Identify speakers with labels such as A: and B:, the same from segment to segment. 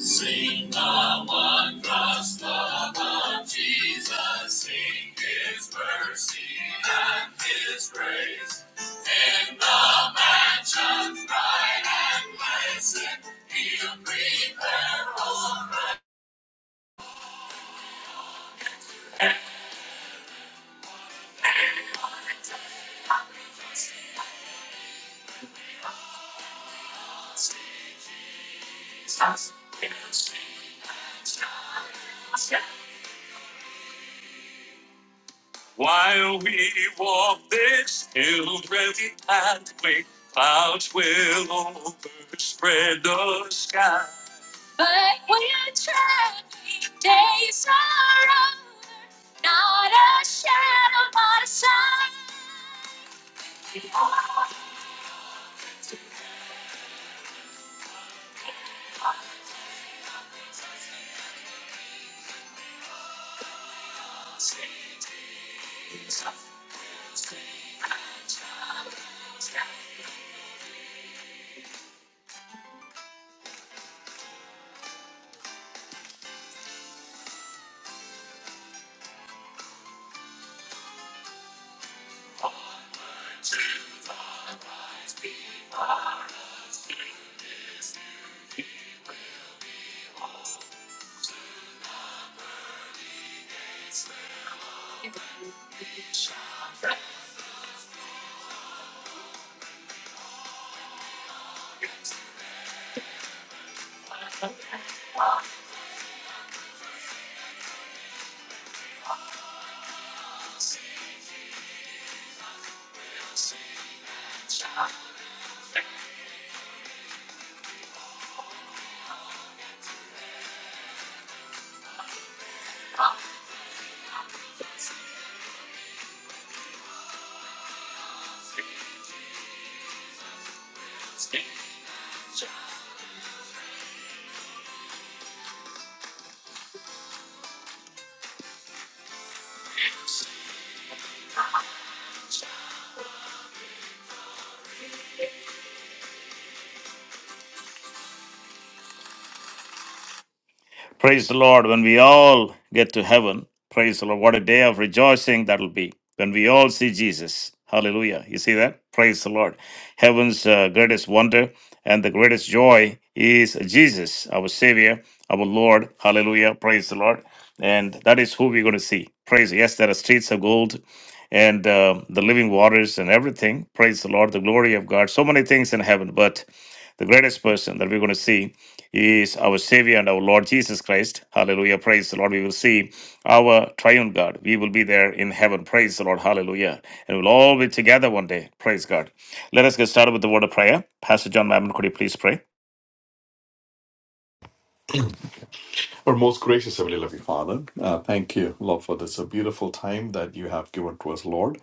A: Sing the one cross love of Jesus. Sing his mercy and his praise. In the mansions bright and blessed, he'll prepare for us. While we walk this hilly pathway, clouds will overspread the sky. But when trying days are over, not a shadow, not the sign. Praise the Lord. When we all get to heaven, praise the Lord. What a day of rejoicing that'll be when we all see Jesus. Hallelujah. You see that? Praise the Lord. Heaven's uh, greatest wonder and the greatest joy is Jesus, our Savior, our Lord. Hallelujah. Praise the Lord. And that is who we're going to see. Praise. Yes, there are streets of gold and uh, the living waters and everything. Praise the Lord. The glory of God. So many things in heaven. But the greatest person that we're going to see he is our Savior and our Lord Jesus Christ. Hallelujah. Praise the Lord. We will see our triune God. We will be there in heaven. Praise the Lord. Hallelujah. And we'll all be together one day. Praise God. Let us get started with the word of prayer. Pastor John Mammon, could you please pray?
B: Our most gracious Heavenly Loving Father, uh, thank you, Lord, for this a beautiful time that you have given to us, Lord,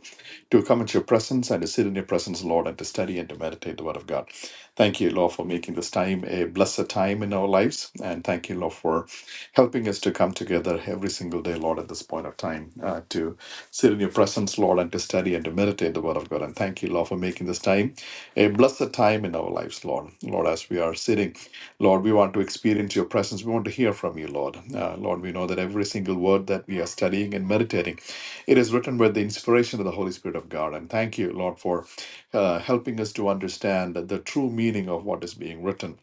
B: to come into your presence and to sit in your presence, Lord, and to study and to meditate the Word of God. Thank you, Lord, for making this time a blessed time in our lives. And thank you, Lord, for helping us to come together every single day, Lord, at this point of time, uh, to sit in your presence, Lord, and to study and to meditate the Word of God. And thank you, Lord, for making this time a blessed time in our lives, Lord. Lord, as we are sitting, Lord, we want to experience your presence. We want to hear from you, Lord. Uh, Lord, we know that every single word that we are studying and meditating, it is written with the inspiration of the Holy Spirit of God. And thank you, Lord, for uh, helping us to understand the true meaning of what is being written.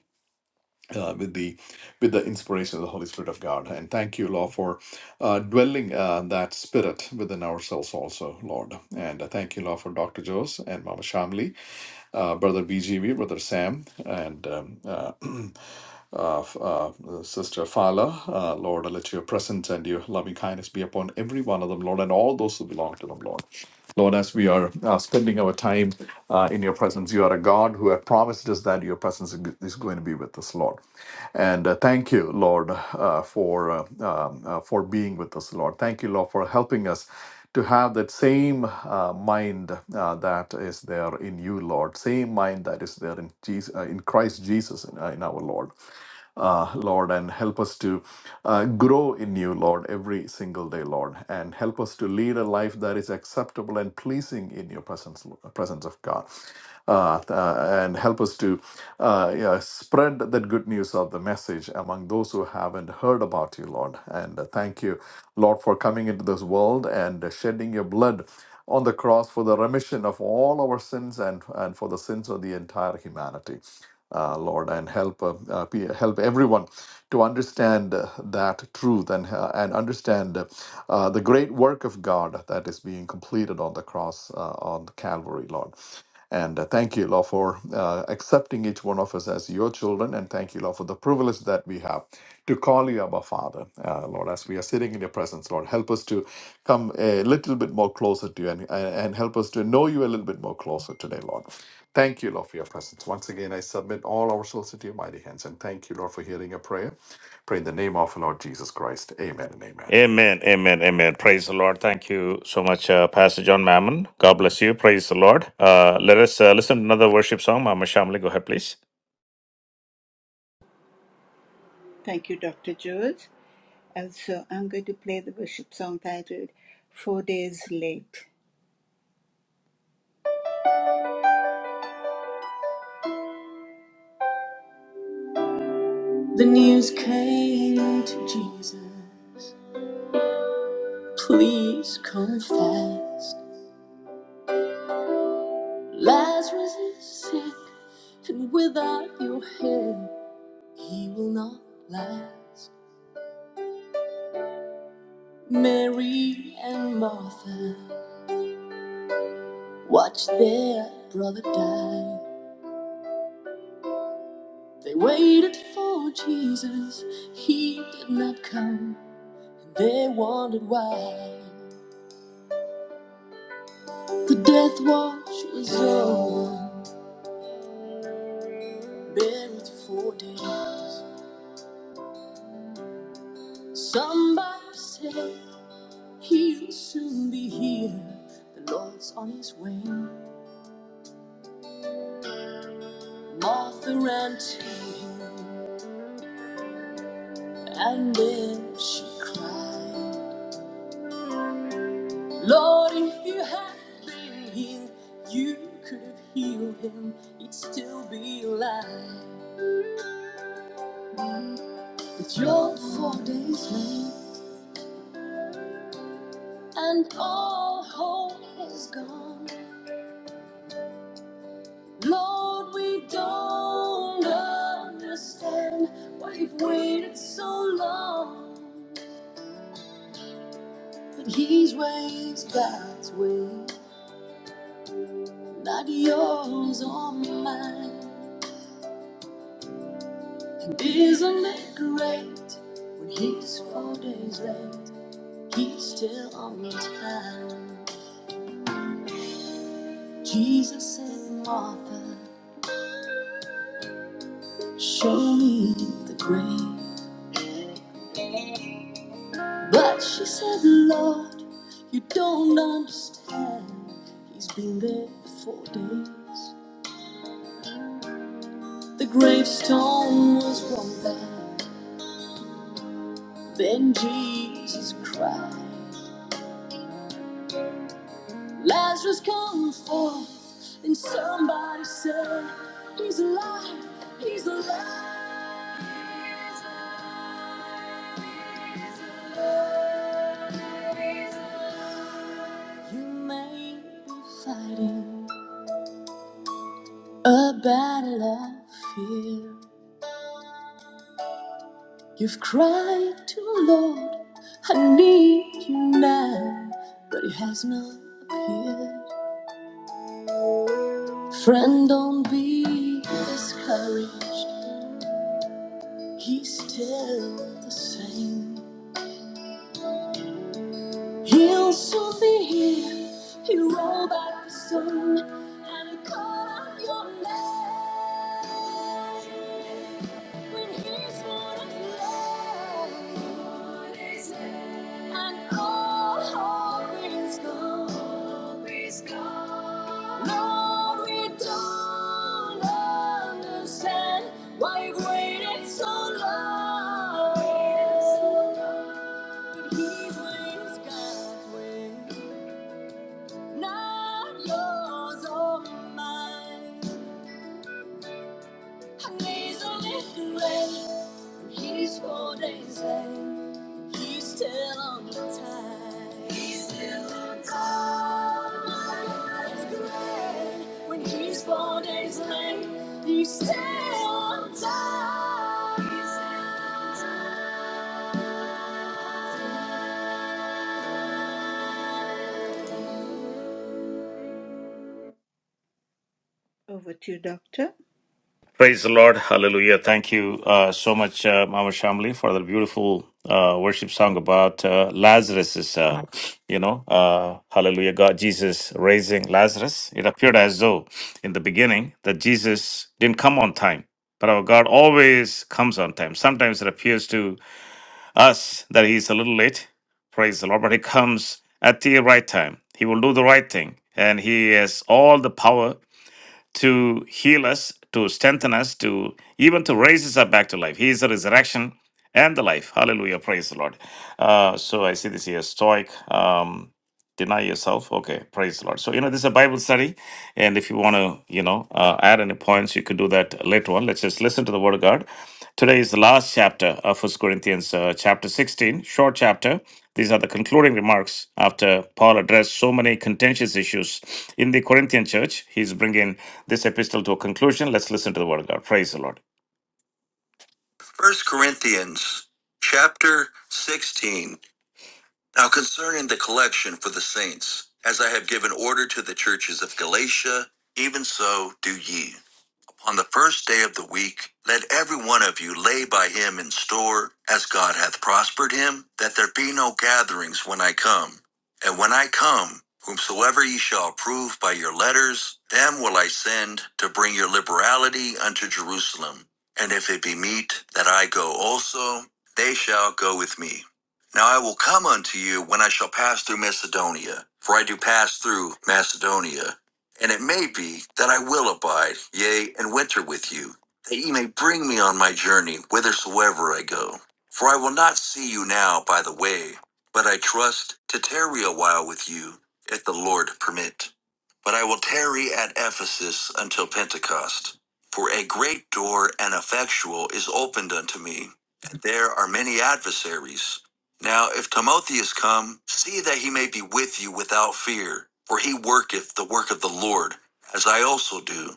B: Uh, with the with the inspiration of the Holy Spirit of God, and thank you, Lord, for uh, dwelling uh, that Spirit within ourselves, also, Lord, and uh, thank you, Lord, for Doctor Jose and Mama Shamli uh, Brother BGV, Brother Sam, and um, uh, uh, f- uh, Sister Fala. Uh, Lord, I let your presence and your loving kindness be upon every one of them, Lord, and all those who belong to them, Lord. Lord, as we are uh, spending our time uh, in your presence, you are a God who have promised us that your presence is going to be with us, Lord. And uh, thank you, Lord, uh, for uh, um, uh, for being with us, Lord. Thank you, Lord, for helping us to have that same uh, mind uh, that is there in you, Lord, same mind that is there in Jesus, uh, in Christ Jesus, in, uh, in our Lord. Uh, Lord, and help us to uh, grow in you, Lord, every single day, Lord, and help us to lead a life that is acceptable and pleasing in your presence, presence of God uh, uh, and help us to uh, yeah, spread that good news of the message among those who haven't heard about you, Lord. And uh, thank you, Lord, for coming into this world and uh, shedding your blood on the cross for the remission of all our sins and, and for the sins of the entire humanity. Uh, Lord, and help uh, uh, pe- help everyone to understand uh, that truth and uh, and understand uh, uh, the great work of God that is being completed on the cross uh, on the Calvary, Lord. And uh, thank you, Lord, for uh, accepting each one of us as your children. And thank you, Lord, for the privilege that we have to call you our Father. Uh, Lord, as we are sitting in your presence, Lord, help us to come a little bit more closer to you and, and and help us to know you a little bit more closer today, Lord. Thank you, Lord, for your presence. Once again, I submit all our souls into your mighty hands. And thank you, Lord, for hearing a prayer. Pray in the name of Lord Jesus Christ. Amen and amen.
A: Amen. Amen. Amen. Praise the Lord. Thank you so much, uh, Pastor John Mammon. God bless you. Praise the Lord. Uh, let us uh, listen to another worship song. Mama Shamli, go ahead, please.
C: Thank you, Dr. Jules. Also, I'm going to play the worship song titled Four Days Late. The news came to Jesus. Please come fast. Lazarus is sick, and without your help, he will not last. Mary and Martha watched their brother die. They waited for Jesus, he did not come. And They wondered why the death watch was over, buried for days. Somebody said he'll soon be here. The Lord's on his way. Martha ran to him, and then she cried, Lord, if you had been here, you could have healed him. He'd still be alive. But you're four days late. and all hope is gone. Lord, we don't understand why you've waited so long, but His way is God's way, not yours or mine. And isn't it great when He's four days late, He's still on time. Jesus said, Martha, show me the grave. But she said, Lord, you don't understand. He's been there four days. The gravestone was rolled back. Then Jesus cried, Lazarus, come forth. And somebody said, He's alive, he's alive. You may be fighting a battle of fear. You've cried to the Lord, I need you now, but He has not appeared. Friend, don't be discouraged, He's still the same. He'll soon be here, He rolled back the sun, and He called out your name. When His word is life, and all hope is gone. Lord, we don't understand why you waited so long. But His way God's way, not yours or mine. And a little grace. He's four days late. He's still on time. He's still on time. It's great. When he's four days late, he's still on time. Over to you, Doctor.
A: Praise the Lord. Hallelujah. Thank you uh, so much, uh, Mama Shamli, for the beautiful uh, worship song about uh, Lazarus. Uh, you know, uh, hallelujah. God, Jesus raising Lazarus. It appeared as though in the beginning that Jesus didn't come on time. But our God always comes on time. Sometimes it appears to us that He's a little late. Praise the Lord. But He comes at the right time. He will do the right thing. And He has all the power to heal us, to strengthen us, to even to raise us up back to life. He is the resurrection and the life. Hallelujah. Praise the Lord. Uh, so I see this here Stoic. Um, deny yourself okay praise the lord so you know this is a bible study and if you want to you know uh, add any points you could do that later on let's just listen to the word of god today is the last chapter of first corinthians uh, chapter 16 short chapter these are the concluding remarks after Paul addressed so many contentious issues in the Corinthian church. He's bringing this epistle to a conclusion. Let's listen to the word of God. Praise the Lord. First Corinthians chapter 16. Now concerning the collection for the saints, as I have given order to the churches of Galatia, even so do ye. On the first day of the week, let every one of you lay by him in store, as God hath prospered him, that there be no gatherings when I come. And when I come, whomsoever ye shall approve by your letters, them will I send to bring your liberality unto Jerusalem. And if it be meet that I go also, they shall go with me. Now I will come unto you when I shall pass through Macedonia, for I do pass through Macedonia and it may be that I will abide, yea, and winter with you, that ye may bring me on my journey whithersoever I go. For I will not see you now by the way, but I trust to tarry a while with you, if the Lord permit. But I will tarry at Ephesus until Pentecost. For a great door and effectual is opened unto me, and there are many adversaries. Now, if Timothy is come, see that he may be with you without fear, for he worketh the work of the Lord, as I also do.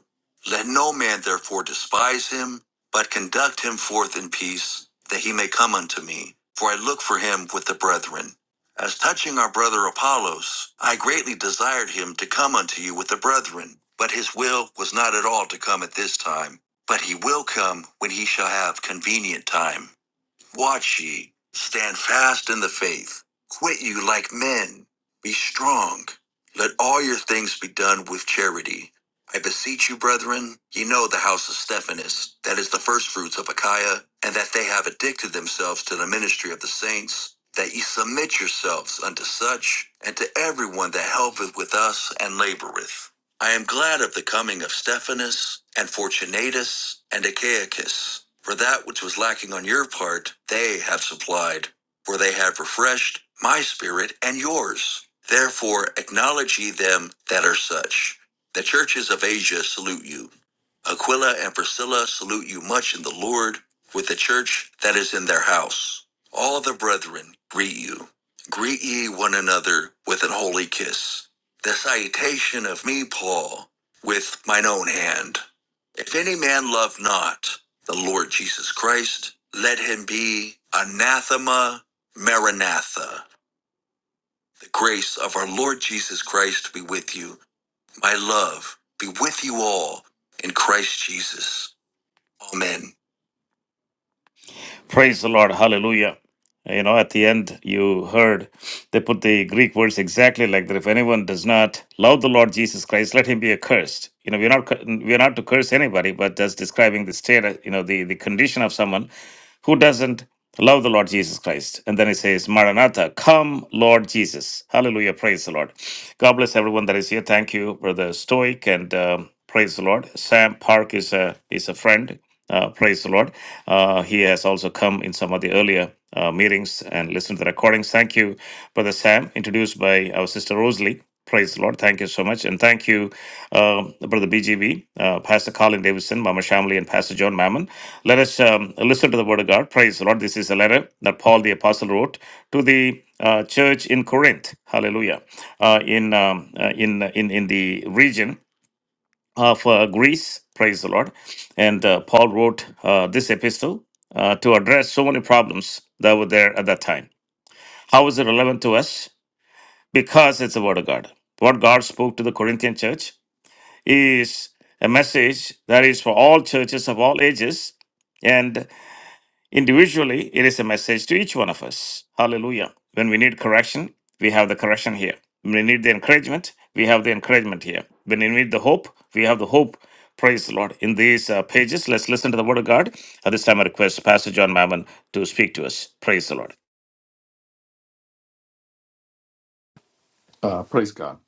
A: Let no man therefore despise him, but conduct him forth in peace, that he may come unto me, for I look for him with the brethren. As touching our brother Apollos, I greatly desired him to come unto you with the brethren, but his will was not at all to come at this time, but he will come when he shall have convenient time. Watch ye, stand fast in the faith. Quit you like men. Be strong. Let all your things be done with charity. I beseech you, brethren, ye know the house of Stephanus, that is the firstfruits of Achaia, and that they have addicted themselves to the ministry of the saints, that ye submit yourselves unto such, and to everyone that helpeth with us and laboreth I am glad of the coming of Stephanus and Fortunatus and Achaicus, for that which was lacking on your part, they have supplied, for they have refreshed my spirit and yours. Therefore, acknowledge ye them that are such. The churches of Asia salute you. Aquila and Priscilla salute you much in the Lord, with the church that is in their house. All the brethren greet you. Greet ye one another with an holy kiss the citation of me, Paul, with mine own hand. If any man love not the Lord Jesus Christ, let him be anathema maranatha. The grace of our Lord Jesus Christ be with you. My love be with you all in Christ Jesus. Amen. Praise the Lord. Hallelujah. You know, at the end, you heard they put the Greek words exactly like that. If anyone does not love the Lord Jesus Christ, let him be accursed. You know, we're not cu- we're not to curse anybody, but just describing the state, uh, you know, the the condition of someone who doesn't love the Lord Jesus Christ. And then it says, Maranatha, come, Lord Jesus. Hallelujah. Praise the Lord. God bless everyone that is here. Thank you, Brother Stoic, and um, praise the Lord. Sam Park is a is a friend. Uh, praise the Lord. Uh, he has also come in some of the earlier uh, meetings and listened to the recordings. Thank you, Brother Sam, introduced by our sister Rosalie. Praise the Lord. Thank you so much. And thank you, uh, Brother BGB, uh, Pastor Colin Davidson, Mama Shamli, and Pastor John Mammon. Let us um, listen to the Word of God. Praise the Lord. This is a letter that Paul the Apostle wrote to the uh, church in Corinth. Hallelujah. Uh, in, um, uh, in, in, in the region of uh, Greece, praise the Lord. And uh, Paul wrote uh, this epistle uh, to address so many problems that were there at that time. How is it relevant to us? Because it's the Word of God. What God spoke to the Corinthian church is a message that is for all churches of all ages. and. Individually, it is a message to each one of us. Hallelujah. When we need correction, we have the correction here. When we need the encouragement, we have the encouragement here. When we need the hope, we have the hope. Praise the Lord. In these uh, pages, let's listen to the Word of God. At this time, I request Pastor John Mammon to speak to us. Praise the Lord.
B: Uh, praise God.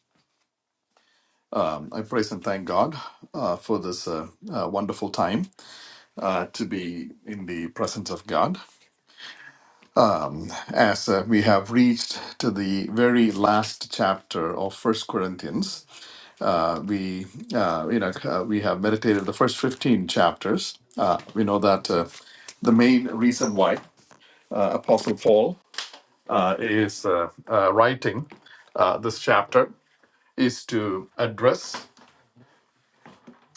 B: Um, I praise and thank God uh, for this uh, uh, wonderful time uh, to be in the presence of God as uh, we have reached to the very last chapter of First Corinthians. Uh, we, uh, you know, uh, we have meditated the first fifteen chapters. Uh, we know that uh, the main reason why uh, Apostle Paul uh, is uh, uh, writing uh, this chapter is to address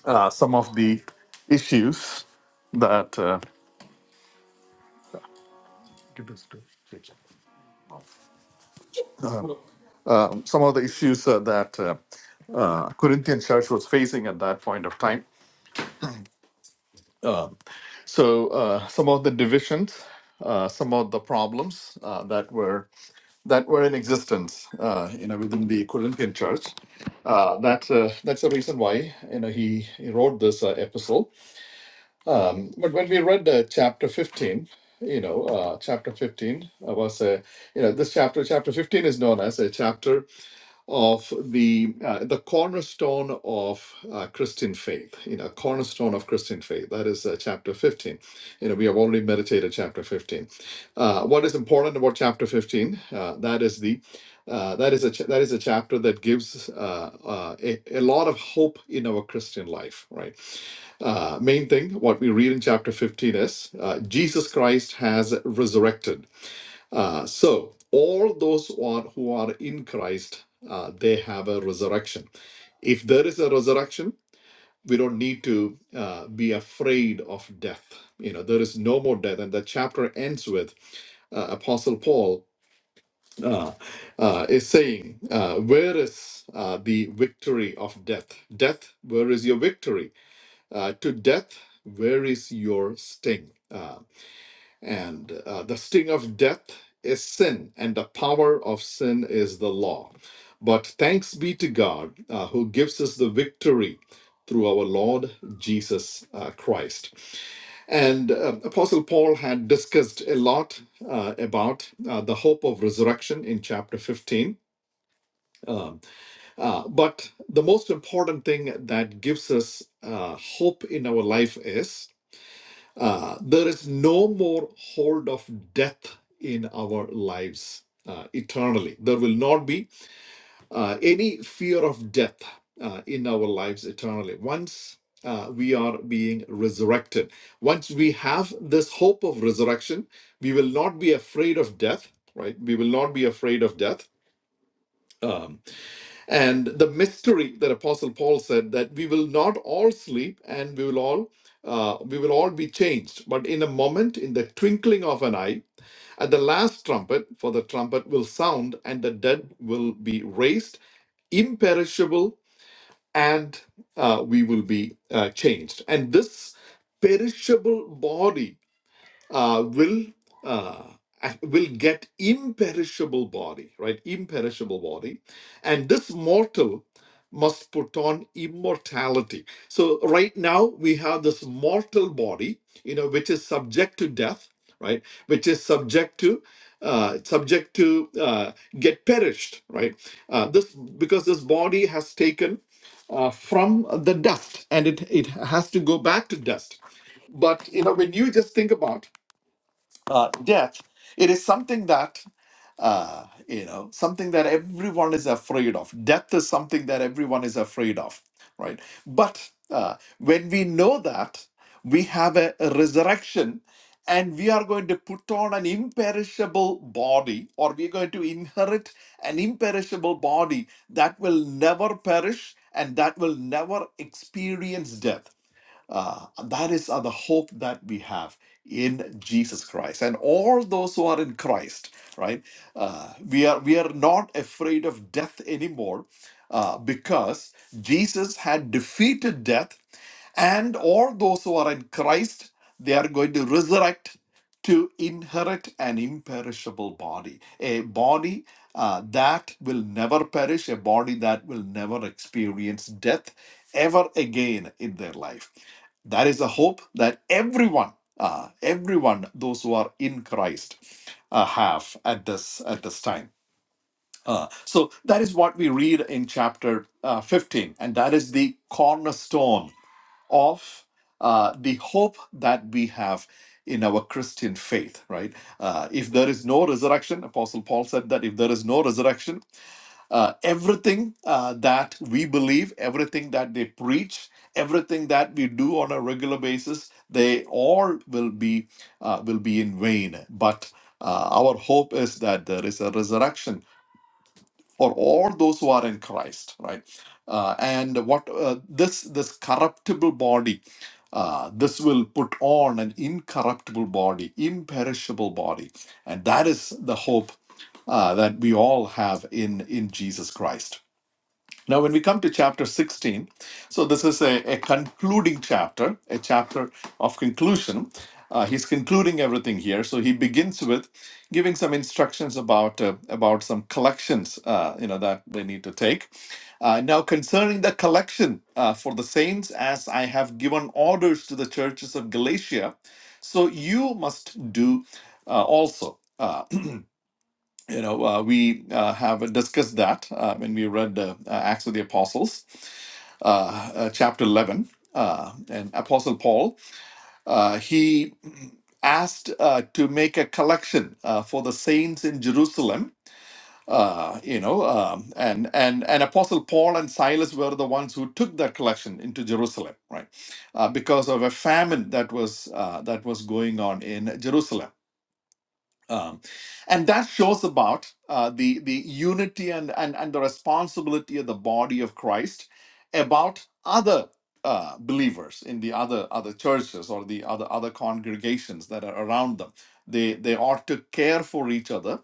B: uh, some of the issues that. Uh, Give this to- some of the issues uh, that uh, uh, Corinthian church was facing at that point of time. Uh, so uh, some of the divisions, uh, some of the problems uh, that were that were in existence, uh, you know, within the Corinthian church. Uh, that uh, that's the reason why you know he, he wrote this uh, epistle. Um, but when we read uh, chapter fifteen, you know, uh, chapter fifteen uh, was a you know this chapter chapter fifteen is known as a chapter of the uh, the cornerstone of uh, Christian faith, you know, cornerstone of Christian faith. That is uh, chapter 15. You know, we have already meditated chapter 15. Uh, what is important about chapter 15? Uh, that is the uh, that is a ch- that is a chapter that gives uh, uh, a, a lot of hope in our Christian life, right? Uh, main thing what we read in chapter 15 is uh, Jesus Christ has resurrected uh, so all those who are, who are in Christ, uh, they have a resurrection. If there is a resurrection, we don't need to uh, be afraid of death. You know, there is no more death, and the chapter ends with uh, Apostle Paul uh, uh, is saying, uh, Where is uh, the victory of death? Death, where is your victory? Uh, to death, where is your sting? Uh, and uh, the sting of death is sin, and the power of sin is the law. But thanks be to God uh, who gives us the victory through our Lord Jesus uh, Christ. And uh, Apostle Paul had discussed a lot uh, about uh, the hope of resurrection in chapter 15. Um, uh, but the most important thing that gives us uh, hope in our life is uh, there is no more hold of death in our lives uh, eternally. There will not be uh, any fear of death uh, in our lives eternally. Once uh, we are being resurrected, once we have this hope of resurrection, we will not be afraid of death, right? We will not be afraid of death. Um, and the mystery that apostle paul said that we will not all sleep and we will all uh, we will all be changed but in a moment in the twinkling of an eye at the last trumpet for the trumpet will sound and the dead will be raised imperishable and uh, we will be uh, changed and this perishable body uh, will uh, ac- will get imperishable body, right? Imperishable body, and this mortal must put on immortality. So right now we have this mortal body, you know, which is subject to death, right? Which is subject to uh, subject to uh, get perished, right? Uh, this because this body has taken uh, from the dust, and it it has to go back to dust. But you know, when you just think about uh, death, it is something that uh, you know something that everyone is afraid of. Death is something that everyone is afraid of, right? But uh, when we know that we have a, a resurrection. And we are going to put on an imperishable body, or we're going to inherit an imperishable body that will never perish and that will never experience death uh, that is uh, the hope that we have in Jesus Christ, and all those who are in Christ, right? Uh, we are we are not afraid of death anymore, uh, because Jesus had defeated death, and all those who are in Christ, they are going to resurrect to inherit an imperishable body, a body uh, that will never perish, a body that will never experience death ever again in their life. That is the hope that everyone, uh, everyone, those who are in Christ, uh, have at this at this time. Uh, so that is what we read in chapter uh, 15, and that is the cornerstone of uh, the hope that we have in our Christian faith. Right? Uh, if there is no resurrection, Apostle Paul said that if there is no resurrection, uh, everything uh, that we believe, everything that they preach, everything that we do on a regular basis, they all will be uh, will be in vain. But uh, our hope is that there is a resurrection for all those who are in Christ, right? Uh, and what uh, this this corruptible body. Uh, this will put on an incorruptible body, imperishable body, and that is the hope uh, that we all have in in Jesus Christ. Now, when we come to chapter 16, so this is a, a concluding chapter, a chapter of conclusion. Uh, he's concluding everything here. So he begins with giving some instructions about uh, about some collections, uh, you know, that they need to take. Uh, now, concerning the collection uh, for the saints, as I have given orders to the churches of Galatia, so you must do uh, also. Uh, you know, uh, we uh, have discussed that uh, when we read uh, Acts of the Apostles uh, uh, chapter 11, uh, and Apostle Paul, uh, he asked uh, to make a collection uh, for the saints in Jerusalem. Uh, you know, um, and and and Apostle Paul and Silas were the ones who took that collection into Jerusalem, right? Uh, because of a famine that was uh, that was going on in Jerusalem. Um, and that shows about uh, the the unity and, and and the responsibility of the body of Christ about other uh, believers in the other other churches or the other other congregations that are around them. They they ought to care for each other.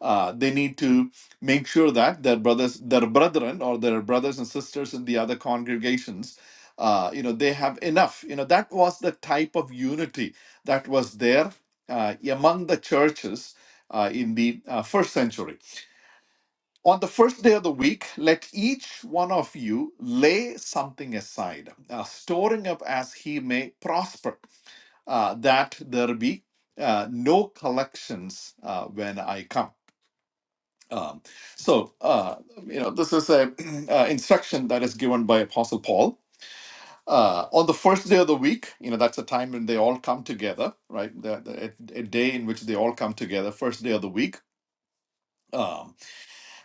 B: Uh, they need to make sure that their brothers, their brethren, or their brothers and sisters in the other congregations, uh, you know, they have enough. You know, that was the type of unity that was there uh, among the churches uh, in the uh, first century. On the first day of the week, let each one of you lay something aside, uh, storing up as he may prosper, uh, that there be uh, no collections uh, when I come. Um, so, uh, you know, this is a uh, instruction that is given by Apostle Paul uh, on the first day of the week, you know, that's a time when they all come together, right? The, the, a a day in which they all come together, first day of the week. um,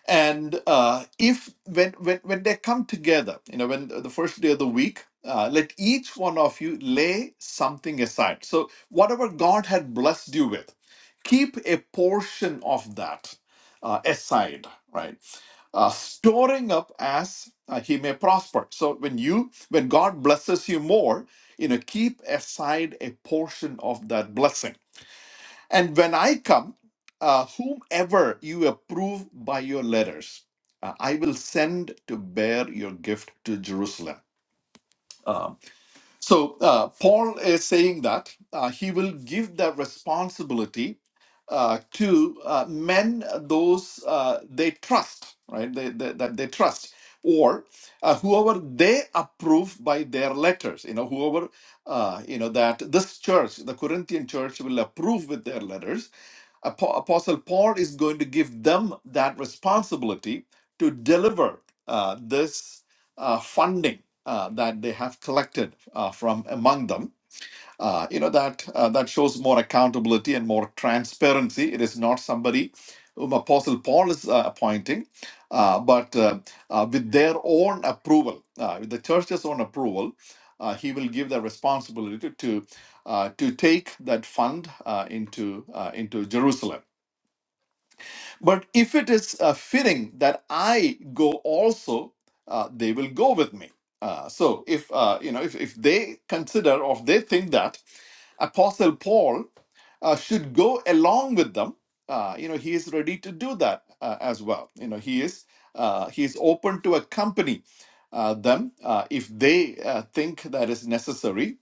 B: and uh, if when, when when they come together you know when the first day of the week uh, let each one of you lay something aside so whatever god had blessed you with keep a portion of that uh, aside right uh, storing up as uh, he may prosper so when you when god blesses you more you know keep aside a portion of that blessing and when I come, uh, whomever you approve by your letters, uh, I will send to bear your gift to Jerusalem. Um, so uh, Paul is saying that uh, he will give the responsibility uh, to uh, men those uh, they trust, right? They, they, that they trust, or uh, whoever they approve by their letters. You know, whoever uh, you know that this church, the Corinthian church, will approve with their letters Apo- Apostle Paul is going to give them that responsibility to deliver uh, this uh, funding uh, that they have collected uh, from among them. Uh, you know that uh, that shows more accountability and more transparency. It is not somebody whom Apostle Paul is uh, appointing, uh, but uh, uh, with their own approval, uh, with the church's own approval, uh, he will give the responsibility to uh, to take that fund uh, into uh, into Jerusalem. But if it is uh, fitting that I go also, uh, they will go with me. Uh, so if uh, you know, if, if they consider or if they think that Apostle Paul uh, should go along with them, uh, you know, he is ready to do that uh, as well. You know, he is uh, he is open to accompany uh, them uh, if they uh, think that is necessary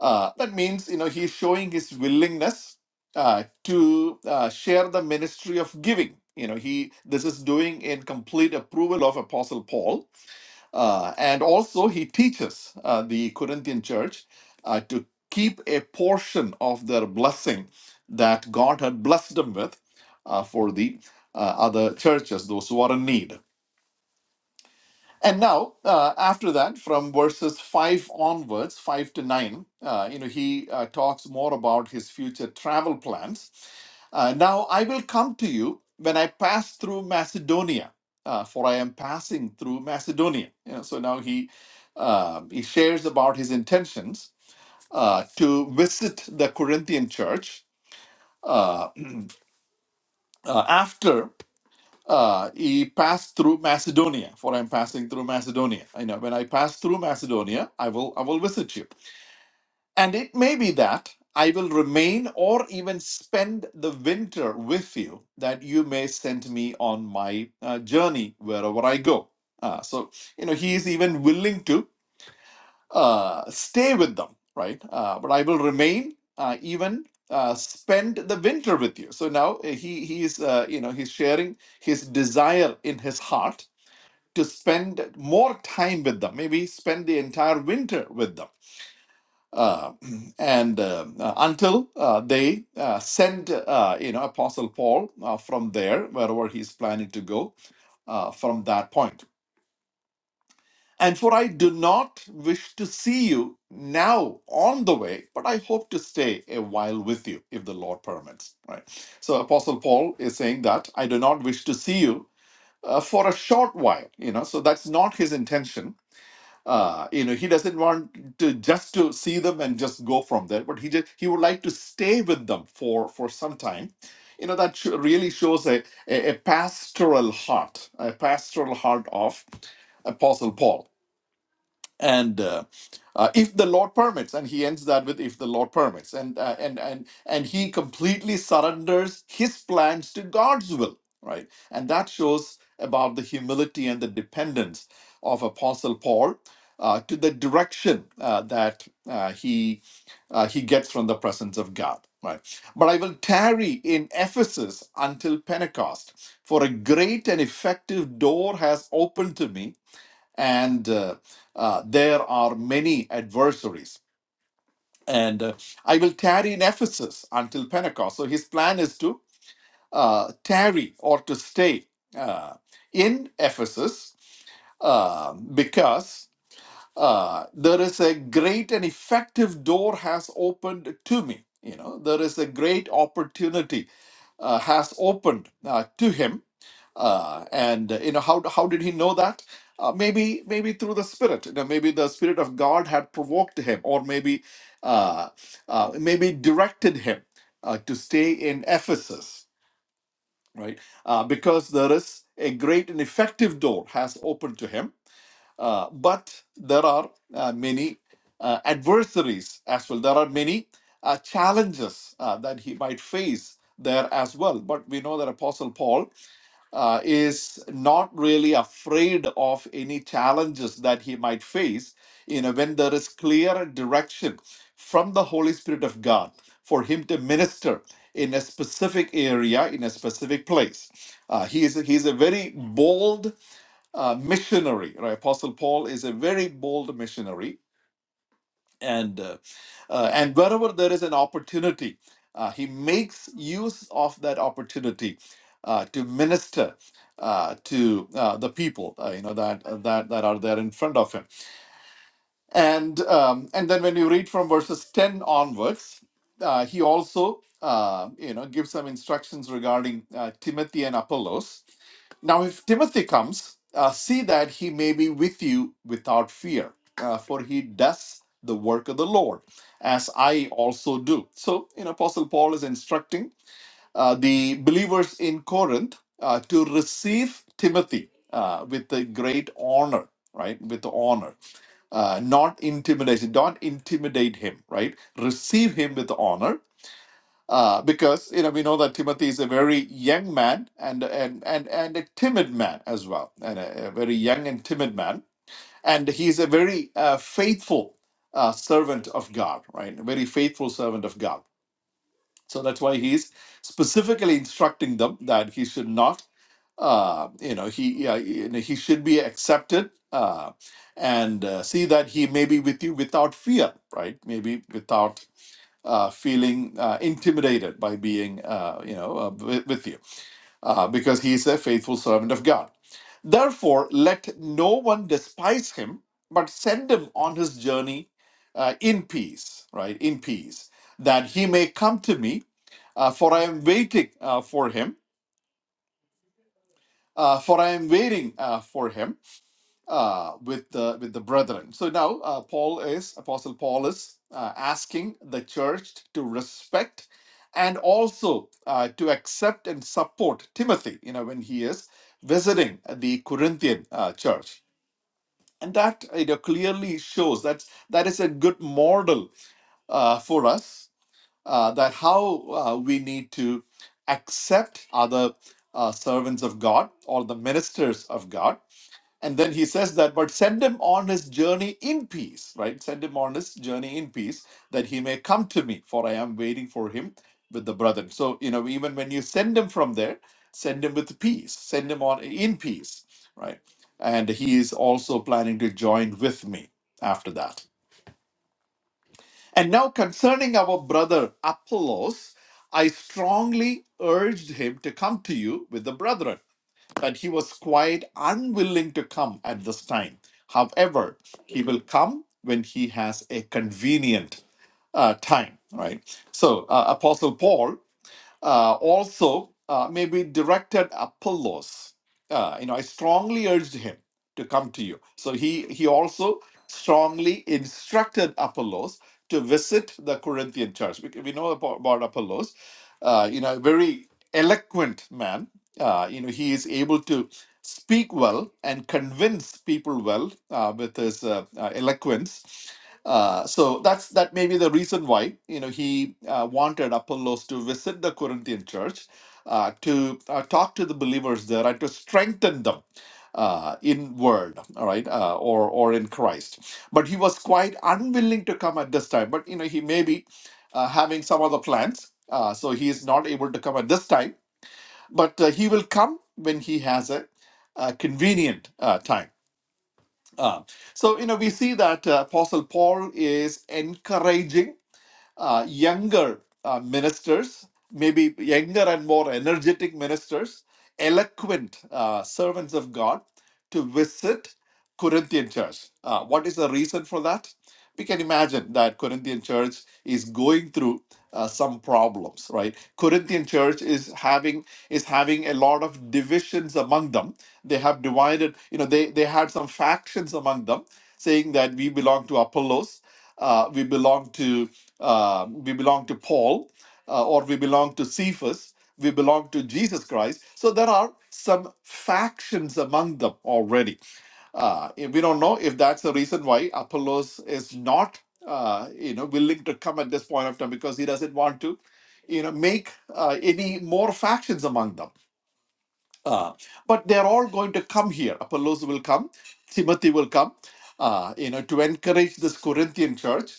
B: uh, that means, you know, he's showing his willingness uh, to uh, share the ministry of giving. You know, he this is doing in complete approval of Apostle Paul, uh, and also he teaches uh, the Corinthian church uh, to keep a portion of their blessing that God had blessed them with uh, for the uh, other churches, those who are in need. And now, uh, after that, from verses 5 onwards, 5 to 9, uh, you know, he uh, talks more about his future travel plans. Uh, now, I will come to you when I pass through Macedonia, uh, for I am passing through Macedonia. You know, so now he, uh, he shares about his intentions uh, to visit the Corinthian church uh, uh, after uh, he passed through Macedonia, for I'm passing through Macedonia. I know when I pass through Macedonia, I will I will visit you. And it may be that I will remain or even spend the winter with you, that you may send me on my uh, journey wherever I go. Uh, so you know he is even willing to uh, stay with them, right? Uh, but I will remain, uh, even uh, spend the winter with you. So now uh, he he is, uh, you know, he's sharing his desire in his heart to spend more time with them. Maybe spend the entire winter with them. Uh, and uh, uh, until uh, they uh, send, uh, you know, Apostle Paul uh, from there, wherever he's planning to go, uh, from that point. And for I do not wish to see you now on the way, but I hope to stay a while with you, if the Lord permits. Right. So Apostle Paul is saying that I do not wish to see you uh, for a short while. You know, so that's not his intention. Uh, you know, he doesn't want to just to see them and just go from there, but he just he would like to stay with them for for some time. You know, that sh- really shows a, a a pastoral heart, a pastoral heart of Apostle Paul and uh, uh, if the lord permits and he ends that with if the lord permits and uh, and and and he completely surrenders his plans to god's will right and that shows about the humility and the dependence of apostle paul uh, to the direction uh, that uh, he uh, he gets from the presence of god right but i will tarry in ephesus until pentecost for a great and effective door has opened to me and uh, uh, there are many adversaries. And uh, I will tarry in Ephesus until Pentecost. So his plan is to uh, tarry or to stay uh, in Ephesus uh, because uh, there is a great and effective door has opened to me you know there is a great opportunity uh, has opened uh, to him uh, and uh, you know how how did he know that uh, maybe maybe through the spirit you know maybe the spirit of god had provoked him or maybe uh, uh, maybe directed him uh, to stay in ephesus right uh, because there is a great and effective door has opened to him uh, but there are uh, many uh, adversaries as well. There are many uh, challenges uh, that he might face there as well. But we know that Apostle Paul uh, is not really afraid of any challenges that he might face. You know, when there is clear direction from the Holy Spirit of God for him to minister in a specific area, in a specific place. Uh, he is he's a very bold uh, missionary. Right? Apostle Paul is a very bold missionary, and uh, uh, and wherever there is an opportunity, uh, he makes use of that opportunity uh, to minister uh, to uh, the people, uh, you know that that that are there in front of him and um, and then when you read from verses 10 onwards uh, he also uh, you know gives some instructions regarding uh, timothy and apollos now if timothy comes uh, see that he may be with you without fear uh, for he does the work of the lord as i also do so you know apostle paul is instructing uh, the believers in Corinth uh, to receive Timothy uh, with a great honor, right? With honor, uh, not intimidation, don't intimidate him, right? Receive him with honor. Uh, because you know we know that Timothy is a very young man and and and and a timid man as well, and a, a very young and timid man, and he's a very uh, faithful uh, servant of God, right? A very faithful servant of God. So that's why he's specifically instructing them that he should not, uh, you know, he uh, you know, he should be accepted uh, and uh, see that he may be with you without fear, right? Maybe without uh, feeling uh, intimidated by being, uh, you know, uh, with, with you, uh, because he is a faithful servant of God. Therefore, let no one despise him, but send him on his journey uh, in peace, right? In peace, that he may come to me uh, for I am waiting uh, for him. Uh, for I am waiting uh, for him uh, with the with the brethren. So now uh, Paul is Apostle Paul is uh, asking the church to respect and also uh, to accept and support Timothy. You know when he is visiting the Corinthian uh, church, and that you know clearly shows that that is a good model uh, for us uh, that how uh, we need to accept other uh, servants of God or the ministers of God. And then he says that, but send him on his journey in peace, right? Send him on his journey in peace that he may come to me, for I am waiting for him with the brethren. So, you know, even when you send him from there, send him with peace, send him on in peace, right? And he is also planning to join with me after that. And now, concerning our brother Apollos, I strongly urged him to come to you with the brethren, but he was quite unwilling to come at this time. However, he will come when he has a convenient uh, time, right? So, uh, Apostle Paul uh, also, uh, maybe directed Apollos. Uh, you know, I strongly urged him to come to you. So he he also strongly instructed Apollos to visit the Corinthian church. We, we know about, about Apollos. Uh, you know, a very eloquent man. Uh, you know, he is able to speak well and convince people well uh, with his uh, uh, eloquence. Uh, so that's that may be the reason why you know he uh, wanted Apollos to visit the Corinthian church uh, to uh, talk to the believers there and to strengthen them uh, in word, all right, uh, or or in Christ. But he was quite unwilling to come at this time. But you know he may be uh, having some other plans, uh, so he is not able to come at this time. But uh, he will come when he has a, uh convenient uh, time uh, so, you know, we see that uh, Apostle Paul is encouraging uh, younger uh, ministers, maybe younger and more energetic ministers, eloquent uh, servants of God to visit Corinthian church. Uh, what is the reason for that? We can imagine that Corinthian church is going through uh, some problems, right? Corinthian church is having is having a lot of divisions among them. They have divided, you know, they they had some factions among them, saying that we belong to Apollos, uh, we belong to uh, we belong to Paul, uh, or we belong to Cephas. We belong to Jesus Christ. So there are some factions among them already. Uh, and we don't know if that's the reason why Apollos is not, uh, you know, willing to come at this point of time because he doesn't want to, you know, make uh, any more factions among them. Uh, but they're all going to come here. Apollos will come, Timothy will come, uh, you know, to encourage this Corinthian church.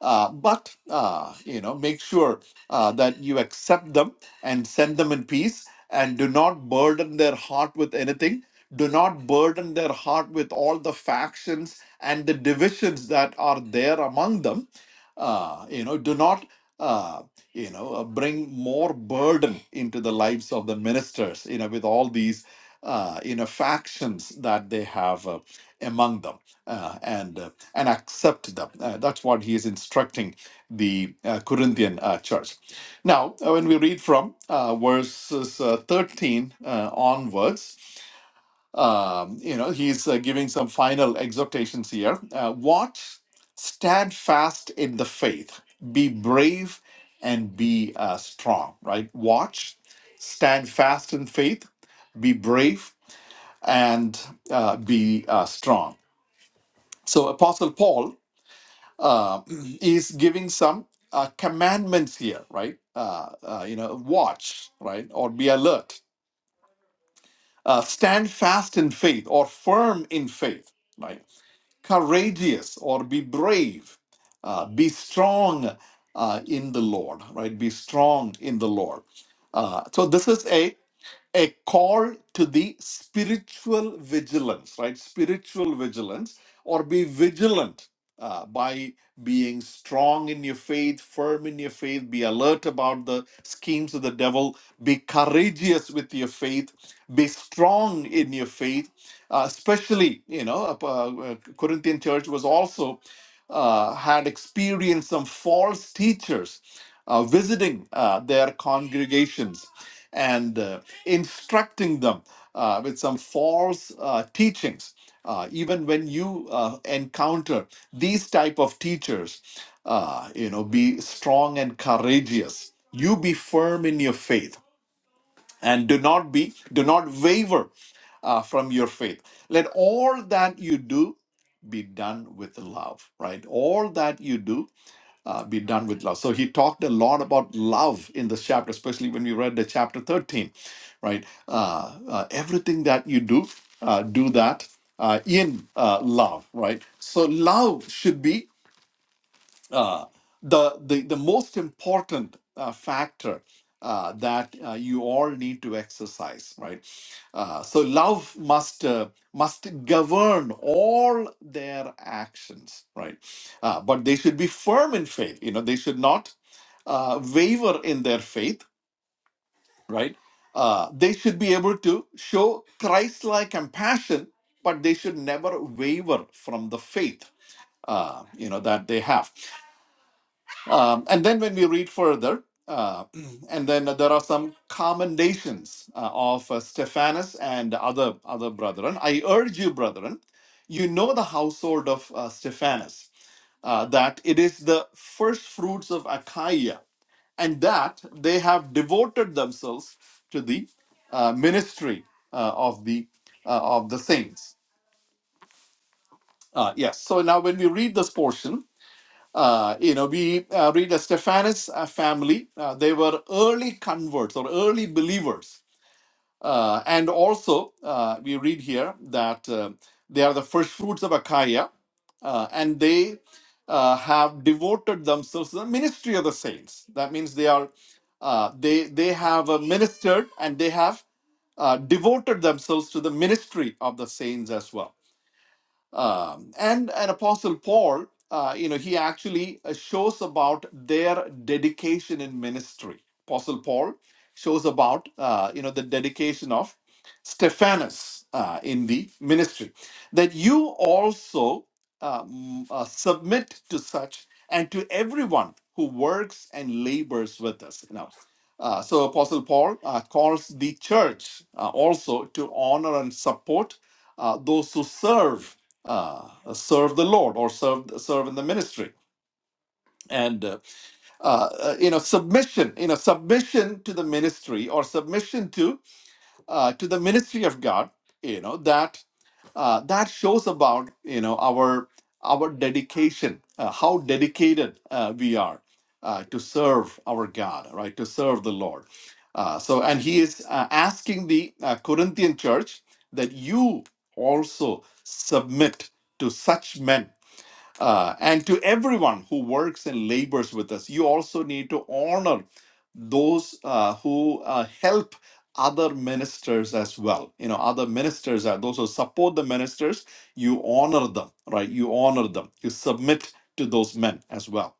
B: Uh, but, uh, you know, make sure uh, that you accept them and send them in peace and do not burden their heart with anything. Do not burden their heart with all the factions and the divisions that are there among them. Uh, you know, do not. uh, you know, uh, bring more burden into the lives of the ministers, you know, with all these, uh, you know, factions that they have uh, among them, uh, and uh, and accept them. Uh, that's what he is instructing the uh, Corinthian uh, church. Now, uh, when we read from uh, verses uh, 13 uh, onwards, um, you know, he's uh, giving some final exhortations here. Uh, watch, stand fast in the faith, be brave, and be uh, strong, right? Watch, stand fast in faith, be brave, and uh, be uh, strong. So, Apostle Paul uh, is giving some uh, commandments here, right? Uh, uh, you know, watch, right? Or be alert. Uh, stand fast in faith or firm in faith, right? courageous or be brave, uh, be strong uh, in the Lord, right? Be strong in the Lord. Uh, so this is a a call to the spiritual vigilance, right? Spiritual vigilance, or be vigilant uh, by being strong in your faith, firm in your faith, be alert about the schemes of the devil, be courageous with your faith, be strong in your faith. Uh, especially, you know, uh, uh, Corinthian church was also uh, had experienced some false teachers uh, visiting uh, their congregations and uh, instructing them uh, with some false uh, teachings uh, even when you uh, encounter these type of teachers uh, you know be strong and courageous you be firm in your faith and do not be do not waver uh, from your faith let all that you do be done with love right all that you do uh, be done with love. So he talked a lot about love in this chapter, especially when we read the chapter 13, right? Uh, uh, everything that you do, uh, do that uh, in uh, love, right? So love should be uh, the, the, the most important uh, factor uh, that uh, you all need to exercise, right? Uh, so love must uh, must govern all their actions, right? Uh, but they should be firm in faith. You know, they should not uh, waver in their faith, right? Uh, they should be able to show Christ-like compassion, but they should never waver from the faith, uh, you know, that they have. Um, and then when we read further, uh, and then there are some commendations uh, of uh, Stephanus and other other brethren. I urge you, brethren, you know the household of uh, Stephanus, uh, that it is the first fruits of Achaia, and that they have devoted themselves to the uh, ministry uh, of the uh, of the saints. Uh, yes. So now, when we read this portion, uh, you know, we uh, read the Stephanus uh, family. Uh, they were early converts or early believers. Uh, and also, uh, we read here that uh, they are the first fruits of Achaia, uh, and they uh, have devoted themselves to the ministry of the saints. That means they are uh, they they have uh, ministered and they have uh, devoted themselves to the ministry of the saints as well um, and and Apostle Paul, uh, you know, he actually uh, shows about their dedication in ministry. Apostle Paul shows about uh, you know the dedication of Stephanus uh, in the ministry. That you also um, uh, submit to such and to everyone who works and labors with us. You know. Uh, so Apostle Paul uh, calls the church uh, also to honor and support uh, those who serve uh, serve the Lord or serve serve in the ministry. And uh, uh, uh, you know submission, you know submission to the ministry or submission to uh, to the ministry of God. You know that uh, that shows about you know our our dedication, uh, how dedicated uh, we are uh, to serve our God, right? To serve the Lord. Uh, so, and he is uh, asking the uh, Corinthian church that you also submit to such men uh, and to everyone who works and labors with us, you also need to honor those uh, who uh, help other ministers as well. You know, other ministers are those who support the ministers, you honor them, right? You honor them, you submit to those men as well.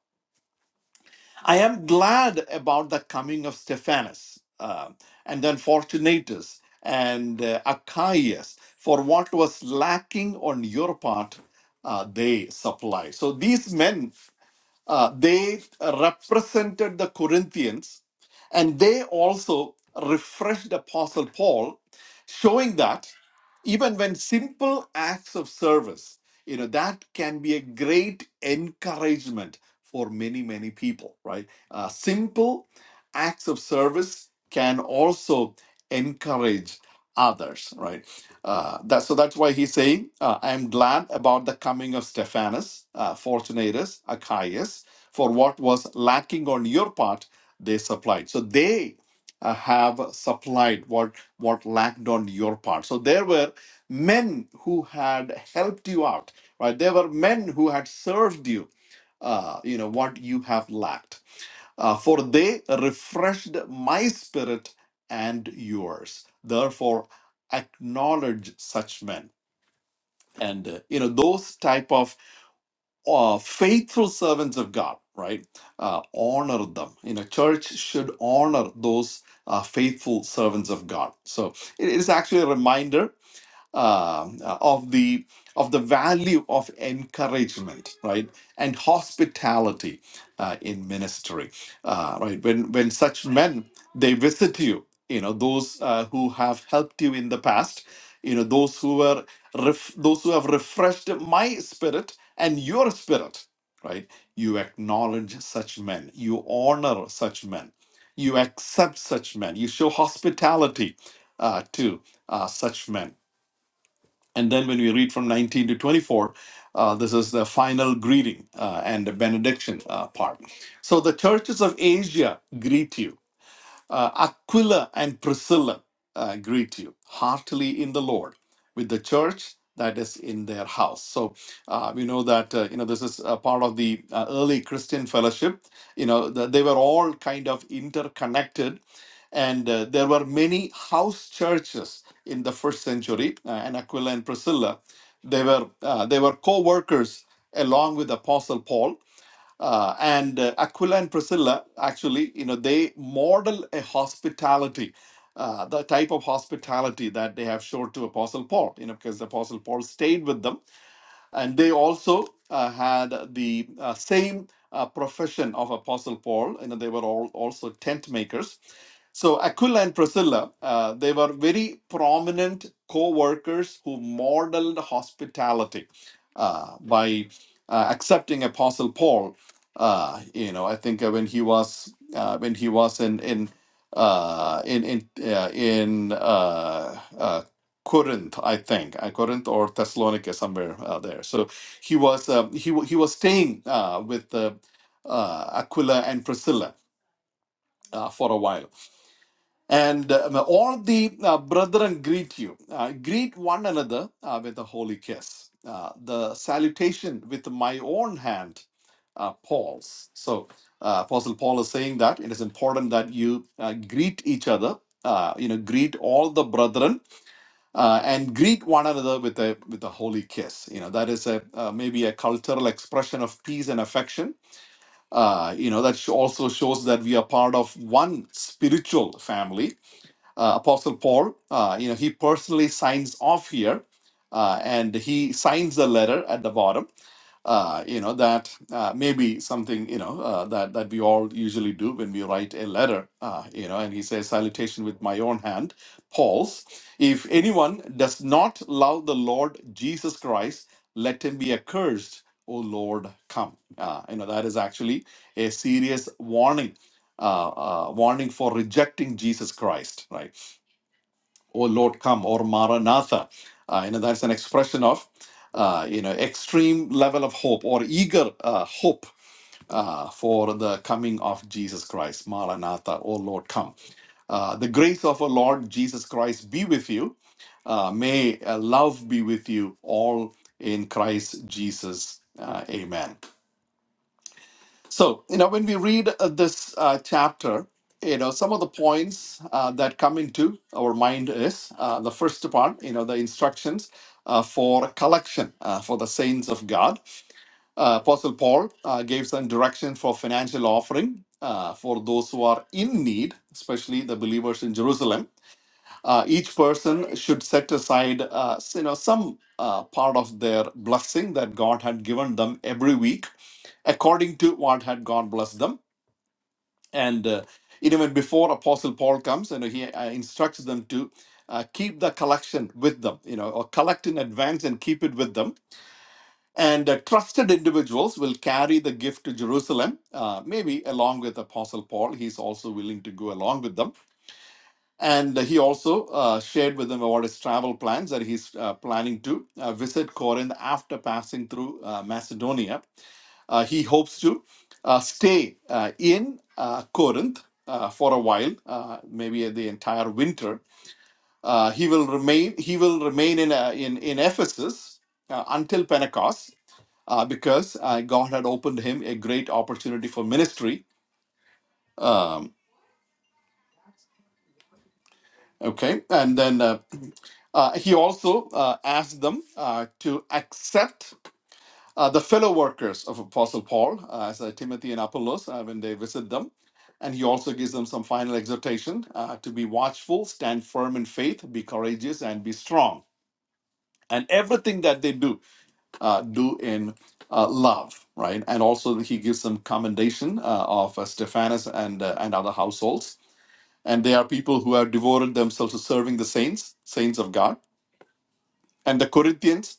B: I am glad about the coming of Stephanus uh, and then Fortunatus and uh, Achaeus, for what was lacking on your part, uh, they supplied. So these men uh, they represented the Corinthians and they also refreshed Apostle Paul, showing that even when simple acts of service, you know, that can be a great encouragement for many, many people, right? Uh, simple acts of service can also encourage others, right? Uh, that, so that's why he's saying, uh, I am glad about the coming of Stephanus, uh, Fortunatus, Achaeus, for what was lacking on your part, they supplied. So they uh, have supplied what, what lacked on your part. So there were men who had helped you out, right? There were men who had served you, uh, you know, what you have lacked uh, for they refreshed my spirit and yours therefore acknowledge such men and uh, you know those type of uh, faithful servants of god right uh, honor them you know church should honor those uh, faithful servants of god so it is actually a reminder um, uh, of the of the value of encouragement, right, and hospitality uh, in ministry, uh, right? When when such men they visit you, you know those uh, who have helped you in the past, you know those who were ref- those who have refreshed my spirit and your spirit, right? You acknowledge such men, you honor such men, you accept such men, you show hospitality uh, to uh, such men and then when we read from 19 to 24, uh, this is the final greeting uh, and the benediction uh, part. So the churches of Asia greet you. Uh, Aquila and Priscilla uh, greet you heartily in the Lord with the church that is in their house. So uh, we know that uh, you know this is a part of the uh, early Christian fellowship. You know the, they were all kind of interconnected, and uh, there were many house churches in the first century. Uh, and Aquila and Priscilla, they were uh, they were co-workers along with Apostle Paul uh, and uh, Aquila and Priscilla, actually, you know, they model a hospitality, uh, the type of hospitality that they have showed to Apostle Paul, you know, because Apostle Paul stayed with them and they also uh, had the uh, same uh, profession of apostle paul you know they were all also tent makers so aquila and priscilla uh, they were very prominent co-workers who modeled hospitality uh, by uh, accepting apostle paul uh, you know i think uh, when he was uh, when he was in in uh, in in uh, in uh, uh, Corinth, I think, uh, Corinth or Thessalonica, somewhere uh, there. So he was um, he wa- he was staying uh, with uh, uh, Aquila and Priscilla uh, for a while. And um, all the uh, brethren greet you. Uh, greet one another uh, with a holy kiss. Uh, the salutation with my own hand, uh, Paul's. So uh, Apostle Paul is saying that it is important that you uh, greet each other. Uh, you know, greet all the brethren uh, and greet one another with a with a holy kiss. You know that is a uh, maybe a cultural expression of peace and affection. Uh, you know that sh- also shows that we are part of one spiritual family uh, Apostle Paul, uh, you know, he personally signs off here, uh, and he signs the letter at the bottom. Uh, you know that uh, maybe something you know uh, that that we all usually do when we write a letter. Uh, you know, and he says, "Salutation with my own hand, Paul's. If anyone does not love the Lord Jesus Christ, let him be accursed." O Lord, come. Uh, you know that is actually a serious warning, uh, uh, warning for rejecting Jesus Christ, right? O Lord, come, or Maranatha. Uh, you know, that's an expression of, uh, you know, extreme level of hope or eager uh, hope uh, for the coming of Jesus Christ. Maranatha, O Lord, come. Uh, the grace of our Lord Jesus Christ be with you. Uh, may uh, love be with you all in Christ Jesus. Uh, amen. So, you know, when we read uh, this uh, chapter, you know, some of the points uh, that come into our mind is uh, the first part, you know, the instructions uh, for collection uh, for the saints of God. Uh, Apostle Paul uh, gave some direction for financial offering uh, for those who are in need, especially the believers in Jerusalem. Uh, each person should set aside, uh, s- you know, some uh, part of their blessing that God had given them every week according to what had God blessed them and uh, even before apostle paul comes and he uh, instructs them to uh, keep the collection with them you know or collect in advance and keep it with them and uh, trusted individuals will carry the gift to jerusalem uh, maybe along with apostle paul he's also willing to go along with them and he also uh, shared with them about his travel plans that he's uh, planning to uh, visit corinth after passing through uh, macedonia uh, he hopes to uh, stay uh, in uh, Corinth uh, for a while, uh, maybe the entire winter. Uh, he will remain. He will remain in uh, in in Ephesus uh, until Pentecost, uh, because uh, God had opened him a great opportunity for ministry. Um, okay, and then uh, uh, he also uh, asked them uh, to accept uh, the fellow workers of Apostle Paul, uh, as uh, Timothy and Apollos, uh, when they visit them. And he also gives them some final exhortation uh, to be watchful, stand firm in faith, be courageous, and be strong. And everything that they do, uh, do in uh, love, right? And also, he gives some commendation uh, of uh, Stephanus and, uh, and other households. And they are people who have devoted themselves to serving the saints, saints of God. And the Corinthians,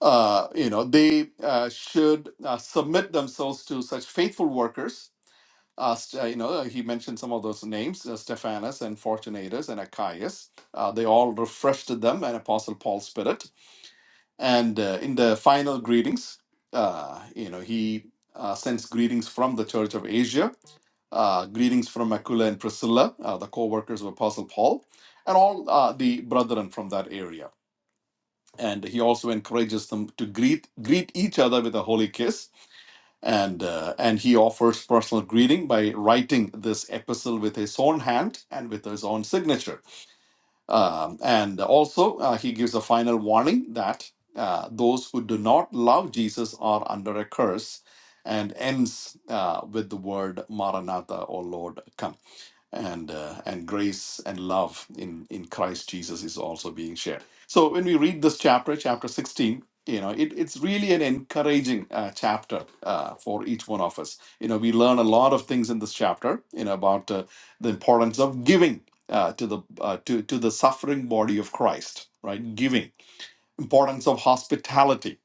B: uh, you know, they uh, should uh, submit themselves to such faithful workers. Uh, st- uh, you know, uh, he mentioned some of those names, uh, Stephanus and Fortunatus and Achaeus. Uh, they all refreshed them and Apostle Paul's spirit. And uh, in the final greetings, uh, you know, he uh, sends greetings from the Church of Asia, uh, greetings from Aquila and Priscilla, uh, the co-workers of Apostle Paul, and all uh, the brethren from that area and he also encourages them to greet greet each other with a holy kiss and uh, and he offers personal greeting by writing this epistle with his own hand and with his own signature um, and also uh, he gives a final warning that uh, those who do not love jesus are under a curse and ends uh, with the word maranatha or lord come and uh, and grace and love in in Christ Jesus is also being shared. So when we read this chapter, chapter sixteen, you know, it, it's really an encouraging uh, chapter uh, for each one of us. You know, we learn a lot of things in this chapter. You know about uh, the importance of giving uh, to the uh, to to the suffering body of Christ, right? Giving, importance of hospitality,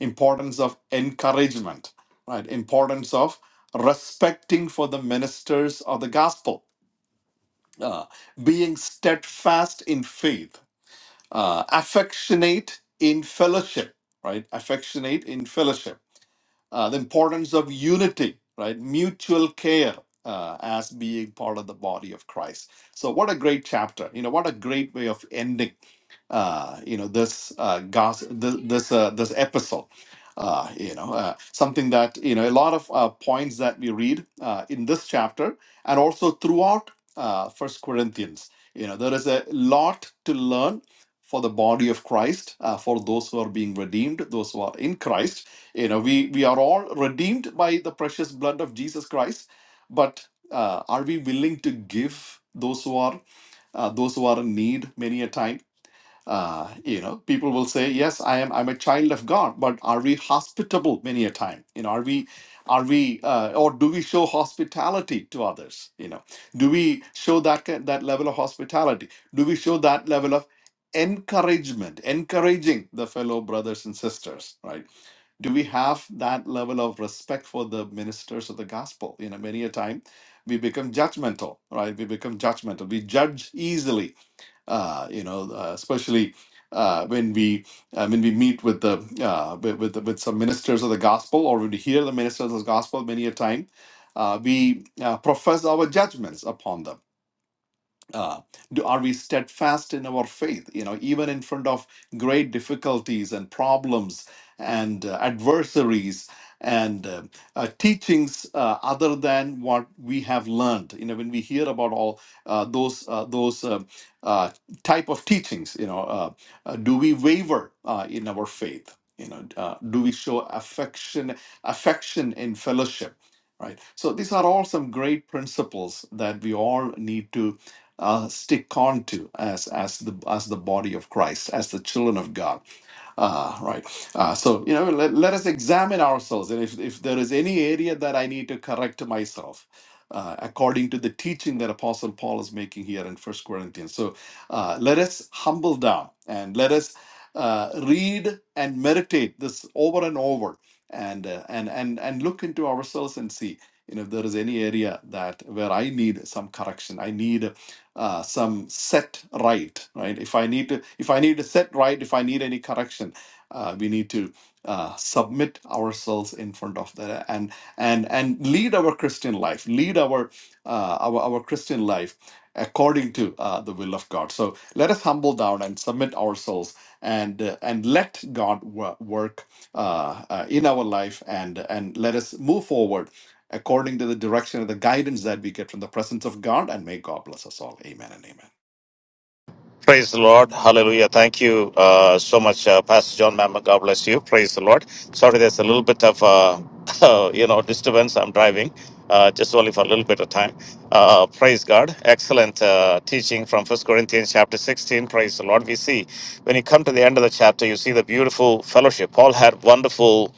B: importance of encouragement, right? Importance of respecting for the ministers of the gospel uh, being steadfast in faith, uh, affectionate in fellowship, right? Affectionate in fellowship. Uh, the importance of unity, right? Mutual care uh, as being part of the body of Christ. So, what a great chapter. You know, what a great way of ending uh, you know this uh, gos- th- this uh, this epistle uh, you know uh, something that you know a lot of uh, points that we read uh, in this chapter and also throughout uh, first corinthians you know there is a lot to learn for the body of christ uh, for those who are being redeemed those who are in christ you know we we are all redeemed by the precious blood of jesus christ but uh, are we willing to give those who are uh, those who are in need many a time uh, you know, people will say, "Yes, I am. I'm a child of God." But are we hospitable many a time? You know, are we, are we, uh, or do we show hospitality to others? You know, do we show that ki- that level of hospitality? Do we show that level of encouragement, encouraging the fellow brothers and sisters? Right? Do we have that level of respect for the ministers of the gospel? You know, many a time we become judgmental, right? We become judgmental. We judge easily uh, you know, uh, especially uh, when we uh, when we meet with the uh, with, with with some ministers of the gospel, or when we hear the ministers of the gospel, many a time uh, we uh, profess our judgments upon them uh, do, are we steadfast in our faith you know even in front of great difficulties and problems and uh, adversaries and uh, uh, teachings uh, other than what we have learned you know when we hear about all uh, those uh, those uh, uh, type of teachings you know uh, uh, do we waver uh, in our faith you know uh, do we show affection affection in fellowship right so these are all some great principles that we all need to uh, stick on to as as the as the body of Christ, as the children of God. Uh, right. Uh, so you know, let, let us examine ourselves, and if if there is any area that I need to correct myself. Uh, according to the teaching that apostle paul is making here in first corinthians so uh, let us humble down and let us uh, read and meditate this over and over and uh, and and and look into ourselves and see you know if there is any area that where i need some correction i need uh, some set right right if i need to if i need to set right if i need any correction uh, we need to uh, submit ourselves in front of that and and and lead our christian life lead our uh, our, our christian life according to uh, the will of god so let us humble down and submit ourselves and uh, and let god wo- work uh, uh, in our life and and let us move forward according to the direction and the guidance that we get from the presence of God. And may God bless us all. Amen and amen.
A: Praise the Lord. Hallelujah. Thank you uh, so much, uh, Pastor John Mamma. God bless you. Praise the Lord. Sorry, there's a little bit of, uh, uh, you know, disturbance. I'm driving uh, just only for a little bit of time. Uh, praise God. Excellent uh, teaching from First Corinthians chapter 16. Praise the Lord. We see when you come to the end of the chapter, you see the beautiful fellowship. Paul had wonderful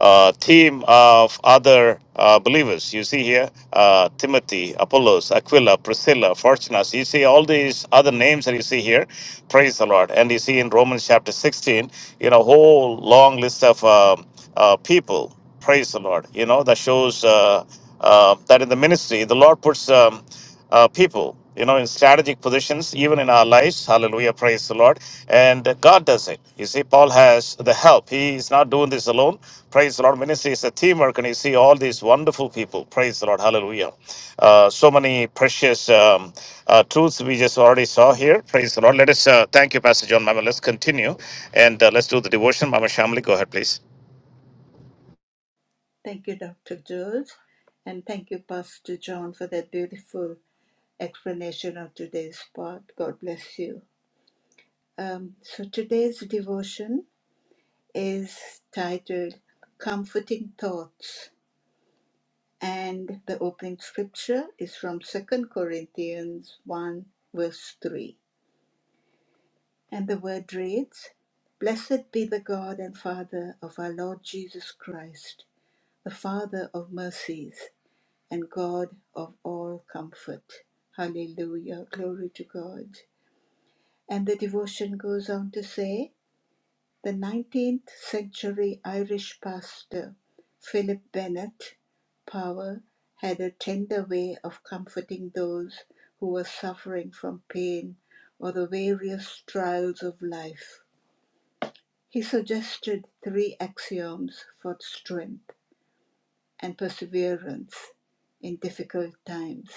A: uh, team of other uh, believers. You see here uh, Timothy, Apollos, Aquila, Priscilla, Fortunas. You see all these other names that you see here. Praise the Lord. And you see in Romans chapter 16, you know, whole long list of um uh, people. Praise the Lord. You know, that shows uh, uh, that in the ministry, the Lord puts um, uh, people. You know, in strategic positions, even in our lives, hallelujah, praise the Lord. And God does it. You see, Paul has the help. He is not doing this alone Praise the Lord. Ministry is a teamwork, and you see all these wonderful people. Praise the Lord. Hallelujah. Uh, so many precious um, uh, truths we just already saw here. Praise the Lord. Let us uh, thank you, Pastor John Mama. Let's continue and uh, let's do the devotion. Mama Shamli, go ahead, please.
C: Thank you, Dr. George. And thank you, Pastor John, for that beautiful explanation of today's part. God bless you. Um, so today's devotion is titled Comforting Thoughts, and the opening scripture is from Second Corinthians 1, verse 3. And the word reads Blessed be the God and Father of our Lord Jesus Christ, the Father of mercies and God of all comfort. Hallelujah. Glory to God. And the devotion goes on to say, The 19th century Irish pastor Philip Bennett Power had a tender way of comforting those who were suffering from pain or the various trials of life. He suggested three axioms for strength and perseverance in difficult times.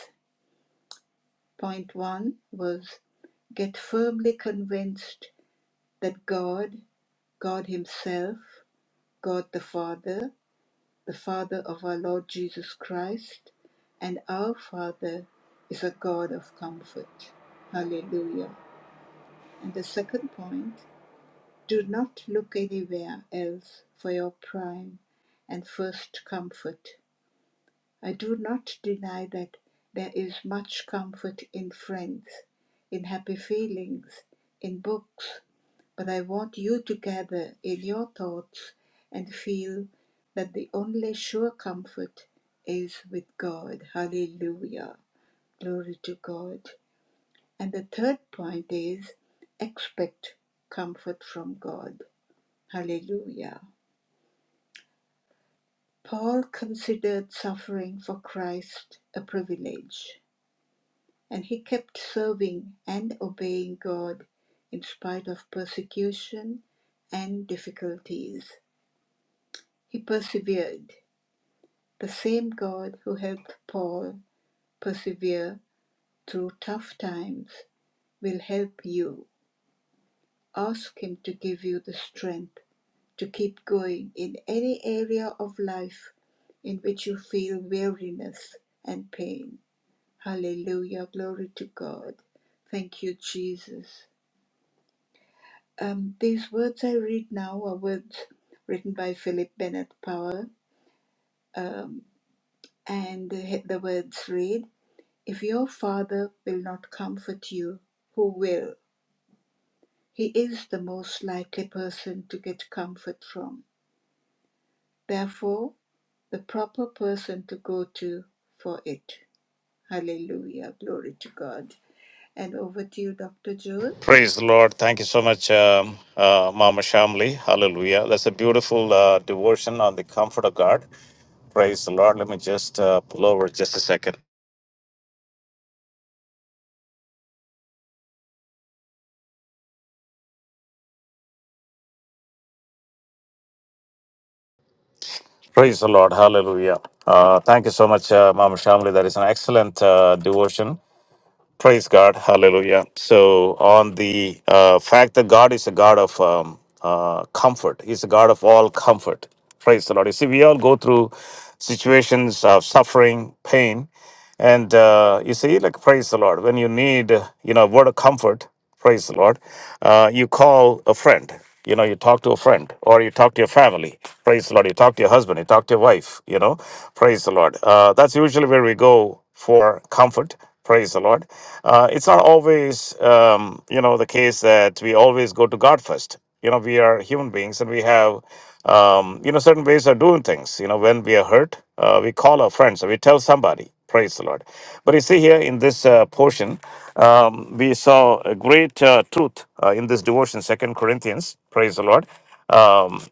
C: Point one was get firmly convinced that God, God Himself, God the Father, the Father of our Lord Jesus Christ, and our Father is a God of comfort. Hallelujah. And the second point do not look anywhere else for your prime and first comfort. I do not deny that there is much comfort in friends, in happy feelings, in books, but I want you to gather in your thoughts and feel that the only sure comfort is with God. Hallelujah. Glory to God. And the third point is expect comfort from God. Hallelujah. Paul considered suffering for Christ a privilege. And he kept serving and obeying God in spite of persecution and difficulties. He persevered. The same God who helped Paul persevere through tough times will help you. Ask Him to give you the strength to keep going in any area of life in which you feel weariness and pain. Hallelujah. Glory to God. Thank you, Jesus. Um, these words I read now are words written by Philip Bennett Power, um, and the the words read If your father will not comfort you, who will? He is the most likely person to get comfort from. Therefore, the proper person to go to for it. Hallelujah. Glory to God. And over to you, Dr. Jones.
A: Praise the Lord. Thank you so much, um, uh, Mama Shamli. Hallelujah. That's a beautiful uh, devotion on the comfort of God. Praise the Lord. Let me just uh, pull over just a second. Praise the Lord. Hallelujah. Uh, thank you so much, uh, Mama Shamli. That is an excellent uh, devotion. Praise God. Hallelujah. So, on the uh, fact that God is a God of um, uh, comfort, He's a God of all comfort. Praise the Lord. You see, we all go through situations of suffering, pain, and uh, you see, like, praise the Lord. When you need, you know, a word of comfort, praise the Lord, uh, you call a friend. You know, you talk to a friend or you talk to your family. Praise the Lord. You talk to your husband, you talk to your wife, you know, praise the Lord. Uh, that's usually where we go for comfort. Praise the Lord. Uh, it's not always, um, you know, the case that we always go to God first. You know, we are human beings and we have um, you know, certain ways of doing things. You know, when we are hurt, uh, we call our friends or we tell somebody. Praise the Lord. But you see here in this uh, portion, um, we saw a great uh, truth uh, in this devotion, Second Corinthians. Praise the Lord. Um,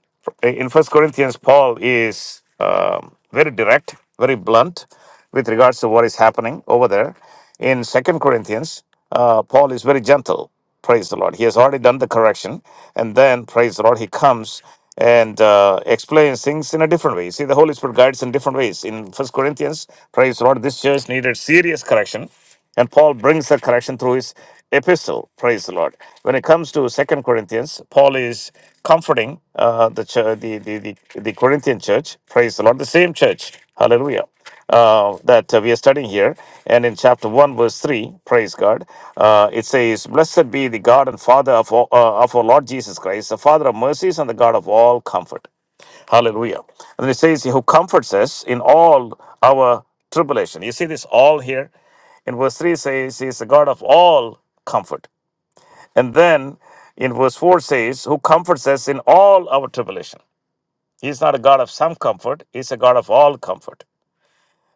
A: in First Corinthians, Paul is um, very direct, very blunt with regards to what is happening over there. In Second Corinthians, uh, Paul is very gentle. Praise the Lord. He has already done the correction. And then, praise the Lord, he comes and uh, explains things in a different way. See, the Holy Spirit guides in different ways. In First Corinthians, praise the Lord, this church needed serious correction. And Paul brings that correction through his epistle. Praise the Lord. When it comes to Second Corinthians, Paul is comforting uh, the, chur the, the, the, the Corinthian church. Praise the Lord. The same church. Hallelujah uh, that uh, we are studying here. And in chapter 1, verse 3, praise God, uh, it says, Blessed be the God and Father of, all, uh, of our Lord Jesus Christ, the Father of mercies and the God of all comfort. Hallelujah. And it says, Who comforts us in all our tribulation. You see this all here? In verse 3 says, He is the God of all comfort. And then in verse 4 says, Who comforts us in all our tribulation. He is not a God of some comfort, He is a God of all comfort.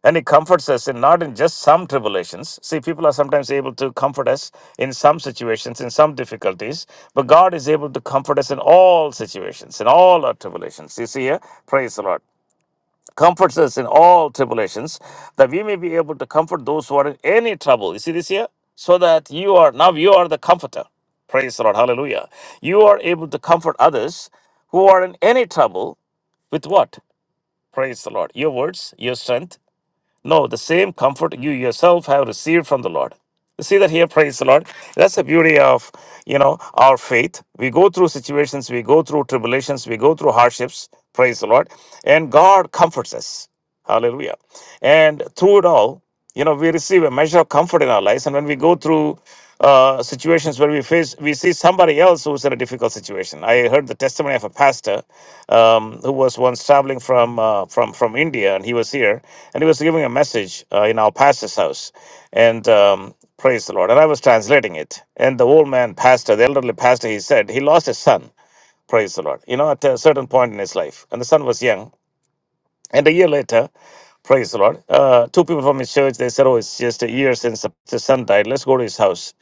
A: And he comforts us in not in just some tribulations. See, people are sometimes able to comfort us in some situations, in some difficulties, but God is able to comfort us in all situations, in all our tribulations. You see here? Praise the Lord. Comforts us in all tribulations, that we may be able to comfort those who are in any trouble. You see this here? So that you are now you are the comforter. Praise the Lord. Hallelujah. You are able to comfort others who are in any trouble with what? Praise the Lord. Your words, your strength no, the same comfort you yourself have received from the Lord. You see that here, praise the Lord. That's the beauty of you know our faith. We go through situations, we go through tribulations, we go through hardships, praise the Lord. And God comforts us. Hallelujah. And through it all, you know, we receive a measure of comfort in our lives. And when we go through uh, situations where we face, we see somebody else who's in a difficult situation. I heard the testimony of a pastor um, who was once traveling from uh, from from India, and he was here, and he was giving a message uh, in our pastor's house, and um, praise the Lord. And I was translating it, and the old man pastor, the elderly pastor, he said he lost his son. Praise the Lord. You know, at a certain point in his life, and the son was young. And a year later, praise the Lord, uh, two people from his church they said, "Oh, it's just a year since the the son died. Let's go to his house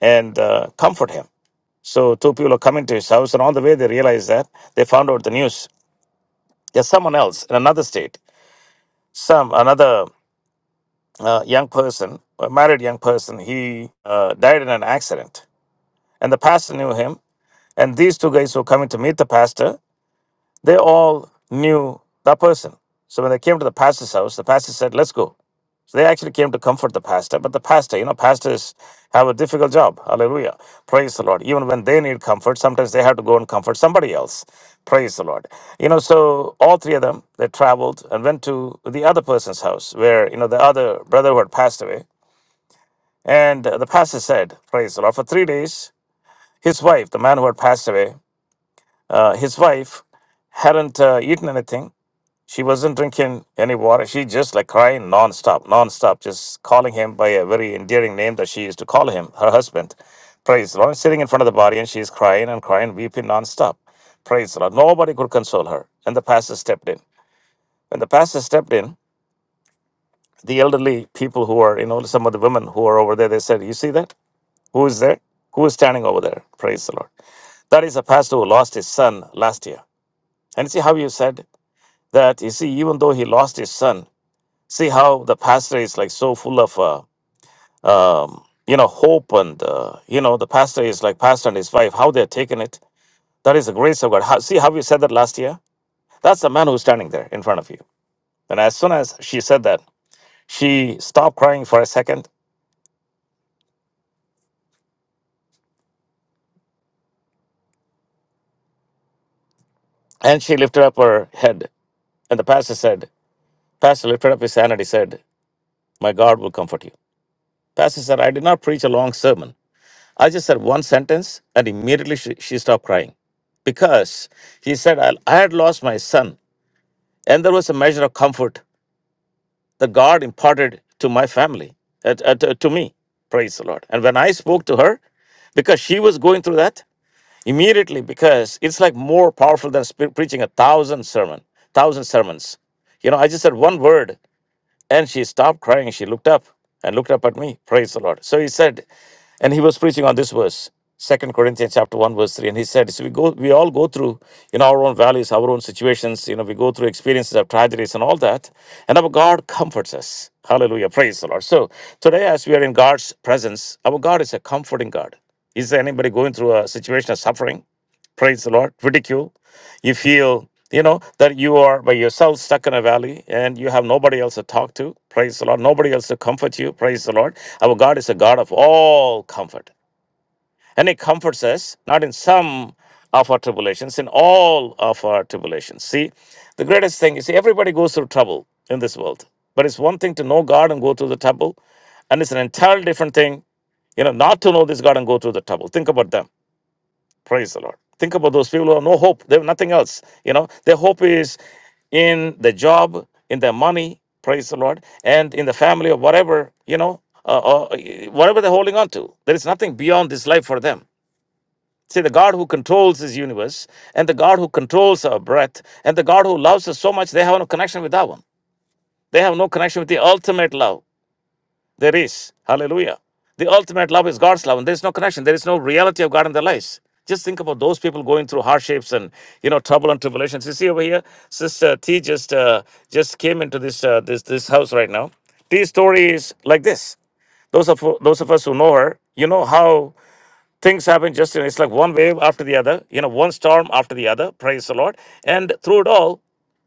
A: and uh, comfort him." So two people are coming to his house, and on the way they realized that they found out the news there's someone else in another state, some another uh, young person, a married young person, he uh, died in an accident. And the pastor knew him. And these two guys who were coming to meet the pastor, they all knew that person. So when they came to the pastor's house, the pastor said, Let's go. So they actually came to comfort the pastor, but the pastor, you know, pastors have a difficult job. Hallelujah. Praise the Lord. Even when they need comfort, sometimes they have to go and comfort somebody else. Praise the Lord. You know, so all three of them, they traveled and went to the other person's house where, you know, the other brother who had passed away. And uh, the pastor said, Praise the Lord. For three days, his wife, the man who had passed away, uh, his wife hadn't uh, eaten anything she wasn't drinking any water. She just like crying nonstop, nonstop, just calling him by a very endearing name that she used to call him, her husband. Praise the Lord. Sitting in front of the body and she's crying and crying, weeping nonstop. Praise the Lord. Nobody could console her. And the pastor stepped in. When the pastor stepped in, the elderly people who are, you know, some of the women who are over there, they said, You see that? Who is there? Who is standing over there? Praise the Lord. That is a pastor who lost his son last year. And see how you said that, you see, even though he lost his son, see how the pastor is like so full of uh, um, you know hope and uh, you know the pastor is like pastor and his wife how they're taking it that is the grace of god how, see how we said that last year that's the man who's standing there in front of you and as soon as she said that she stopped crying for a second and she lifted up her head and the pastor said pastor lifted up his hand and he said my god will comfort you pastor said i did not preach a long sermon i just said one sentence and immediately she, she stopped crying because he said I, I had lost my son And there was a measure of comfort that God imparted to my family, uh, uh, to to me. Praise the Lord. And when I spoke to her, because she was going through that immediately, because it's like more powerful than spe- preaching a thousand sermon, thousand sermons. You know, I just said one word, and she stopped crying. She looked up and looked up at me. Praise the Lord. So he said, and he was preaching on this verse, Second Corinthians chapter 1, verse 3. And he said, So we go we all go through in our own valleys, our own situations, you know, we go through experiences of tragedies and all that. And our God comforts us. Hallelujah. Praise the Lord. So today, as we are in God's presence, our God is a comforting God. Is there anybody going through a situation of suffering? Praise the Lord. Ridicule. You feel, you know, that you are by yourself stuck in a valley and you have nobody else to talk to. Praise the Lord. Nobody else to comfort you. Praise the Lord. Our God is a God of all comfort. And He comforts us, not in some of our tribulations, in all of our tribulations. See, the greatest thing is see, everybody goes through trouble in this world. But it's one thing to know God and go through the trouble, and it's an entirely different thing you know, not to know this God and go through the trouble. Think about them. Praise the Lord. Think about those people who have no hope. They have nothing else. You know, their hope is in the job, in their money. Praise the Lord, and in the family or whatever you know, uh, or uh, whatever they're holding on to. There is nothing beyond this life for them. See, the God who controls this universe, and the God who controls our breath, and the God who loves us so much, they have no connection with that one. They have no connection with the ultimate love. There is. Hallelujah. The ultimate love is God's love, and there's no connection. There is no reality of God in their lives. Just think about those people going through hardships and you know trouble and tribulations. You see over here, Sister T just uh, just came into this uh, this this house right now. T's story is like this. Those of those of us who know her, you know how things happen. Just you know, it's like one wave after the other. You know, one storm after the other. Praise the Lord. And through it all,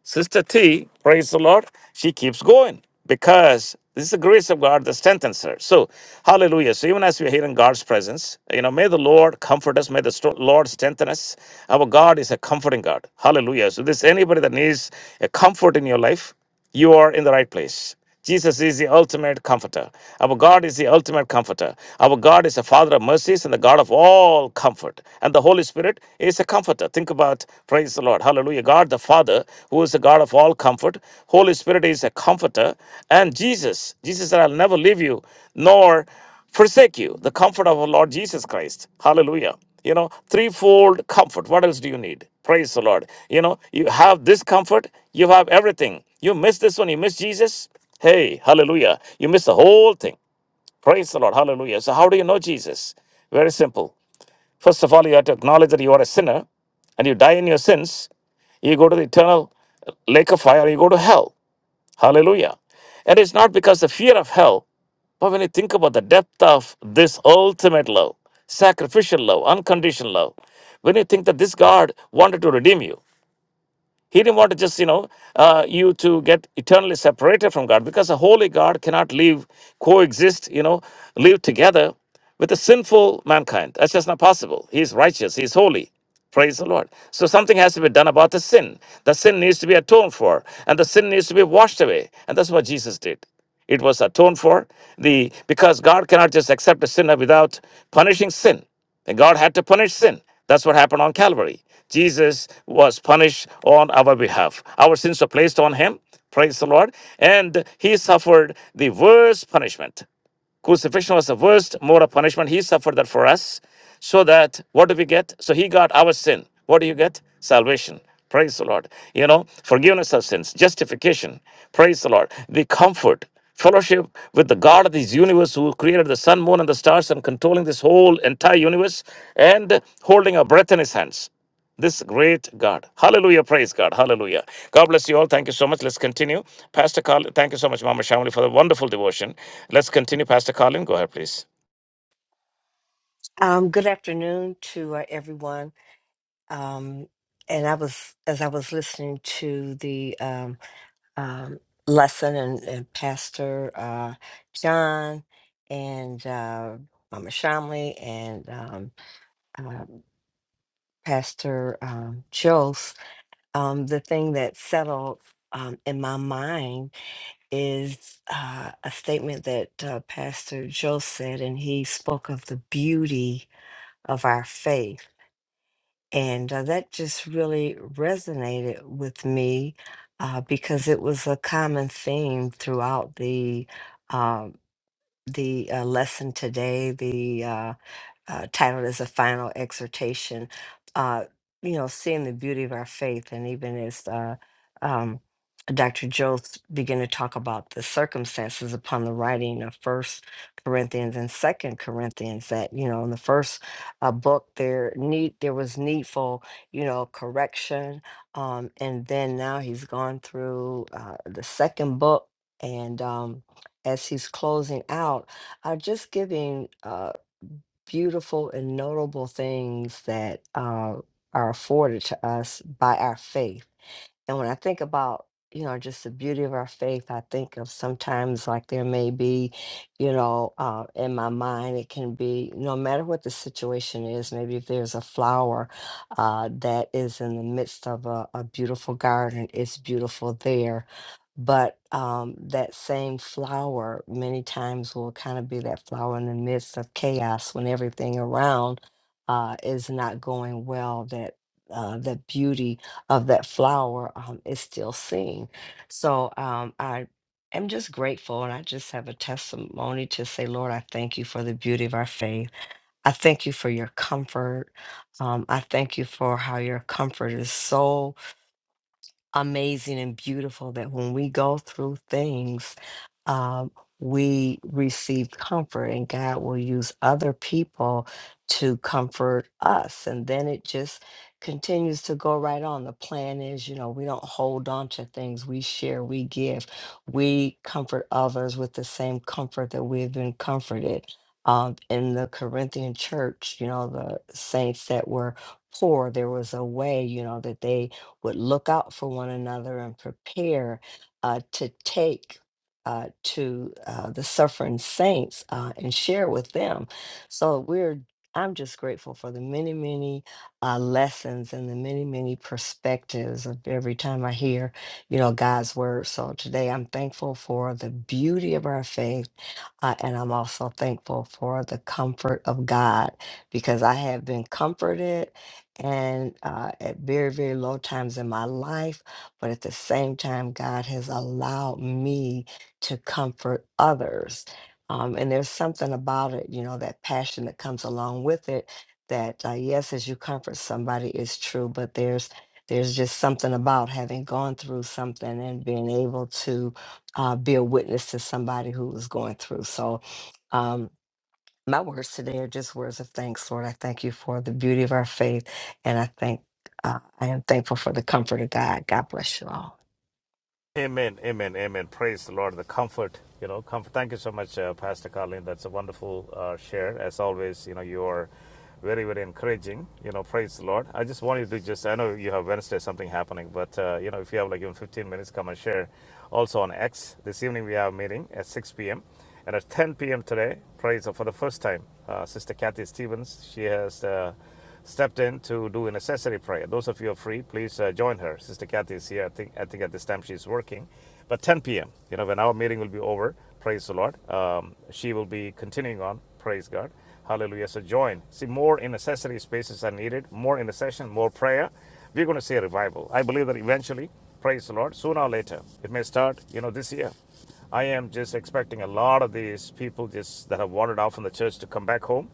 A: Sister T, praise the Lord, she keeps going because this is the grace of God that strengthens her. So, hallelujah. So, even as we are here in God's presence, you know, may the Lord comfort us, may the sto- Lord strengthen us. Our God is a comforting God. Hallelujah. So, this anybody that needs a comfort in your life, you are in the right place. Jesus is the ultimate comforter. Our God is the ultimate comforter. Our God is the Father of mercies and the God of all comfort. And the Holy Spirit is a comforter. Think about, praise the Lord. Hallelujah. God the Father, who is the God of all comfort. Holy Spirit is a comforter. And Jesus, Jesus said, I'll never leave you, nor forsake you the comfort of our lord jesus christ hallelujah you know threefold comfort what else do you need praise the lord you know you have this comfort you have everything you miss this one you miss jesus hey hallelujah you miss the whole thing praise the lord hallelujah so how do you know jesus very simple first of all you have to acknowledge that you are a sinner and you die in your sins you go to the eternal lake of fire you go to hell hallelujah and it's not because the fear of hell but when you think about the depth of this ultimate love, sacrificial love, unconditional love, when you think that this God wanted to redeem you, he didn't want to just, you know, uh, you to get eternally separated from God because a holy God cannot live, coexist, you know, live together with a sinful mankind. That's just not possible. He's righteous, he's holy. Praise the Lord. So something has to be done about the sin. The sin needs to be atoned for, and the sin needs to be washed away. And that's what Jesus did. It was atoned for the because God cannot just accept a sinner without punishing sin. And God had to punish sin. That's what happened on Calvary. Jesus was punished on our behalf. Our sins were placed on him. Praise the Lord. And he suffered the worst punishment. Crucifixion was the worst mode of punishment. He suffered that for us. So that what do we get? So he got our sin. What do you get? Salvation. Praise the Lord. You know, forgiveness of sins, justification. Praise the Lord. The comfort, fellowship with the God of this universe who created the sun, moon, and the stars and controlling this whole entire universe and holding our breath in his hands this great God. Hallelujah. Praise God. Hallelujah. God bless you all. Thank you so much. Let's continue. Pastor Colin, thank you so much, Mama Shamali, for the wonderful devotion. Let's continue, Pastor Colin. Go ahead, please.
D: Um, good afternoon to uh, everyone. Um, and I was, as I was listening to the um, um, lesson and, and Pastor uh, John and uh, Mama Shamley and um, uh, Pastor um, Jose, um, the thing that settled um, in my mind is uh, a statement that uh, Pastor Jose said, and he spoke of the beauty of our faith And uh, that just really resonated with me uh, because it was a common theme throughout the um the uh, lesson today, The uh, uh, titled as a final exhortation. Uh, you know, seeing the beauty of our faith, and even as uh, um, Dr. Jost began to talk about the circumstances upon the writing of First Corinthians and Second Corinthians, that you know, in the first uh, book, there need there was needful, you know, correction, um, and then now he's gone through uh, the second book, and um, as he's closing out, uh, just giving. Uh, beautiful and notable things that uh, are afforded to us by our faith. And when I think about, you know, just the beauty of our faith, I think of sometimes like there may be, you know, uh, in my mind, it can be no matter what the situation is, maybe if there's a flower uh, that is in the midst of a, a beautiful garden, it's beautiful there. But um, that same flower, many times, will kind of be that flower in the midst of chaos when everything around uh, is not going well. That uh, that beauty of that flower um, is still seen. So um, I am just grateful. And I just have a testimony to say, Lord, I thank you for the beauty of our faith. I thank you for your comfort. Um, I thank you for how your comfort is so amazing and beautiful that when we go through things, um, we receive comfort, and God will use other people to comfort us. And then it just continues to go right on. The plan is, you know, we don't hold on to things, we share, we give, we comfort others with the same comfort that we've been comforted. Um, in the Corinthian church, you know, the saints that were poor, there was a way, you know, that they would look out for one another and prepare uh, to take uh, to uh, the suffering saints uh, and share with them. So we're I'm just grateful for the many, many uh, lessons and the many, many perspectives of every time I hear, you know, God's word. So today I'm thankful for the beauty of our faith. Uh, and I'm also thankful for the comfort of God because I have been comforted and uh, at very, very low times in my life. But at the same time, God has allowed me to comfort others. Um, and there's something about it, you know, that passion that comes along with it. That uh, yes, as you comfort somebody, is true, but there's there's just something about having gone through something and being able to uh, be a witness to somebody who was going through. So, Um, my words today are just words of thanks, Lord. I thank you for the beauty of our faith, and I thank uh, I am thankful for the comfort of God. God bless you all.
A: Amen, amen, amen. Praise the Lord, the comfort, you know, comfort. Thank you so much, uh, Pastor Colleen. That's a wonderful uh, share. As always, you know, you are very, very encouraging. You know, praise the Lord. I just wanted to just, I know you have Wednesday something happening, but, uh, you know, if you have like even 15 minutes, come and share. Also on X, this evening we have a meeting at 6 p.m. And at 10 p.m. today, praise the- for the first time, uh, Sister Kathy Stevens, she has. Uh, stepped in to do a necessary prayer. Those of you who are free, please uh, join her. Sister Kathy is here. I think I think at this time she's working, but 10 p.m. You know when our meeting will be over. Praise the Lord. Um, she will be continuing on. Praise God. Hallelujah. So join. See more in necessary spaces are needed. More in intercession. More prayer. We're going to see a revival. I believe that eventually. Praise the Lord. Sooner or later, it may start. You know this year. I am just expecting a lot of these people just that have wandered off from the church to come back home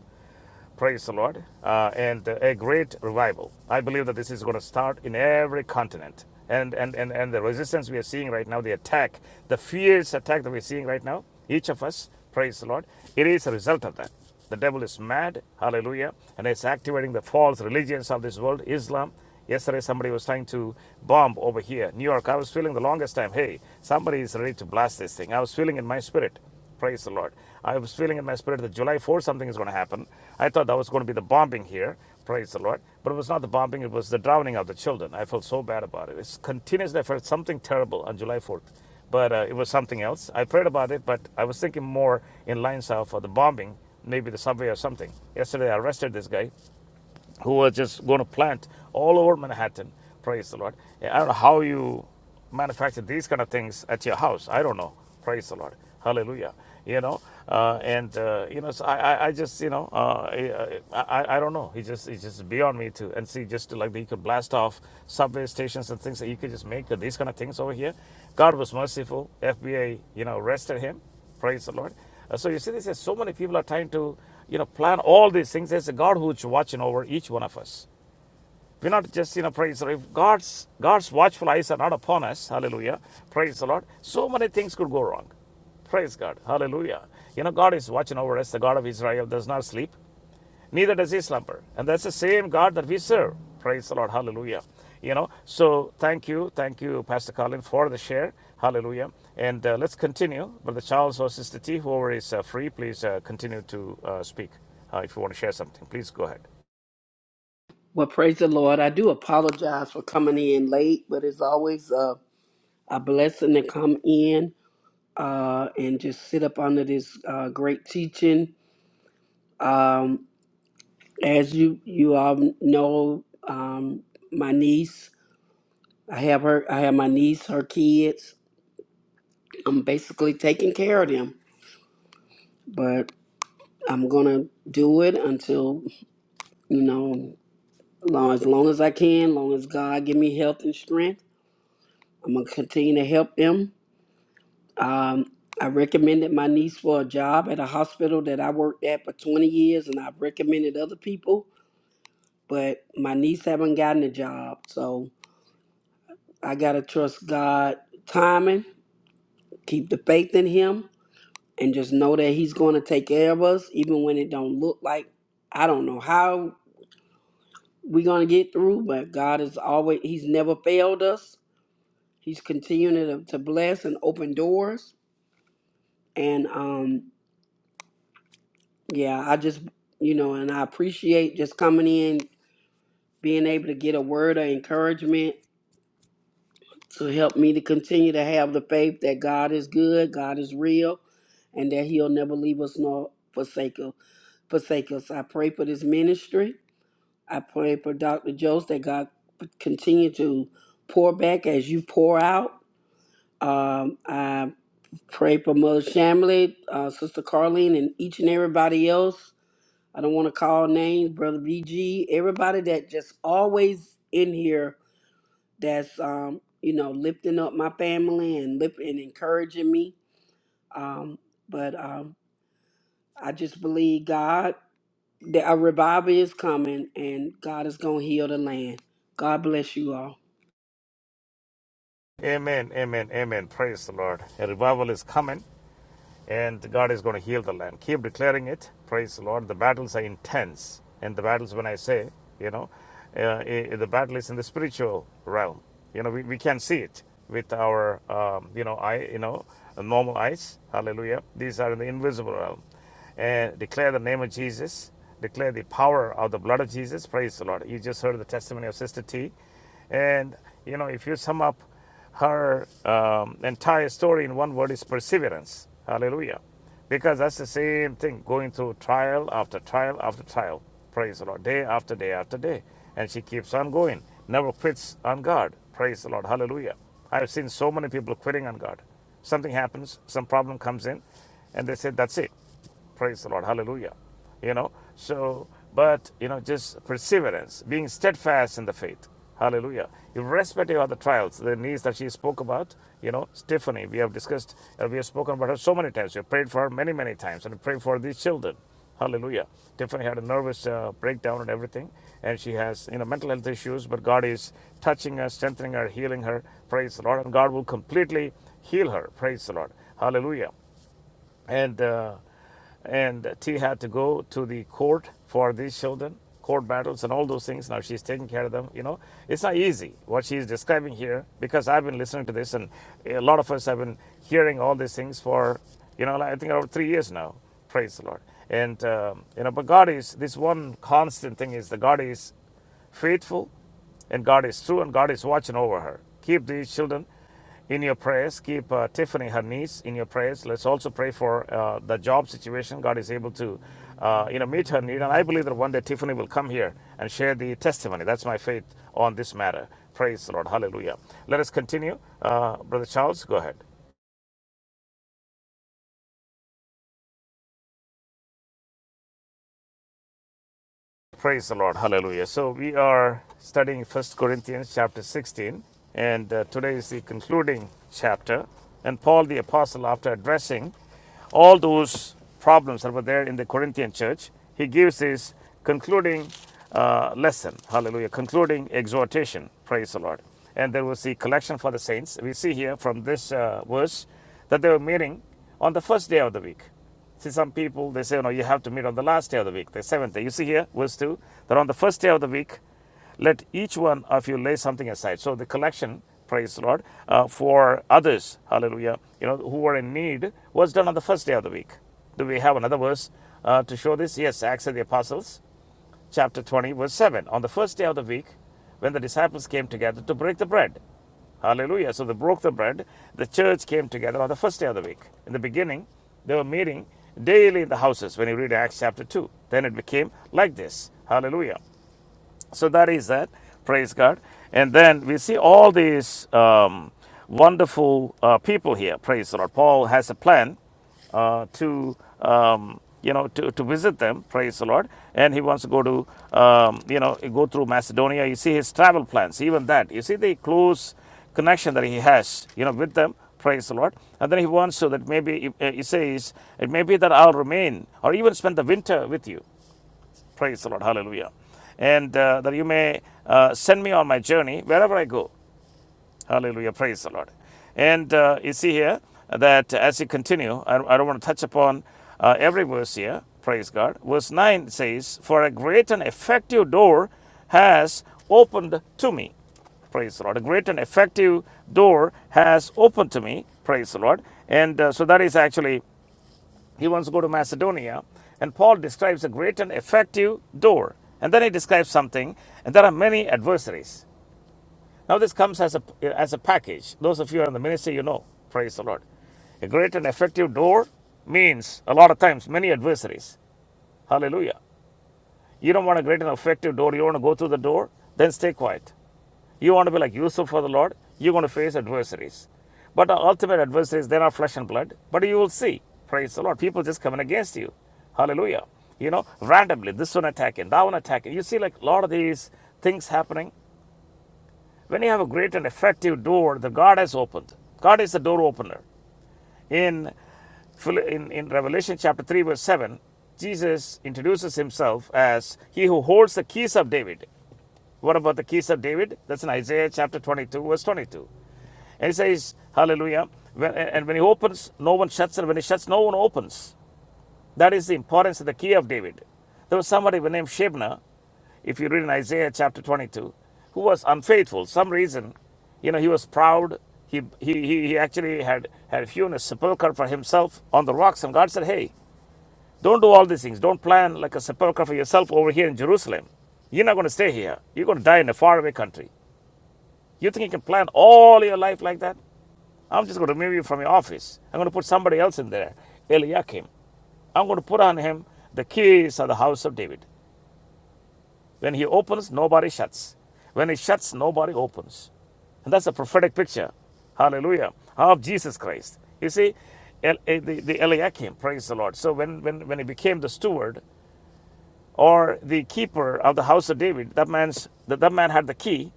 A: Praise the Lord. Uh, and a great revival. I believe that this is going to start in every continent. And, and, and, and the resistance we are seeing right now, the attack, the fierce attack that we're seeing right now, each of us, praise the Lord, it is a result of that. The devil is mad, hallelujah, and it's activating the false religions of this world, Islam. Yesterday, somebody was trying to bomb over here, New York. I was feeling the longest time, hey, somebody is ready to blast this thing. I was feeling in my spirit. Praise the Lord. I was feeling in my spirit that July 4th something is going to happen. I thought that was going to be the bombing here. Praise the Lord. But it was not the bombing, it was the drowning of the children. I felt so bad about it. It's continuously, I felt something terrible on July 4th. But uh, it was something else. I prayed about it, but I was thinking more in lines of uh, the bombing, maybe the subway or something. Yesterday, I arrested this guy who was just going to plant all over Manhattan. Praise the Lord. I don't know how you manufacture these kind of things at your house. I don't know. Praise the Lord. Hallelujah. You know, uh, and uh, you know, so I, I, I just, you know, uh, I, I, I don't know. He just, it's just beyond me too. And see, just like he could blast off subway stations and things that you could just make uh, these kind of things over here. God was merciful. FBI, you know, arrested him Praise the Lord. Uh, so you see, this is so many people are trying to, you know, plan all these things. There's a God who's watching over each one of us. We're not just, you know, praise the Lord. If God's God's watchful eyes are not upon us, hallelujah. Praise the Lord. So many things could go wrong. Praise God. Hallelujah. You know, God is watching over us, the God of Israel does not sleep neither does he slumber. And that's the same God that we serve. Praise the Lord. Hallelujah. You know, so thank you. Thank you, Pastor Colin, for the share. Hallelujah. And uh, let's continue. Brother Charles or Sister T, whoever is uh, free, please uh, continue to uh, speak. Uh, if you want to share something, please go ahead.
E: Well, praise the Lord. I do apologize for coming in late, but it's always a, a blessing to come in uh, and just sit up under this uh, great teaching. Um, as you you all know, um, my niece, I have her, I have my niece, her kids. I'm basically taking care of them, but I'm gonna do it until you know, long as long as I can, long as God give me health and strength. I'm gonna continue to help them Um, I recommended my niece for a job at a hospital that I worked at for 20 years, and I've recommended other people, but my niece haven't gotten a job. So I gotta trust God timing, keep the faith in Him, and just know that He's gonna take care of us, even when it don't look like I don't know how we're gonna get through. But God is always He's never failed us. He's continuing to, to bless and open doors, and um, Yeah, I just, you know, and I appreciate just coming in, being able to get a word of encouragement to help me to continue to have the faith that God is good, God is real, and that He'll never leave us nor forsake us. Forsake us. I pray for this ministry. I pray for Dr. Jones that God continue to pour back as you pour out. Um, I pray for Mother Shamley, uh, Sister Carlene, and each and everybody else I don't want to call names, brother BG, everybody that just always in here that's um, you know, lifting up my family and lift and encouraging me. Um, but um I just believe God that a revival is coming and God is gonna heal the land. God bless you all.
A: Amen, amen, amen. Praise the Lord. A revival is coming. and God is going to heal the land. Keep declaring it. Praise the Lord. The battles are intense, and the battles, when I say, you know, uh, the battle is in the spiritual realm. You know, we, we can see it with our, um, you know, eye, you know, normal eyes. Hallelujah. These are in the invisible realm. And declare the name of Jesus. Declare the power of the blood of Jesus. Praise the Lord. You just heard the testimony of Sister T. And, you know, if you sum up her um, entire story in one word is perseverance. Hallelujah. Because that's the same thing, going through trial after trial after trial. Praise the Lord. Day after day after day. And she keeps on going, never quits on God. Praise the Lord. Hallelujah. I've seen so many people quitting on God. Something happens, some problem comes in, and they say, That's it. Praise the Lord. Hallelujah. You know, so, but, you know, just perseverance, being steadfast in the faith. Hallelujah. Irrespective of the trials, the needs that she spoke about, you know, Stephanie, we have discussed, uh, we have spoken about her so many times. We have prayed for her many, many times and prayed for these children. Hallelujah. Tiffany had a nervous uh, breakdown and everything, and she has, you know, mental health issues, but God is touching her, strengthening her, healing her. Praise the Lord. And God will completely heal her. Praise the Lord. Hallelujah and uh, and T had to go to the court for these children, court battles, and all those things. Now she's taking care of them. You know, it's not easy what she's describing here because I've been listening to this, and a lot of us have been hearing all these things for you know, like, I think over three years now. Praise the Lord. And um, you know, but God is this one constant thing is that God is faithful and God is true, and God is watching over her. Keep these children in your prayers. Keep uh, Tiffany, her niece, in your prayers. Let's also pray for uh, the job situation. God is able to, uh, you know, meet her need, and I believe that one day Tiffany will come here and share the testimony. That's my faith on this matter. Praise the Lord. Hallelujah. Let us continue, uh, Brother Charles. Go ahead. Praise the Lord. Hallelujah. So we are studying First Corinthians chapter 16, and uh, today is the concluding chapter. And Paul the Apostle, after addressing all those problems that were there in the Corinthian church, he gives his concluding uh, lesson. Hallelujah. Concluding exhortation. Praise the Lord. And there was the collection for the saints. We see here from this uh, verse that they were meeting on the first day of the week. See, some people, they say, you know, you have to meet on the last day of the week, the seventh day. You see here, verse 2, that on the first day of the week, let each one of you lay something aside. So the collection, praise the Lord, uh, for others, hallelujah, you know, who were in need was done on the first day of the week. Do we have another verse uh, to show this? Yes, Acts of the Apostles, chapter 20, verse 7. On the first day of the week, when the disciples came together to break the bread. Hallelujah. So they broke the bread. The church came together on the first day of the week. In the beginning, they were meeting daily in the houses when you read Acts chapter 2. Then it became like this. Hallelujah. So that is that. Praise God. And then we see all these um, wonderful uh, people here. Praise the Lord. Paul has a plan uh, to um, you know to, to visit them praise the lord and he wants to go to um, you know go through macedonia you see his travel plans even that you see the close connection that he has you know with them praise the lord and then he wants to that maybe uh, he says it may be that i'll remain or even spend the winter with you praise the lord hallelujah and uh, that you may uh, send me on my journey wherever i go Hallelujah. Praise the Lord. And uh, you see here that as you continue, I, I don't want to touch upon uh, every verse here. Praise God. Verse 9 says, For a great and effective door has opened to me. Praise the Lord. A great and effective door has opened to me. Praise the Lord. And uh, so that is actually, he wants to go to Macedonia. And Paul describes a great and effective door. And then he describes something. And there are many adversaries. Now this comes as a as a package. Those of you who are in the ministry, you know. Praise the Lord. A great and effective door means a lot of times many adversaries. Hallelujah. You don't want a great and effective door. You want to go through the door, then stay quiet. You want to be like Yusuf for the Lord. You're going to face adversaries. But the ultimate adversaries, they're not flesh and blood. But you will see, praise the Lord, people just coming against you. Hallelujah. You know, randomly, this one attacking, that one attacking. You see, like, a lot of these things happening. When you have a great and effective door, the God has opened. God is the door opener. In, in, in Revelation chapter 3, verse 7, Jesus introduces himself as he who holds the keys of David. What about the keys of David? That's in Isaiah chapter 22, verse 22. And he says, Hallelujah. When, and when he opens, no one shuts, and when he shuts, no one opens. That is the importance of the key of David. There was somebody named Shebna if you read in Isaiah chapter 22, who was unfaithful, some reason, you know, he was proud. He, he, he he actually had, had hewn a sepulchre for himself on the rocks. And God said, hey, don't do all these things. Don't plan like a sepulchre for yourself over here in Jerusalem. You're not going to stay here. You're going to die in a faraway country. You think you can plan all your life like that? I'm just going to remove you from your office. I'm going to put somebody else in there, Eliakim. I'm going to put on him the keys of the house of David. When he opens, nobody shuts. When he shuts, nobody opens. And that's a prophetic picture, hallelujah, of Jesus Christ. You see, El- eh, the, the Eliakim, praise the Lord. So when, when, when he became the steward or the keeper of the house of David, that, man's, that, that man had the key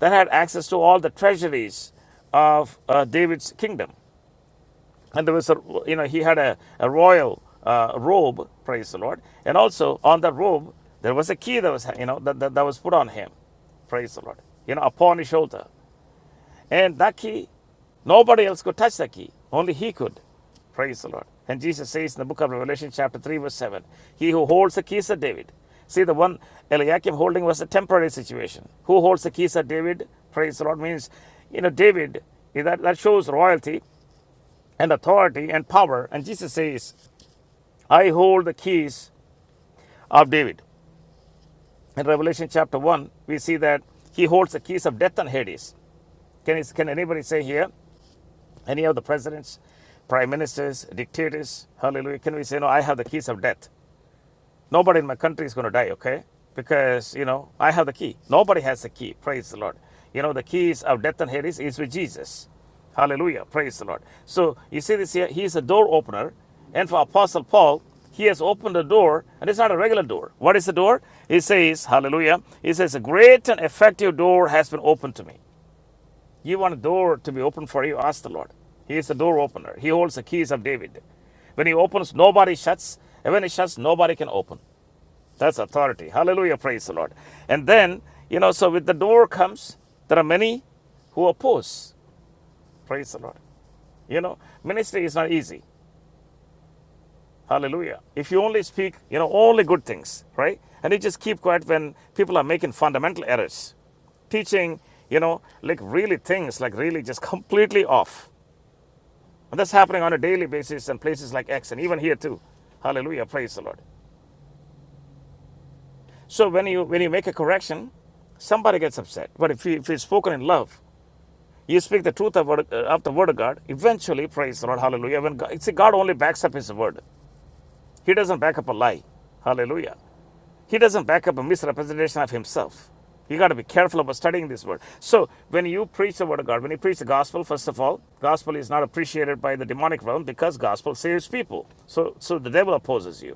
A: that had access to all the treasuries of uh, David's kingdom and there was a you know he had a, a royal uh, robe praise the lord and also on that robe there was a key that was you know that, that, that was put on him praise the lord you know upon his shoulder and that key nobody else could touch that key only he could praise the lord and jesus says in the book of revelation chapter 3 verse 7 he who holds the keys of david see the one eliakim holding was a temporary situation who holds the keys of david praise the lord means you know david that, that shows royalty and authority and power. And Jesus says, I hold the keys of David. In Revelation chapter 1, we see that he holds the keys of death and Hades. Can, is- can anybody say here, any of the presidents, prime ministers, dictators, hallelujah, can we say, No, I have the keys of death? Nobody in my country is going to die, okay? Because, you know, I have the key. Nobody has the key. Praise the Lord. You know, the keys of death and Hades is with Jesus. Hallelujah. Praise the Lord. So you see this here, he is a door opener. And for Apostle Paul, he has opened the door, and it's not a regular door. What is the door? He says, Hallelujah. He says, A great and effective door has been opened to me. You want a door to be opened for you? Ask the Lord. He is the door opener. He holds the keys of David. When he opens, nobody shuts. And when he shuts, nobody can open. That's authority. Hallelujah. Praise the Lord. And then, you know, so with the door comes, there are many who oppose. Praise the Lord. You know, ministry is not easy. Hallelujah. If you only speak, you know, only good things, right? And you just keep quiet when people are making fundamental errors, teaching, you know, like really things, like really just completely off. And that's happening on a daily basis in places like X and even here too. Hallelujah. Praise the Lord. So when you when you make a correction, somebody gets upset. But if, you, if it's spoken in love, You speak the truth of, word, uh, of the word of God. Eventually, praise the Lord. Hallelujah. When God, see, God only backs up his word. He doesn't back up a lie. Hallelujah. He doesn't back up a misrepresentation of himself. You got to be careful about studying this word. So, when you preach the word of God, when you preach the gospel, first of all, gospel is not appreciated by the demonic realm because gospel saves people. So, so the devil opposes you.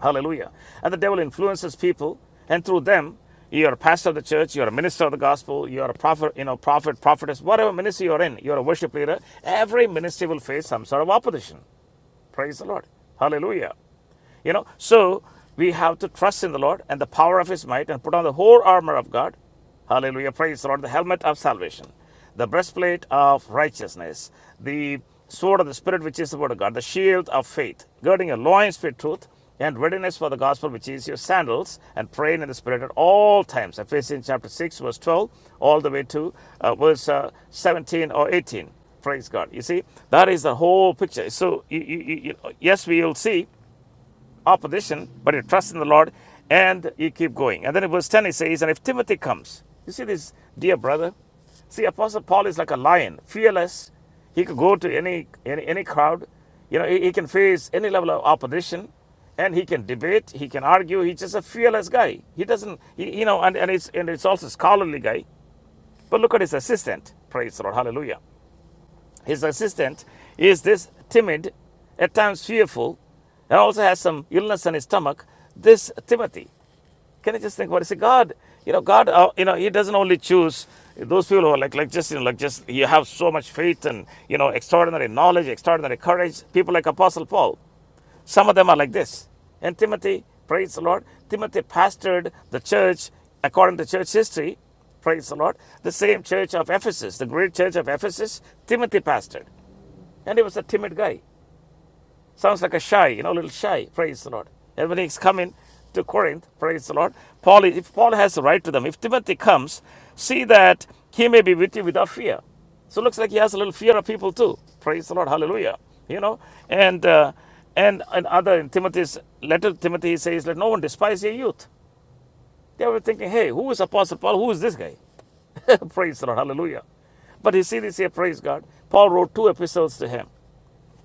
A: Hallelujah. And the devil influences people, and through them, you're a pastor of the church, you're a minister of the gospel, you're a prophet, you know, prophet, prophetess, whatever ministry you're in, you're a worship leader. Every ministry will face some sort of opposition. Praise the Lord. Hallelujah. You know, so we have to trust in the Lord and the power of His might and put on the whole armor of God. Hallelujah. Praise the Lord. The helmet of salvation, the breastplate of righteousness, the sword of the Spirit, which is the word of God, the shield of faith, girding your loins with truth and readiness for the gospel, which is your sandals, and praying in the Spirit at all times. Ephesians chapter 6, verse 12, all the way to uh, verse uh, 17 or 18. Praise God. You see, that is the whole picture. So, you, you, you, yes, we will see opposition, but he trusts in the Lord and he keep going. And then in verse 10 he says, And if Timothy comes, you see this dear brother? See, Apostle Paul is like a lion, fearless. He could go to any any, any crowd. You know, he, he can face any level of opposition and he can debate, he can argue, he's just a fearless guy. He doesn't he, you know, and, and it's and it's also scholarly guy. But look at his assistant. Praise the Lord. Hallelujah. His assistant is this timid, at times fearful, and also has some illness in his stomach. This Timothy, can you just think about it? Say, God, you know, God, uh, you know, He doesn't only choose those people who are like, like just, you know, like just, you have so much faith and, you know, extraordinary knowledge, extraordinary courage. People like Apostle Paul, some of them are like this. And Timothy, praise the Lord, Timothy pastored the church according to church history praise the Lord, the same church of Ephesus, the great church of Ephesus, Timothy pastored. And he was a timid guy. Sounds like a shy, you know, a little shy. Praise the Lord. And when he's coming to Corinth, praise the Lord, Paul, if Paul has the right to them, if Timothy comes, see that he may be with you without fear. So it looks like he has a little fear of people too. Praise the Lord. Hallelujah. You know, and uh, and and other in Timothy's letter to Timothy, he says, Let no one despise your youth. They were thinking, hey, who is Apostle Paul? Who is this guy? praise the Lord. Hallelujah. But you see this here, praise God. Paul wrote two epistles to him.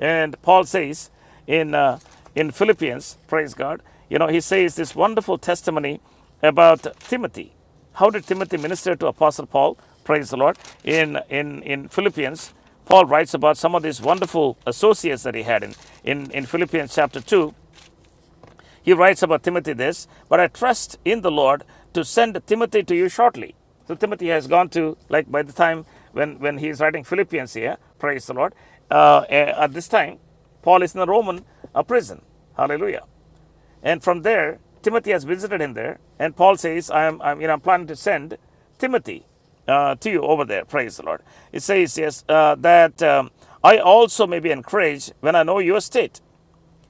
A: And Paul says in, uh, in Philippians, praise God, you know, he says this wonderful testimony about Timothy. How did Timothy minister to Apostle Paul? Praise the Lord. In, in, in Philippians, Paul writes about some of these wonderful associates that he had in, in, in Philippians chapter 2. He writes about Timothy this, but I trust in the Lord to send Timothy to you shortly. So Timothy has gone to, like by the time when, when he is writing Philippians here, praise the Lord, uh, eh, at this time, Paul is in the Roman a prison. Hallelujah. And from there, Timothy has visited him there, and Paul says, I'm, I'm, you know, I'm planning to send Timothy uh, to you over there. Praise the Lord. It says, yes, uh, that um, I also may be encouraged when I know your state.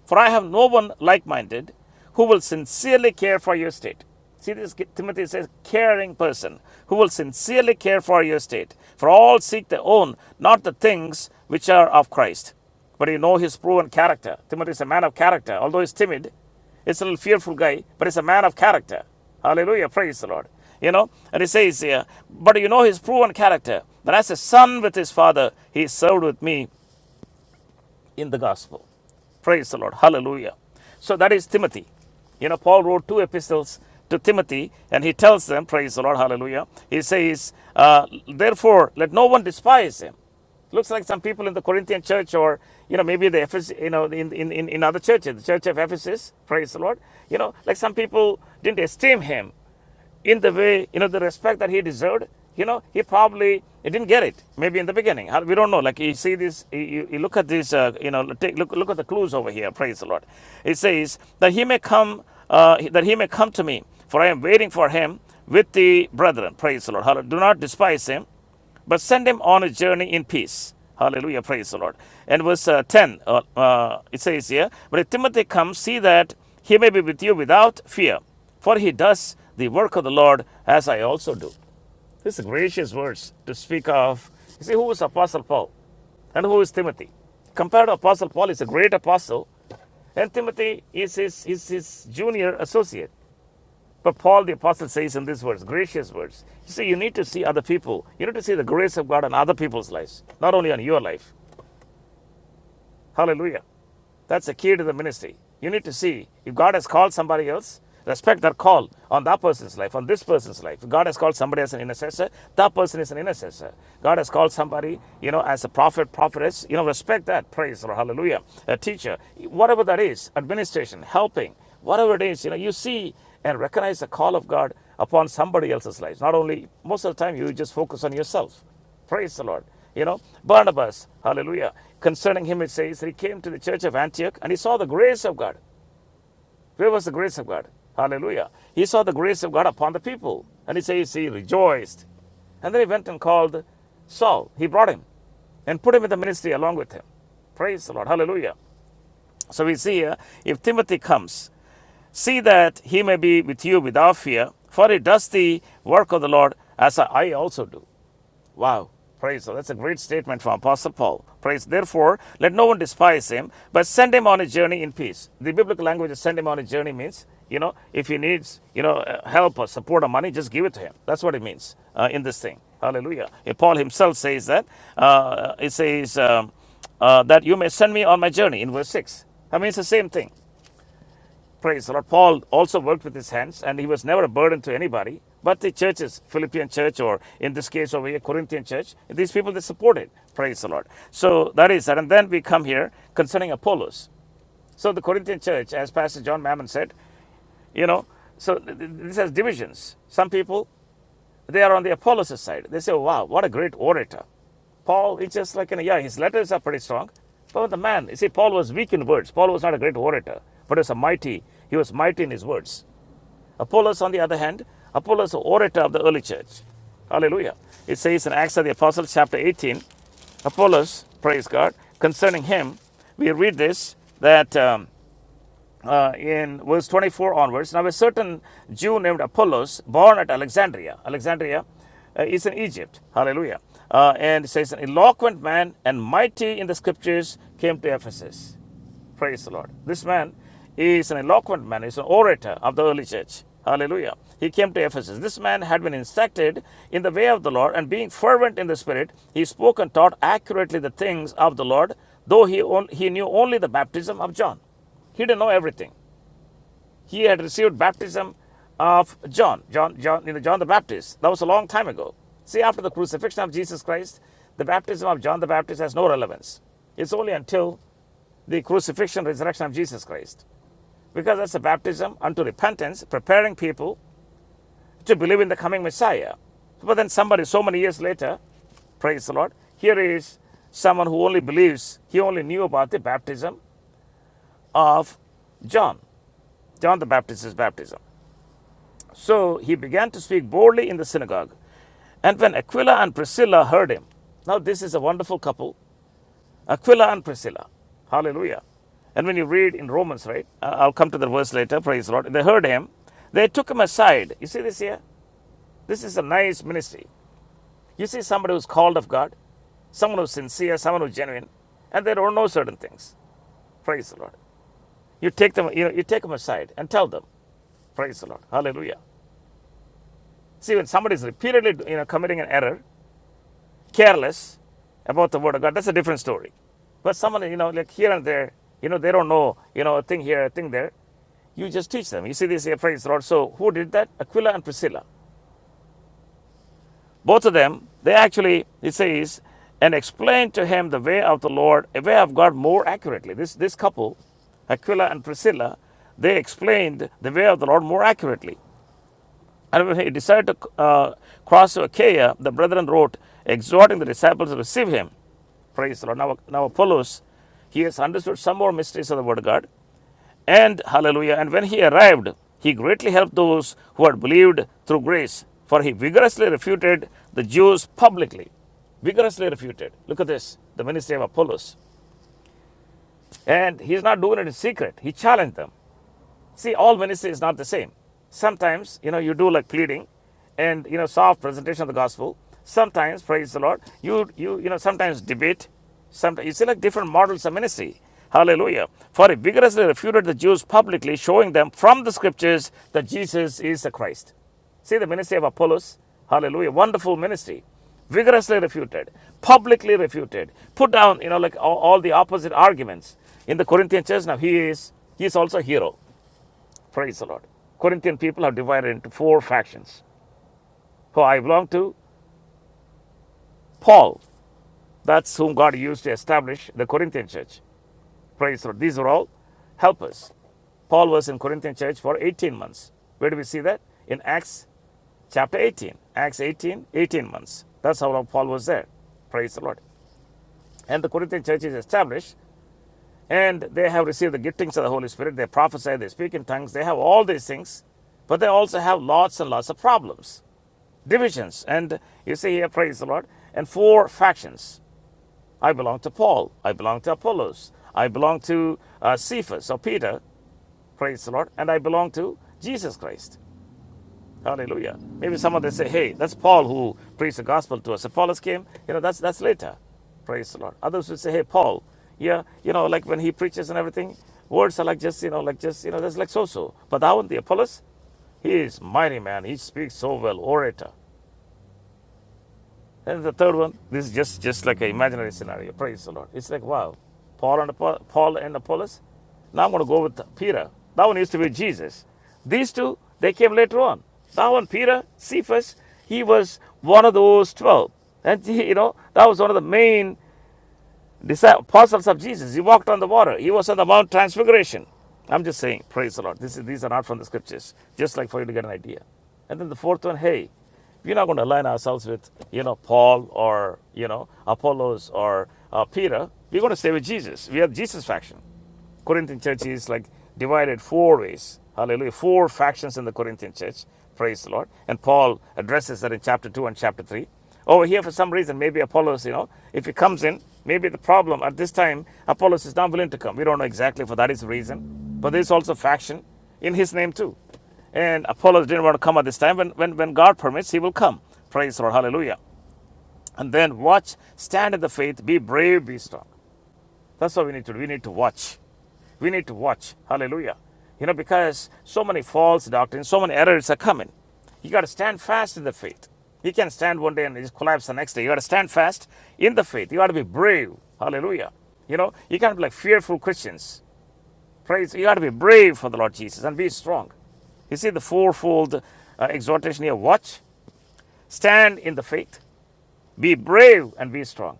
A: For I have no one like minded who will sincerely care for your state. See this, Timothy says, caring person who will sincerely care for your state. For all seek their own, not the things which are of Christ. But you know his proven character. Timothy is a man of character, although he's timid, he's a little fearful guy, but he's a man of character. Hallelujah, praise the Lord. You know, and he says here, but you know his proven character, that as a son with his father, he served with me in the gospel. Praise the Lord. Hallelujah. So that is Timothy. You know, Paul wrote two epistles to Timothy, and he tells them, Praise the Lord, hallelujah. He says, uh, Therefore, let no one despise him. Looks like some people in the Corinthian church, or you know, maybe the Ephes- you know, in, in, in in other churches, the church of Ephesus, praise the Lord. You know, like some people didn't esteem him in the way, you know, the respect that he deserved, you know, he probably he didn't get it. Maybe in the beginning, we don't know. Like you see this, you, you look at this, uh, you know, take, look look at the clues over here. Praise the Lord. It says that he may come, uh, that he may come to me, for I am waiting for him with the brethren. Praise the Lord. Do not despise him but send him on a journey in peace. Hallelujah. Praise the Lord. And verse uh, 10, uh, uh, it says here, But if Timothy comes, see that he may be with you without fear, for he does the work of the Lord as I also do. This is gracious words to speak of. You see, who is Apostle Paul and who is Timothy? Compared to Apostle Paul, he's a great apostle, and Timothy is his, is his junior associate. But Paul the Apostle says in these words, gracious words, you see, you need to see other people. You need to see the grace of God on other people's lives, not only on your life. Hallelujah. That's the key to the ministry. You need to see if God has called somebody else, respect their call on that person's life, on this person's life. If God has called somebody as an intercessor, that person is an intercessor. God has called somebody, you know, as a prophet, prophetess, you know, respect that. Praise or hallelujah. A teacher, whatever that is, administration, helping, whatever it is, you know, you see and recognize the call of God upon somebody else's life. Not only, most of the time, you just focus on yourself. Praise the Lord. You know, Barnabas, hallelujah. Concerning him, it says he came to the church of Antioch and he saw the grace of God. Where was the grace of God? Hallelujah. He saw the grace of God upon the people. And he says he rejoiced. And then he went and called Saul. He brought him and put him in the ministry along with him. Praise the Lord. Hallelujah. So we see here if Timothy comes, see that he may be with you without fear, for he does the work of the Lord as I also do. Wow. Praise. So that's a great statement from Apostle Paul. Praise. Therefore, let no one despise him, but send him on a journey in peace. The biblical language of send him on a journey means, you know, if he needs, you know, uh, help or support or money, just give it to him. That's what it means uh, in this thing. Hallelujah. Uh, Paul himself says that. Uh, it says um, uh, that you may send me on my journey in verse 6. That means the same thing. Praise the Lord. Paul also worked with his hands and he was never a burden to anybody. But the churches, Philippian church, or in this case over here, Corinthian church, these people they supported. Praise the Lord. So that is that. And then we come here concerning Apollos. So the Corinthian church, as Pastor John Mammon said, you know, so th- th- this has divisions. Some people, they are on the Apollos' side. They say, wow, what a great orator. Paul, it's just like, you know, yeah, his letters are pretty strong. But the man, you see, Paul was weak in words. Paul was not a great orator, but he was a mighty. He was mighty in his words. Apollos, on the other hand, Apollos, orator of the early church. Hallelujah. It says in Acts of the Apostles, chapter 18, Apollos, praise God, concerning him, we read this that um, uh, in verse 24 onwards, now a certain Jew named Apollos, born at Alexandria, Alexandria uh, is in Egypt. Hallelujah. Uh, and it says, an eloquent man and mighty in the scriptures came to Ephesus. Praise the Lord. This man is an eloquent man, he's an orator of the early church. Hallelujah. He came to Ephesus. This man had been instructed in the way of the Lord, and being fervent in the Spirit, he spoke and taught accurately the things of the Lord, though he, on, he knew only the baptism of John. He didn't know everything. He had received baptism of John, John, John, you know, John the Baptist. That was a long time ago. See, after the crucifixion of Jesus Christ, the baptism of John the Baptist has no relevance. It's only until the crucifixion, and resurrection of Jesus Christ because that's a baptism unto repentance, preparing people to believe in the coming Messiah. But then somebody, so many years later, praise the Lord, here is someone who only believes, he only knew about the baptism of John, John the Baptist's baptism. So he began to speak boldly in the synagogue. And when Aquila and Priscilla heard him, now this is a wonderful couple, Aquila and Priscilla. Hallelujah. And when you read in Romans, right, uh, I'll come to the verse later, praise the Lord. They heard him, they took him aside. You see this here? This is a nice ministry. You see somebody who's called of God, someone who's sincere, someone who's genuine, and they don't know certain things. Praise the Lord. You take them, you know, you take them aside and tell them. Praise the Lord. Hallelujah. See, when somebody is repeatedly, you know, committing an error, careless about the word of God, that's a different story. But someone, you know, like here and there, you know, they don't know, you know, a thing here, a thing there. You just teach them. You see this here, praise the Lord. So who did that? Aquila and Priscilla. Both of them, they actually, it says, and explained to him the way of the Lord, a way of God more accurately. This, this couple, Aquila and Priscilla, they explained the way of the Lord more accurately. And when he decided to uh, cross to Achaia, the brethren wrote, exhorting the disciples to receive him. Praise the Lord. Now, now Apollos, he has understood some more mysteries of the Word of God. And hallelujah, and when he arrived, he greatly helped those who had believed through grace, for he vigorously refuted the Jews publicly. Vigorously refuted. Look at this the ministry of Apollos. And he's not doing it in secret, he challenged them. See, all ministry is not the same. Sometimes, you know, you do like pleading and, you know, soft presentation of the gospel. Sometimes, praise the Lord, you, you, you know, sometimes debate. Sometimes, you see like different models of ministry. Hallelujah. For he vigorously refuted the Jews publicly, showing them from the scriptures that Jesus is the Christ. See the ministry of Apollos. Hallelujah. Wonderful ministry. Vigorously refuted, publicly refuted, put down, you know, like all, all the opposite arguments in the Corinthian church. Now he is, he is also a hero. Praise the Lord. Corinthian people are divided into four factions. Who I belong to? Paul. That's whom God used to establish the Corinthian church. Praise the Lord. These are all helpers. Paul was in Corinthian church for 18 months. Where do we see that? In Acts chapter 18. Acts 18, 18 months. That's how long Paul was there. Praise the Lord. And the Corinthian church is established, and they have received the giftings of the Holy Spirit. They prophesy, they speak in tongues, they have all these things, but they also have lots and lots of problems divisions. And you see here, praise the Lord, and four factions. I belong to Paul. I belong to Apollos. I belong to uh, Cephas or Peter, praise the Lord, and I belong to Jesus Christ. Hallelujah. Maybe some of them say, hey, that's Paul who preached the gospel to us. Apollos came, you know, that's, that's later. Praise the Lord. Others would say, hey, Paul, yeah, you know, like when he preaches and everything, words are like just, you know, like just, you know, that's like so so. But that one, the Apollos, he is mighty man. He speaks so well, orator. And the third one, this is just, just like an imaginary scenario. Praise the Lord. It's like, wow, Paul and, Apo- Paul and Apollos. Now I'm going to go with Peter. That one used to be Jesus. These two, they came later on. That one, Peter, Cephas, he was one of those 12. And, you know, that was one of the main Disci- apostles of Jesus. He walked on the water. He was on the Mount Transfiguration. I'm just saying, praise the Lord. This is, these are not from the scriptures, just like for you to get an idea. And then the fourth one, hey, we're not going to align ourselves with, you know, Paul or, you know, Apollos or uh, Peter. We're going to stay with Jesus. We are Jesus faction. Corinthian church is like divided four ways. Hallelujah. Four factions in the Corinthian church. Praise the Lord. And Paul addresses that in chapter 2 and chapter 3. Over here, for some reason, maybe Apollos, you know, if he comes in, maybe the problem at this time, Apollos is not willing to come. We don't know exactly for that is the reason. But there's also faction in his name too. And Apollos didn't want to come at this time. When, when, when God permits, he will come. Praise the Lord. Hallelujah. And then watch, stand in the faith, be brave, be strong. That's what we need to do. We need to watch. We need to watch. Hallelujah. You know, because so many false doctrines, so many errors are coming. You got to stand fast in the faith. You can stand one day and just collapse the next day. You got to stand fast in the faith. You got to be brave. Hallelujah. You know, you can't be like fearful Christians. Praise. You got to be brave for the Lord Jesus and be strong. You see the fourfold uh, exhortation here watch, stand in the faith, be brave, and be strong.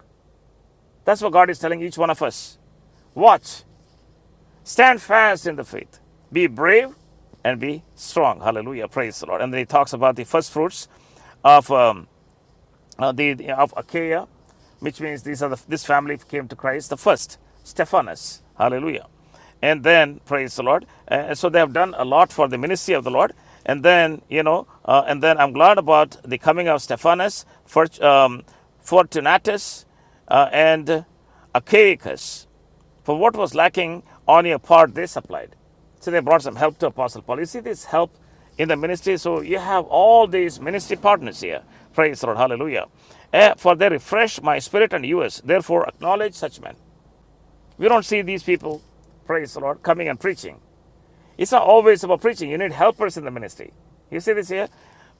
A: That's what God is telling each one of us. Watch. Stand fast in the faith. Be brave and be strong. Hallelujah. Praise the Lord. And then he talks about the first fruits of um, uh, the of Achaia, which means these are the, this family came to Christ the first, Stephanus. Hallelujah. And then praise the Lord. Uh, so they have done a lot for the ministry of the Lord. And then you know, uh, and then I'm glad about the coming of Stephanus, Fort, um, Fortunatus, uh, and Achaicus. For what was lacking on your part, they supplied. So they brought some help to Apostle Paul. You see this help in the ministry. So you have all these ministry partners here. Praise the Lord. Hallelujah. Eh, for they refresh my spirit and yours. Therefore, acknowledge such men. We don't see these people, praise the Lord, coming and preaching. It's not always about preaching. You need helpers in the ministry. You see this here?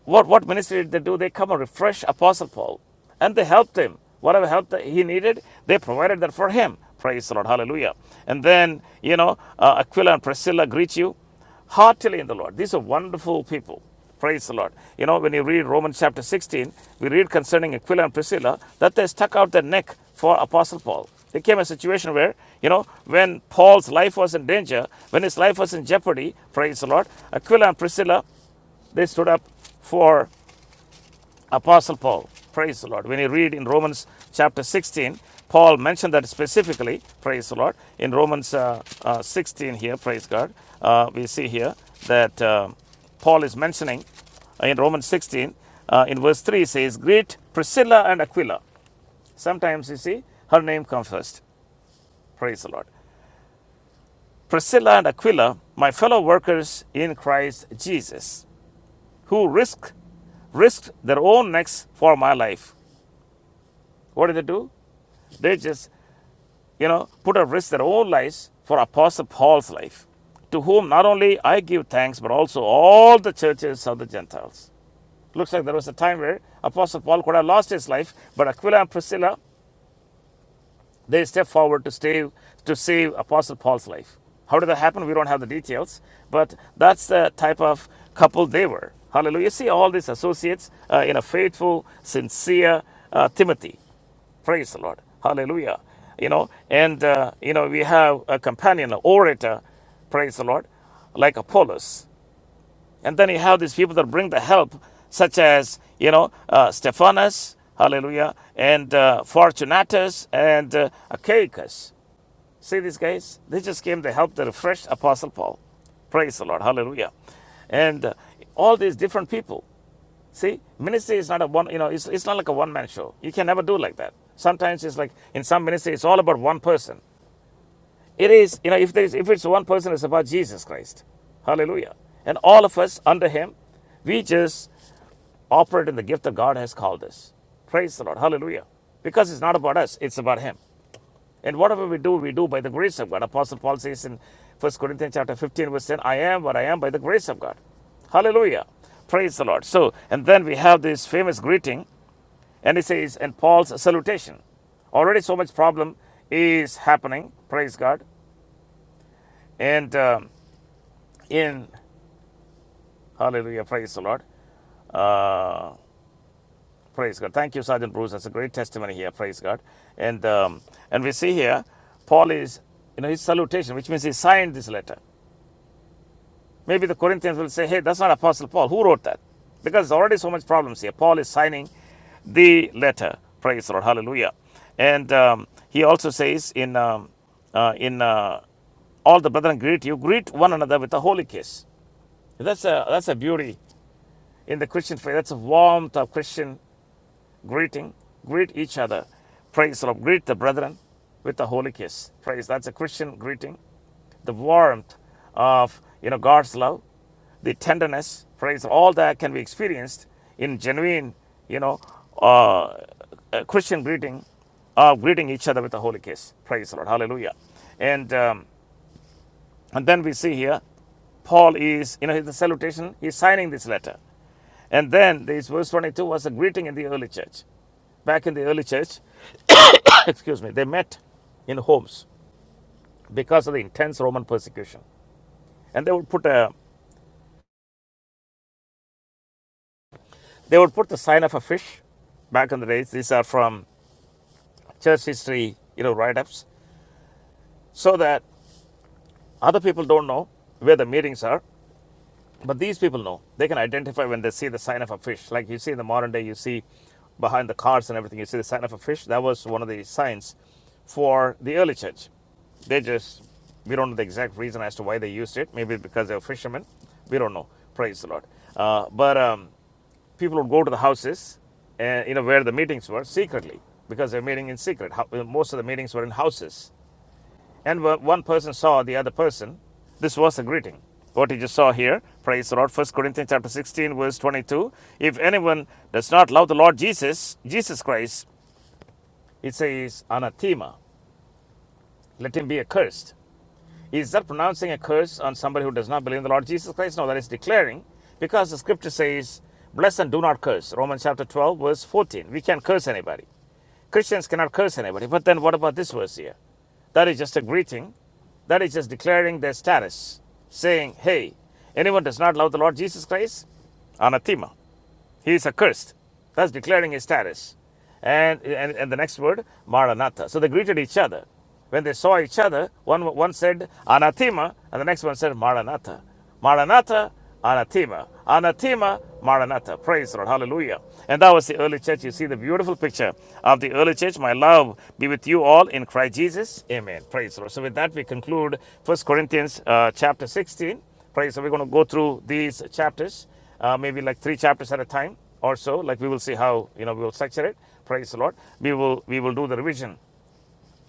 A: What, what ministry did they do? They come and refresh Apostle Paul and they helped him. Whatever help that he needed, they provided that for him. Praise the Lord. Hallelujah. And then, you know, uh, Aquila and Priscilla greet you heartily in the Lord. These are wonderful people. Praise the Lord. You know, when you read Romans chapter 16, we read concerning Aquila and Priscilla that they stuck out their neck for Apostle Paul. There came a situation where, you know, when Paul's life was in danger, when his life was in jeopardy, praise the Lord, Aquila and Priscilla, they stood up for Apostle Paul. Praise the Lord. When you read in Romans chapter 16, Paul mentioned that specifically. Praise the Lord. In Romans uh, uh, 16 here, praise God, uh, we see here that uh, Paul is mentioning uh, in Romans 16, uh, in verse 3, it says, Greet Priscilla and Aquila. Sometimes you see her name comes first. Praise the Lord. Priscilla and Aquila, my fellow workers in Christ Jesus, who risked risked their own necks for my life. What did they do? They just you know, put at risk their own lives for Apostle Paul's life, to whom not only I give thanks, but also all the churches of the Gentiles. Looks like there was a time where Apostle Paul could have lost his life, but Aquila and Priscilla, they stepped forward to save, to save Apostle Paul's life. How did that happen? We don't have the details, but that's the type of couple they were. Hallelujah. see all these associates uh, in a faithful, sincere uh, Timothy. Praise the Lord. Hallelujah. You know, and, uh, you know, we have a companion, an orator, praise the Lord, like Apollos. And then you have these people that bring the help, such as, you know, uh, Stephanus, hallelujah, and uh, Fortunatus and uh, Achaicus. See these guys? They just came to help the refreshed Apostle Paul. Praise the Lord. Hallelujah. And uh, all these different people See, ministry is not a one, you know, it's, it's not like a one man show. You can never do like that. Sometimes it's like in some ministry, it's all about one person. It is, you know, if there is, if it's one person, it's about Jesus Christ. Hallelujah. And all of us under him, we just operate in the gift that God has called us. Praise the Lord. Hallelujah. Because it's not about us, it's about him. And whatever we do, we do by the grace of God. Apostle Paul says in First Corinthians chapter 15, verse 10, I am what I am by the grace of God. Hallelujah. Praise the Lord. So, and then we have this famous greeting and it says, and Paul's salutation. Already so much problem is happening. Praise God. And um, in, hallelujah, praise the Lord. Uh, praise God. Thank you, Sergeant Bruce. That's a great testimony here. Praise God. And, um, and we see here, Paul is, you know, his salutation, which means he signed this letter. Maybe the Corinthians will say, hey, that's not Apostle Paul. Who wrote that? Because there's already so much problems here. Paul is signing the letter. Praise the Lord. Hallelujah. And um, he also says in, um, uh, in uh, all the brethren greet you, greet one another with a holy kiss. That's a, that's a beauty in the Christian faith. That's a warmth of Christian greeting. Greet each other. Praise the Lord. Greet the brethren with a holy kiss. Praise. That's a Christian greeting. The warmth of you know God's love the tenderness, praise, all that can be experienced in genuine, you know, uh, uh, Christian greeting, uh, greeting each other with a holy kiss. Praise the Lord. Hallelujah. And, um, and then we see here, Paul is, you know, the salutation, he's signing this letter. And then this verse 22 was a greeting in the early church. Back in the early church, excuse me, they met in homes because of the intense Roman persecution. And they would put a they would put the sign of a fish. Back in the days, these are from church history, you know, write-ups, so that other people don't know where the meetings are, but these people know. They can identify when they see the sign of a fish. Like you see in the modern day, you see behind the cars and everything, you see the sign of a fish. That was one of the signs for the early church. They just, we don't know the exact reason as to why they used it. Maybe because they were fishermen. We don't know. Praise the Lord. Uh, but um, people would go to the houses and you know where the meetings were secretly because they're meeting in secret. How, most of the meetings were in houses and one person saw the other person, this was a greeting. What you just saw here, praise the Lord. First Corinthians chapter 16, verse 22. If anyone does not love the Lord Jesus, Jesus Christ, it says anathema. Let him be accursed. Is that pronouncing a curse on somebody who does not believe in the Lord Jesus Christ? No, that is declaring because the scripture says, Bless and do not curse. Romans chapter 12, verse 14. We can't curse anybody. Christians cannot curse anybody. But then what about this verse here? That is just a greeting. That is just declaring their status, saying, Hey, anyone does not love the Lord Jesus Christ, anathema. He is accursed, thus declaring his status. And, and, and the next word, Maranatha. So they greeted each other. When they saw each other, one, one said anathema, and the next one said Maranatha. Maranatha, anathema. Anathema, Maranatha. Praise the Lord. Hallelujah. And that was the early church. You see the beautiful picture of the early church. My love be with you all in Christ Jesus. Amen. Praise the Lord. So with that, we conclude First Corinthians uh, chapter 16. Praise. So we're going to go through these chapters uh, maybe like three chapters at a time or so. Like we will see how you know we will structure it. Praise the Lord. We will we will do the revision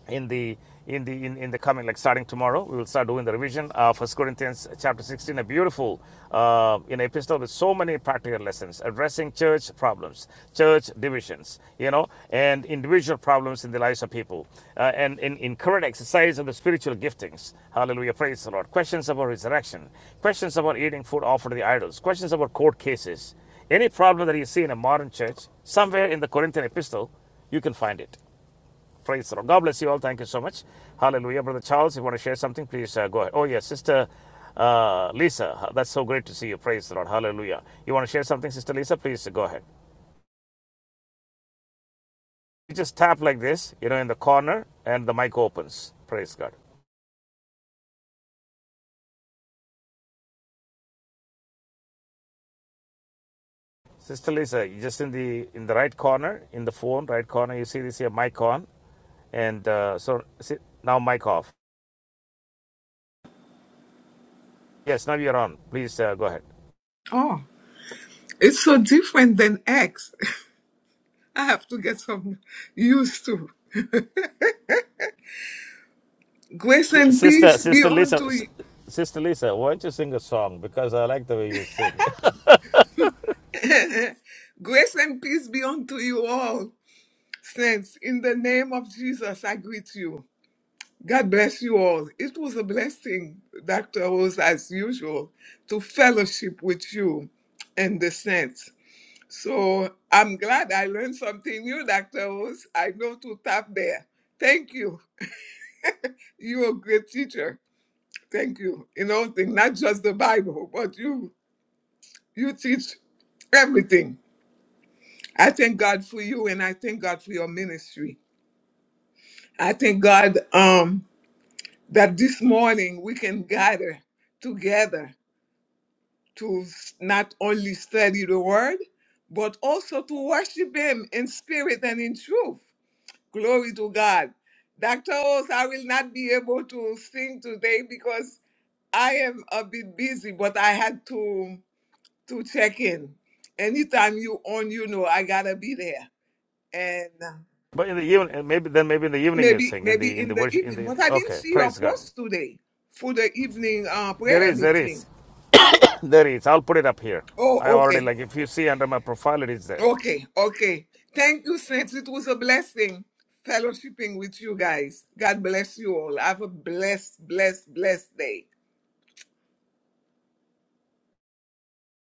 A: in the in the in, in the coming like starting tomorrow we will start doing the revision of first corinthians chapter 16 a beautiful uh, you epistle with so many practical lessons addressing church problems church divisions you know and individual problems in the lives of people uh, and in, in current exercise of the spiritual giftings hallelujah praise the lord questions about resurrection questions about eating food offered to the idols questions about court cases any problem that you see in a modern church somewhere in the corinthian epistle you can find it Praise the Lord. God bless you all. Thank you so much. Hallelujah. Brother Charles, you want to share something, please uh, go ahead. Oh, yes, Sister uh, Lisa, that's so great to see you. Praise the Lord. Hallelujah. You want to share something, Sister Lisa? Please uh, go ahead. You just tap like this, you know, in the corner, and the mic opens. Praise God. Sister Lisa, just in the in the right corner, in the phone, right corner, you see this here mic on, and uh, so see, now mic off. Yes, now you're on. Please uh, go ahead.
F: Oh, it's so different than Acts. I have to get some used to. Grace
A: S-
F: and
A: Sister,
F: peace be
A: Sister Lisa,
F: unto
A: S-
F: you.
A: Sister Lisa, why don't you sing a song? Because I like the way you sing.
F: Grace and peace be unto you all. Saints, in the name of Jesus, I greet you. God bless you all. It was a blessing, Dr. Rose, as usual, to fellowship with you and the saints. So I'm glad I learned something new, Dr. Rose. I know to tap there. Thank you. You're a great teacher. Thank you. In all things, not just the Bible, but you you teach everything. I thank God for you and I thank God for your ministry. I thank God um that this morning we can gather together to s- not only study the word, but also to worship him in spirit and in truth. Glory to God. Dr. Oz, I will not be able to sing today because I am a bit busy, but I had to. to check in. Anytime you on, you know I gotta be there. And uh,
A: But in the evening, maybe then maybe in the evening you
F: maybe
A: sing in the
F: maybe
A: in
F: in
A: the
F: the
A: worship in
F: evening.
A: the
F: But I didn't
A: okay.
F: see your
A: Praise God.
F: post today for the evening uh,
A: There
F: prayer
A: is, there
F: meeting.
A: is, there is. I'll put it up here. I
F: Oh,
A: already
F: okay,
A: like if you see under my profile, it is there.
F: okay, okay. Thank you, saints. It was a blessing fellowshipping with you guys. God bless you all. Have a blessed, blessed, blessed day.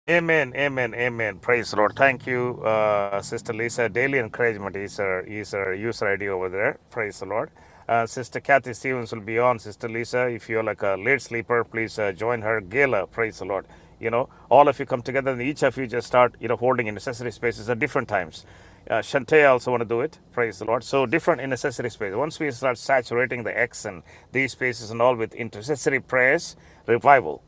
A: Amen, amen, amen. Praise the Lord. Thank you, uh, Sister Lisa. Daily encouragement is her, is her user ID over there. Praise the Lord. Uh, Sister Kathy Stevens will be on. Sister Lisa, if you're like a late sleeper, please uh, join her. Gala, praise the Lord. You know, all of you come together and each of you just start, you know, holding in necessary spaces at different times. Uh, Shantae also want to do it. Praise the Lord. So different in necessary space. Once we start saturating the X and these spaces and all with intercessory prayers, revival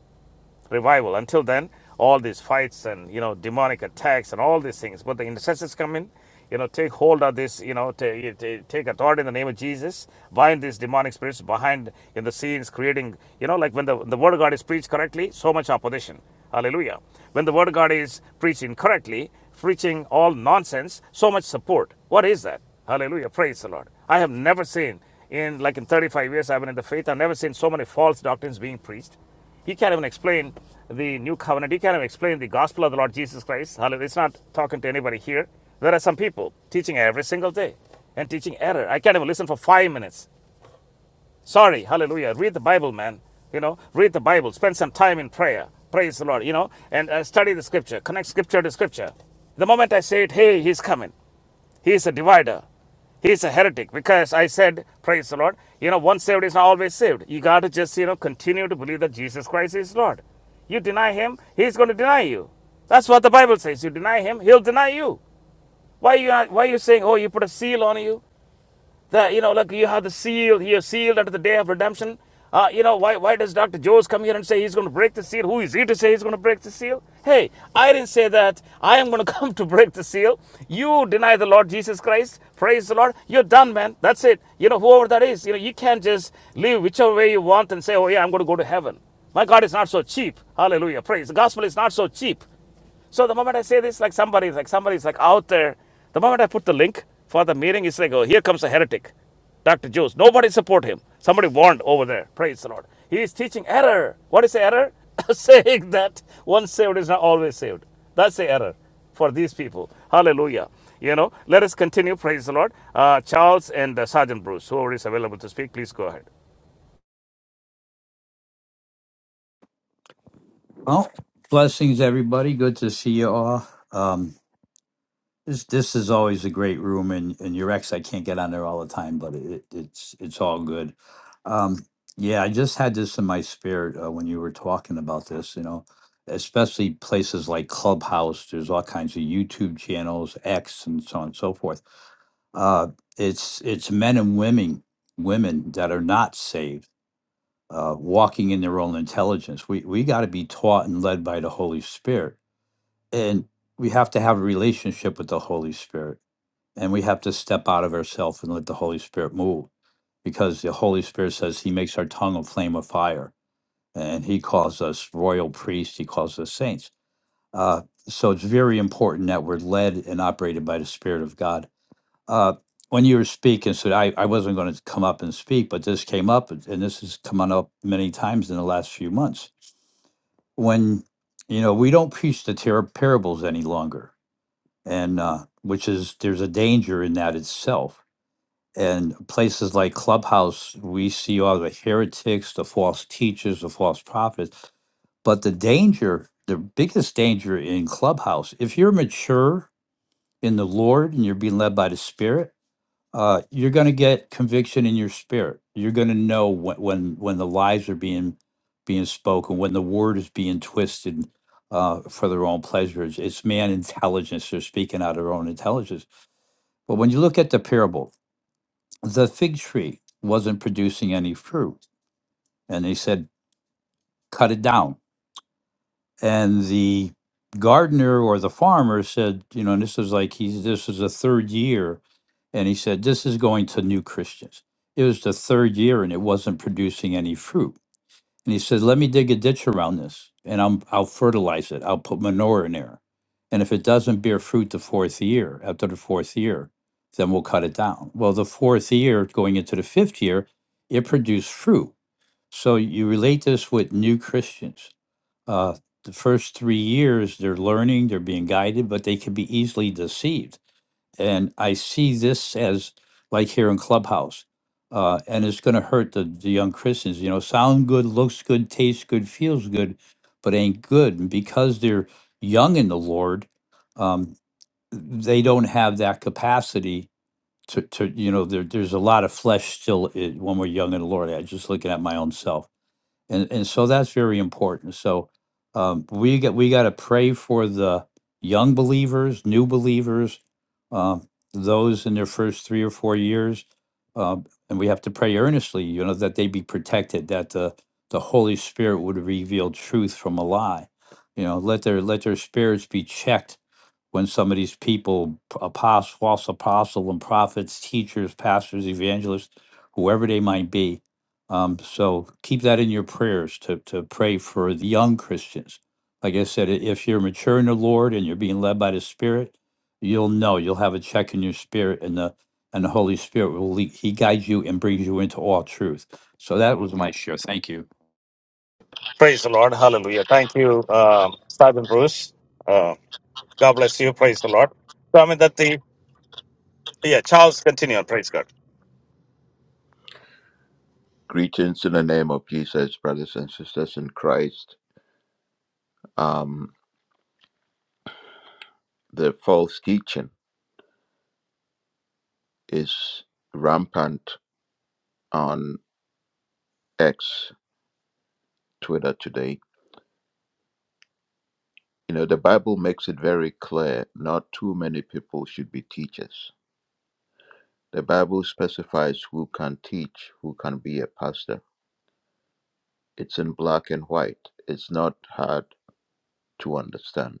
A: revival. Until then, all these fights and you know demonic attacks and all these things. But the intercessors come in, you know, take hold of this, you know, ta- you ta- take authority in the name of Jesus, bind these demonic spirits behind in the scenes, creating, you know, like when the the word of God is preached correctly, so much opposition. Hallelujah. When the word of God is preached incorrectly, preaching all nonsense, so much support. What is that? Hallelujah. Praise the Lord. I have never seen in like in 35 years I've been in the faith, I've never seen so many false doctrines being preached. He can't even explain the new covenant. He can't even explain the gospel of the Lord Jesus Christ. Hallelujah. It's not talking to anybody here. There are some people teaching every single day and teaching error. I can't even listen for five minutes. Sorry. Hallelujah. Read the Bible, man. You know, read the Bible. Spend some time in prayer. Praise the Lord. You know, and uh, study the scripture. Connect scripture to scripture. The moment I say it, hey, he's coming. He is a divider. He's a heretic because I said, praise the Lord, you know, once saved is not always saved. You got to just, you know, continue to believe that Jesus Christ is Lord. You deny him, he's going to deny you. That's what the Bible says. You deny him, he'll deny you. Why are you, why are you saying, oh, you put a seal on you? that you know look, you have the seal you're sealed unto the day of redemption uh, you know why why does dr jones come here and say he's going to break the seal who is he to say he's going to break the seal hey i didn't say that i am going to come to break the seal you deny the lord jesus christ praise the lord you're done man that's it you know whoever that is you know you can't just live whichever way you want and say oh yeah i'm going to go to heaven my God is not so cheap. Hallelujah. Praise. The gospel is not so cheap. So the moment I say this, like somebody's like somebody's like out there. The moment I put the link for the meeting, it's like, oh, here comes a heretic, Dr. Jones. Nobody support him. Somebody warned over there. Praise the Lord. He is teaching error. What is the error? Saying that once saved is not always saved. That's the error for these people. Hallelujah. You know, let us continue. Praise the Lord. Uh, Charles and uh, Sergeant Bruce, whoever is available to speak, please go ahead.
G: Well, blessings, everybody. Good to see you all. Um, this this is always a great room, and and your ex, I can't get on there all the time, but it, it's it's all good. Um, yeah, I just had this in my spirit uh, when you were talking about this. You know, especially places like Clubhouse. There's all kinds of YouTube channels, X, and so on and so forth. Uh, it's it's men and women women that are not saved uh, walking in their own intelligence. We we got to be taught and led by the Holy Spirit and we have to have a relationship with the holy spirit and we have to step out of ourselves and let the holy spirit move because the holy spirit says he makes our tongue a flame of fire and he calls us royal priests he calls us saints uh, so it's very important that we're led and operated by the spirit of god uh, when you were speaking so i, I wasn't going to come up and speak but this came up and and this has come on up many times in the last few months when you know we don't preach the ter- parables any longer and uh, which is there's a danger in that itself. And places like Clubhouse, we see all the heretics, the false teachers, the false prophets. But the danger, the biggest danger in Clubhouse, if you're mature in the Lord and you're being led by the Spirit, uh, you're going to get conviction in your spirit. You're going to know when, when when the lies are being being spoken, when the word is being twisted uh, for their own pleasure. It's, it's man intelligence. They're speaking out of their own intelligence but when you look at the parable, the fig tree wasn't producing any fruit. And they said, cut it down. And the gardener or the farmer said, you know, and this is like he's this is the third year. And he said, This is going to new Christians. It was the third year and it wasn't producing any fruit. And he says, "Let me dig a ditch around this, and I'm I'll fertilize it. I'll put manure in there, and if it doesn't bear fruit the fourth year, after the fourth year, then we'll cut it down." Well, the fourth year, going into the fifth year, it produced fruit. So you relate this with new Christians. Uh, the first three years, they're learning, they're being guided, but they can be easily deceived and I see this as like here in Clubhouse, uh, and it's going to hurt the, the young Christians. You know, sound good, looks good, tastes good, feels good, but ain't good. And because they're young in the Lord, um, they don't have that capacity to, to you know, there, there's a lot of flesh still i- when we're young in the Lord. I'm just looking at my own self and and so that's very important. So um, we get we got to pray for the young believers, new believers, um, those in their first three or four years, um, and we have to pray earnestly, you know, that they be protected, that the the Holy Spirit would reveal truth from a lie, you know, let their let their spirits be checked when some of these people, apostles, false apostle and prophets, teachers, pastors, evangelists, whoever they might be. Um, so keep that in your prayers to, to pray for the young Christians. Like I said, i- if you're mature in the Lord and you're being led by the Spirit, you'll know you'll have a check in your spirit, and the and the Holy Spirit will lead, He guides you and brings you into all truth. So that was my share. Thank you.
A: Praise the Lord. Hallelujah. Thank you, um, Sergeant Bruce. Uh, God bless you. Praise the Lord. So, I mean, that the Yeah, Charles, continue on. Praise God.
H: Greetings in the name of Jesus, brothers and sisters in Christ. Um, the false teaching is rampant on X, Twitter today. You know, the Bible makes it very clear not too many people should be teachers. The Bible specifies who can teach, who can be a pastor. It's in black and white, it's not hard to understand.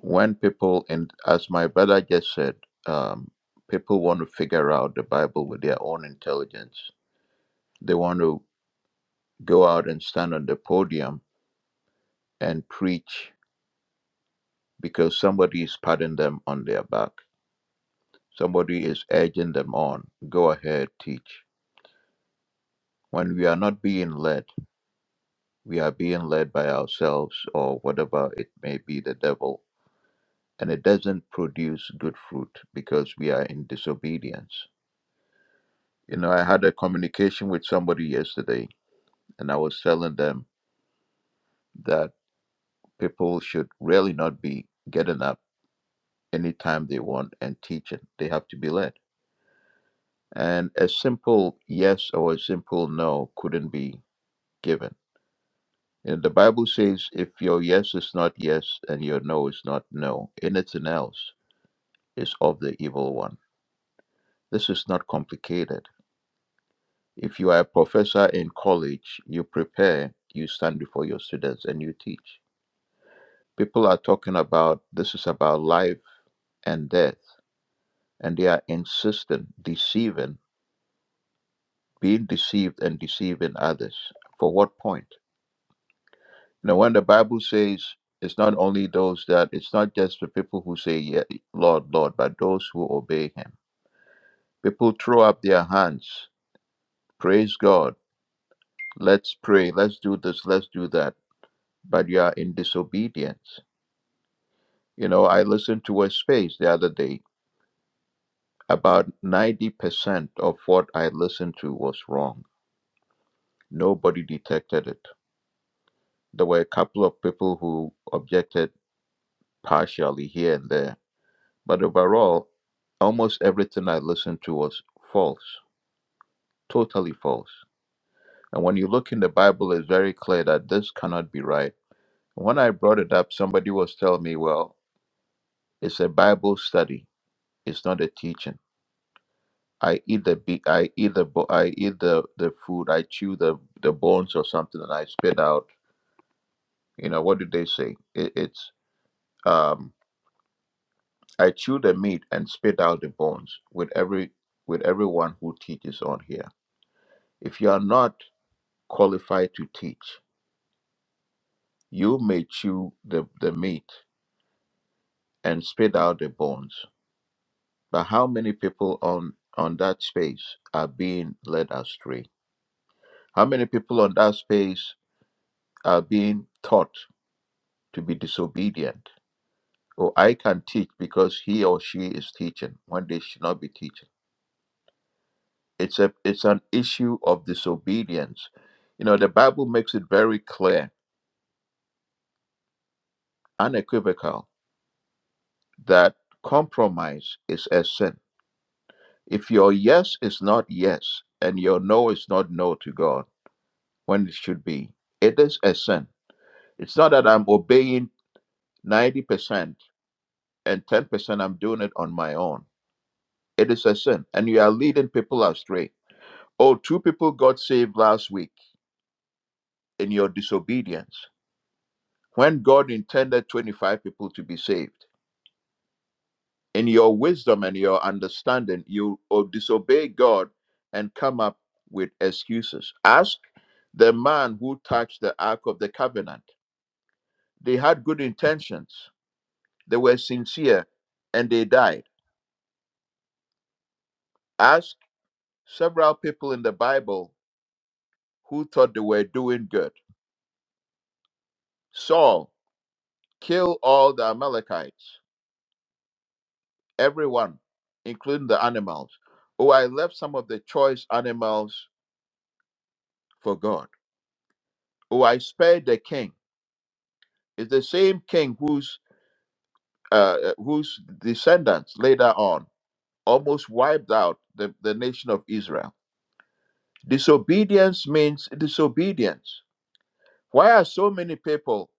H: when people and as my brother just said um, people want to figure out the bible with their own intelligence they want to go out and stand on the podium and preach because somebody is patting them on their back somebody is urging them on go ahead teach when we are not being led we are being led by ourselves or whatever it may be the devil and it doesn't produce good fruit because we are in disobedience You know, I had a communication with somebody yesterday, and I was telling them that people should really not be getting up anytime they want and teaching. They have to be led. And a simple yes or a simple no couldn't be given. And the Bible says if your yes is not yes and your no is not no, anything else is of the evil one. This is not complicated. If you are a professor in college, you prepare, you stand before your students, and you teach People are talking about this is about life and death, and they are insistent, deceiving, being deceived, and deceiving others. For what point? Now, when the Bible says it's not only those that, it's not just the people who say, yeah, Lord, Lord, but those who obey Him. People throw up their hands, praise God, let's pray, let's do this, let's do that, but you are in disobedience. You know, I listened to a space the other day About 90% of what I listened to was wrong. Nobody detected it. There were a couple of people who objected partially here and there. But overall, almost everything I listened to was false, totally false. And when you look in the Bible, it's very clear that this cannot be right. When I brought it up, somebody was telling me, well, it's a Bible study, it's not a teaching. I eat the be- I eat the bo- I eat the the food. I chew the the bones or something, and I spit out. You know what do they say? It, it's um I chew the meat and spit out the bones with every with everyone who teaches on here. If you are not qualified to teach, you may chew the the meat and spit out the bones. But how many people on on that space are being led astray? How many people on that space are being taught to be disobedient. Or I can teach because he or she is teaching when they should not be teaching. It's a it's an issue of disobedience. You know, the Bible makes it very clear, unequivocal, that compromise is a sin. If your yes is not yes and your no is not no to God when it should be, it is a sin. It's not that I'm obeying 90% and 10% I'm doing it on my own. It is a sin. And you are leading people astray Oh, two people got saved last week in your disobedience when God intended 25 people to be saved. In your wisdom and your understanding, you oh, disobey God and come up with excuses. Ask the man who touched the Ark of the Covenant. They had good intentions, they were sincere, and they died. Ask several people in the Bible who thought they were doing good. Saul, kill all the Amalekites everyone, including the animals. Oh, I left some of the choice animals for God. Oh, I spared the king. It's the same king whose uh, uh, whose descendants later on almost wiped out the, the nation of Israel. Disobedience means disobedience. Why are so many people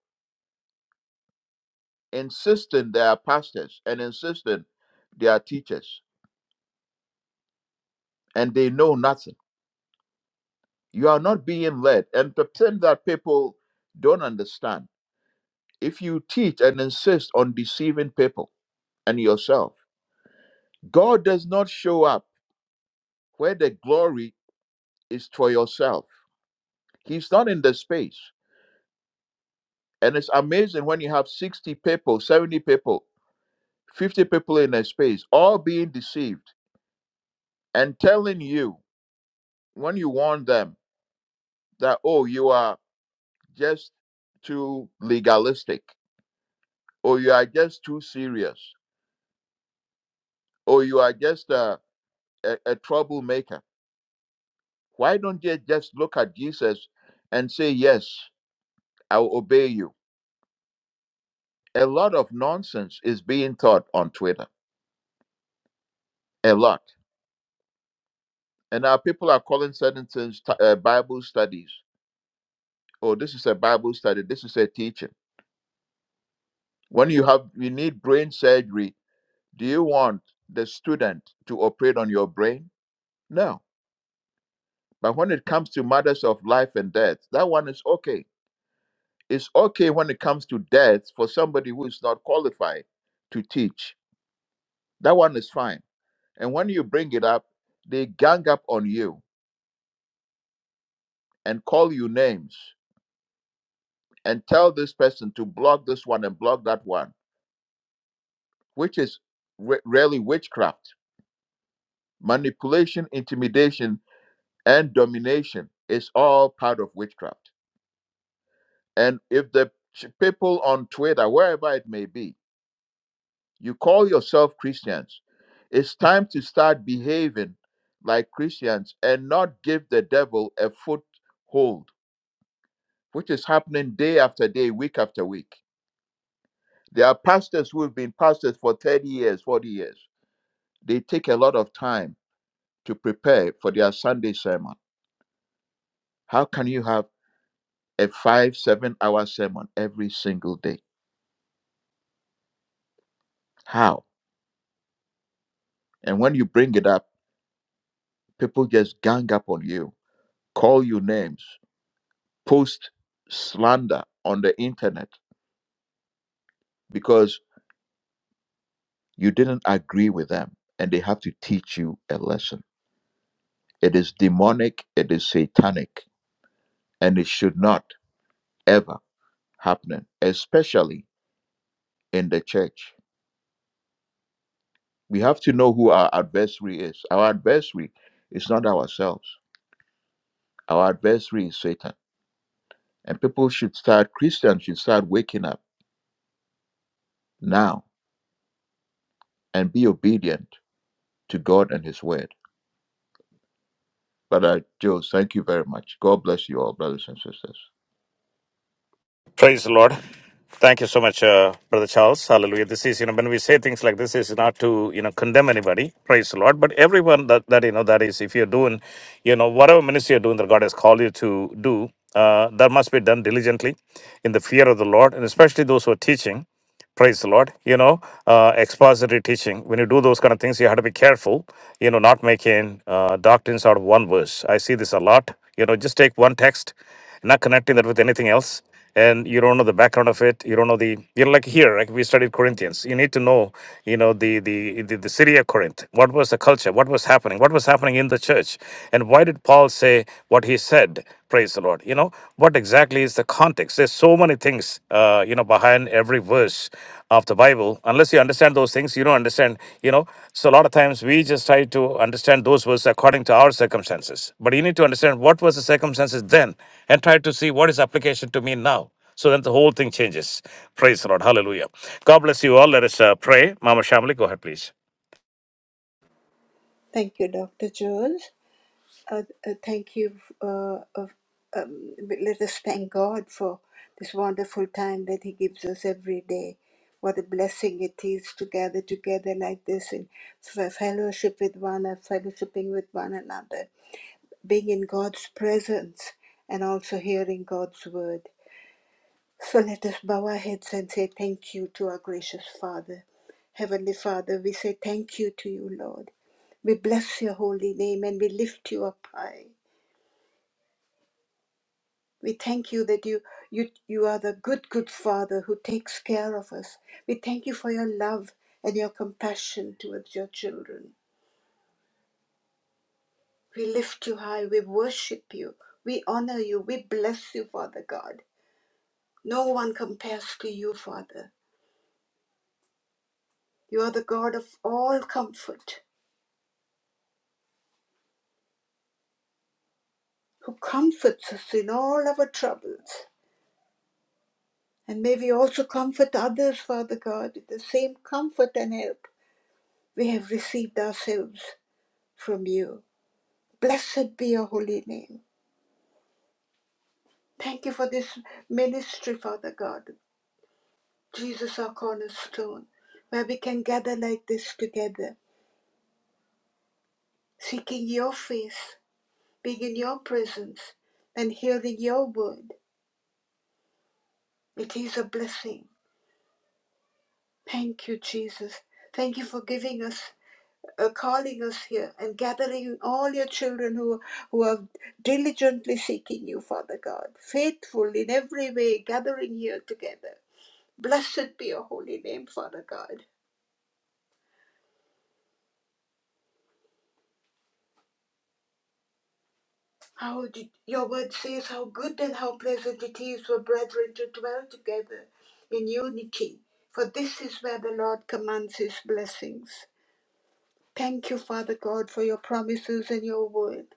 H: insisting they are pastors and insisting they are teachers and they know nothing? You are not being led, and pretend that people don't understand If you teach and insist on deceiving people and yourself, God does not show up where the glory is for yourself. He's not in the space. And it's amazing when you have 60 people, 70 people, 50 people in a space, all being deceived and telling you when you warn them that, oh, you are just too legalistic, or you are just too serious, or you are just a, a, a troublemaker Why don't they just look at Jesus and say, Yes, I'll obey you? A lot of nonsense is being taught on Twitter, a lot. And our people are calling certain things t- uh, Bible studies. Oh, this is a Bible study, this is a teaching. When you have, you need brain surgery, do you want the student to operate on your brain? No. But when it comes to matters of life and death, that one is okay. It's okay when it comes to death for somebody who is not qualified to teach That one is fine. And when you bring it up, they gang up on you and call you names and tell this person to block this one and block that one, which is re- really witchcraft. Manipulation, intimidation, and domination is all part of witchcraft. And if the ch- people on Twitter, wherever it may be, you call yourself Christians, it's time to start behaving like Christians and not give the devil a foothold which is happening day after day, week after week. There are pastors who have been pastors for 30 years, 40 years. They take a lot of time to prepare for their Sunday sermon. How can you have a five, seven hour sermon every single day? How? And when you bring it up, people just gang up on you, call you names, post slander on the internet because you didn't agree with them and they have to teach you a lesson. It is demonic, it is satanic and it should not ever happen, especially in the church. We have to know who our adversary is. Our adversary is not ourselves, our adversary is Satan. And people should start, Christians should start waking up now and be obedient to God and His word. But, uh, Joe, thank you very much. God bless you all, brothers and sisters.
A: Praise the Lord. Thank you so much, uh, Brother Charles. Hallelujah. This is, you know, when we say things like this, is not to, you know, condemn anybody. Praise the Lord. But everyone that, that you know, that is, if you're doing, you know, whatever ministry you're doing that God has called you to do, uh, that must be done diligently in the fear of the Lord, and especially those who are teaching. Praise the Lord. You know, uh, expository teaching. When you do those kind of things, you have to be careful you know, not making uh, doctrines out of one verse. I see this a lot. You know, just take one text, not connecting that with anything else, and you don't know the background of it. You don't know the you know, like here, like we studied Corinthians. You need to know, you know, the the the, the city of Corinth. What was the culture? What was happening? What was happening in the church? And why did Paul say what he said? Praise the Lord. Lord. You know, what exactly is the context? There's so many things, uh, you know, behind every verse of the Bible. Unless you understand those things, you don't understand, you know. So a lot of times we just try to understand those verses according to our circumstances. But you need to understand what was the circumstances then and try to see what is application to me now. So then the whole thing changes. Praise the Lord. Hallelujah. God bless you all. Let us uh, pray. Mama Shamli, go ahead, please.
C: Thank you, Dr. Jones. Uh, uh, thank you. Uh, of, um, let us thank God for this wonderful time that He gives us every day. What a blessing it is to gather together like this in f- fellowship with one, uh, fellowshipping with one another, being in God's presence, and also hearing God's word. So let us bow our heads and say thank you to our gracious Father. Heavenly Father, we say thank you to you, Lord. We bless your holy name and we lift you up high. We thank you that you, you, you are the good, good Father who takes care of us. We thank you for your love and your compassion towards your children. We lift you high. We worship you. We honor you. We bless you, Father God. No one compares to you, Father. You are the God of all comfort, who comforts us in all our troubles. And may we also comfort others, Father God, with the same comfort and help we have received ourselves from you. Blessed be your holy name. Thank you for this ministry, Father God. Jesus, our cornerstone, where we can gather like this together, seeking your face, being in your presence, and hearing your word. It is a blessing. Thank you, Jesus. Thank you for giving us, uh, calling us here, and gathering all your children who, who are diligently seeking you, Father God, faithful in every way, gathering here together. Blessed be your holy name, Father God. How did, your word says how good and how pleasant it is for brethren to dwell together in unity, for this is where the Lord commands his blessings. Thank you, Father God, for your promises and your word.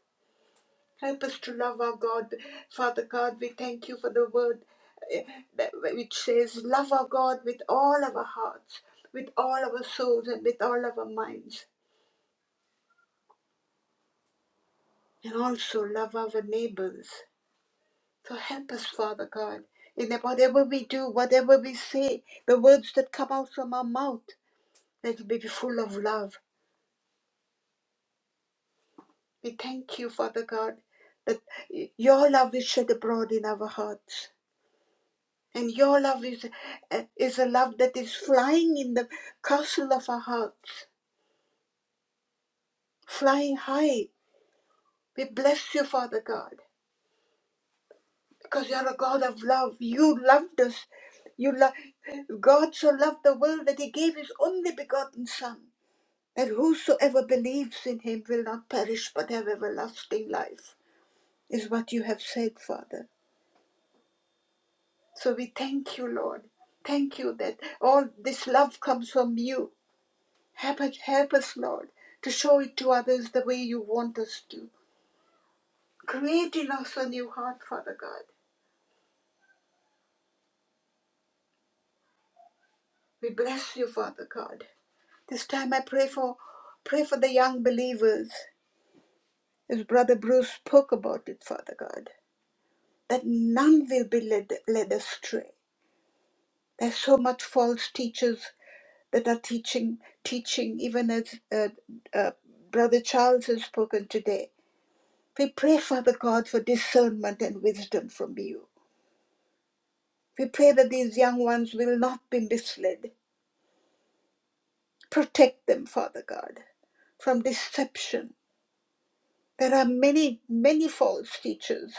C: Help us to love our God. Father God, we thank you for the word eh, that, which says, Love our God with all of our hearts, with all of our souls, and with all of our minds. And also love our neighbors So help us, Father God, in that whatever we do, whatever we say, the words that come out from our mouth, that it may be full of love. We thank you, Father God, that your love is shed abroad in our hearts. And your love is, eh, is a love that is flying in the castle of our hearts, flying high. We bless you, Father God, because you are a God of love. You loved us. You lo- God so loved the world that he gave his only begotten Son And whosoever believes in him will not perish but have everlasting life, is what you have said, Father. So we thank you, Lord. Thank you that all this love comes from you. Help us, help us Lord, to show it to others the way you want us to. Create in us a new heart, Father God. We bless you, Father God. This time I pray for pray for the young believers, as Brother Bruce spoke about it, Father God, that none will be led, led astray There's so much false teachers that are teaching, teaching, even as uh, uh, Brother Charles has spoken today. We pray, Father God, for discernment and wisdom from you. We pray that these young ones will not be misled. Protect them, Father God, from deception. There are many, many false teachers.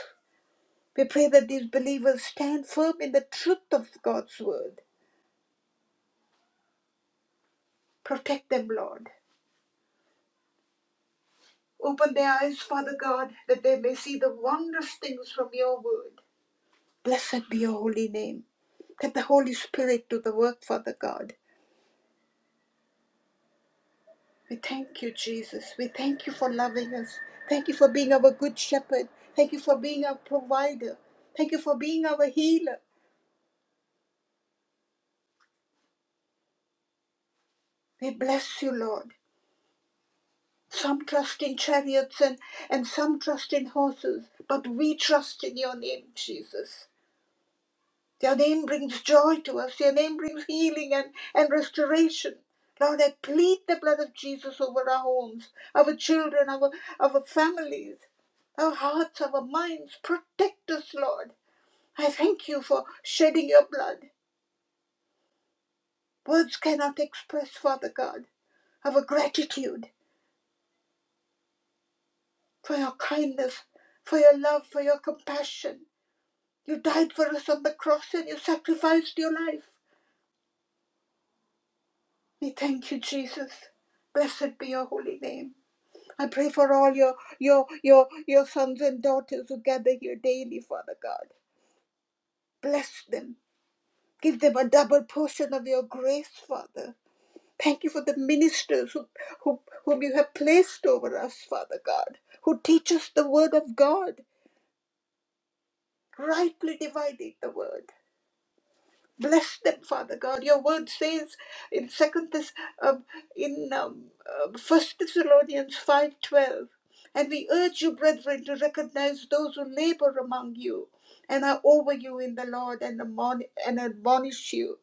C: We pray that these believers stand firm in the truth of God's word. Protect them, Lord Open their eyes, Father God, that they may see the wondrous things from your word. Blessed be your holy name. Let the Holy Spirit do the work, Father God. We thank you, Jesus. We thank you for loving us. Thank you for being our good shepherd. Thank you for being our provider. Thank you for being our healer. We bless you, Lord. Some trust in chariots and, and some trust in horses, but we trust in your name, Jesus. Your name brings joy to us. Your name brings healing and, and restoration. Lord, I plead the blood of Jesus over our homes, our children, our, our families, our hearts, our minds. Protect us, Lord. I thank you for shedding your blood. Words cannot express, Father God, our gratitude for your kindness, for your love, for your compassion. You died for us on the cross and you sacrificed your life. We thank you, Jesus. Blessed be your holy name. I pray for all your your your your sons and daughters who gather here daily, Father God. Bless them. Give them a double portion of your grace, Father. Thank you for the ministers who, who, whom you have placed over us, Father God, who teach us the word of God, rightly dividing the word. Bless them, Father God. Your word says in Second Thess- um, in um, uh, First Thessalonians five twelve, and we urge you, brethren, to recognize those who labor among you and are over you in the Lord and admon- and admonish you.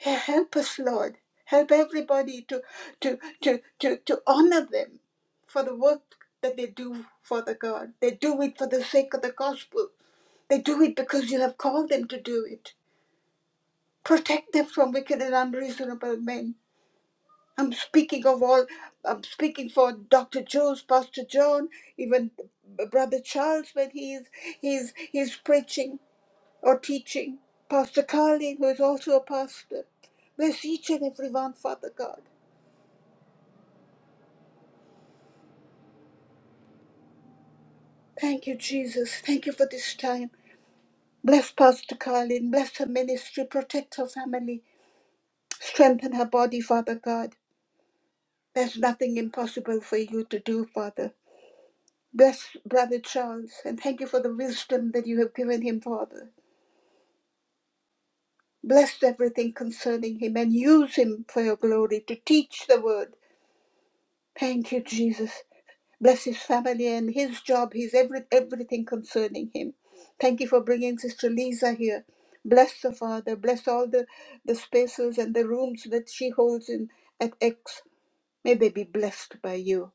C: Help us, Lord. Help everybody to to to to to honor them for the work that they do, Father God. They do it for the sake of the gospel. They do it because you have called them to do it. protect them from wicked and unreasonable men. I'm speaking of all, I'm speaking for Dr. Jones, Pastor John, even Brother Charles when he's, he's, he's preaching or teaching, Pastor Carlin, who is also a pastor. Bless each and every one, Father God. Thank you, Jesus. Thank you for this time. Bless Pastor Carlin. Bless her ministry. Protect her family. Strengthen her body, Father God. There's nothing impossible for you to do, Father. Bless Brother Charles and thank you for the wisdom that you have given him, Father. Bless everything concerning him and use him for your glory to teach the word. Thank you, Jesus. Bless his family and his job, his every, everything concerning him. Thank you for bringing Sister Lisa here. Bless her, Father. Bless all the, the spaces and the rooms that she holds in at X. May they be blessed by you.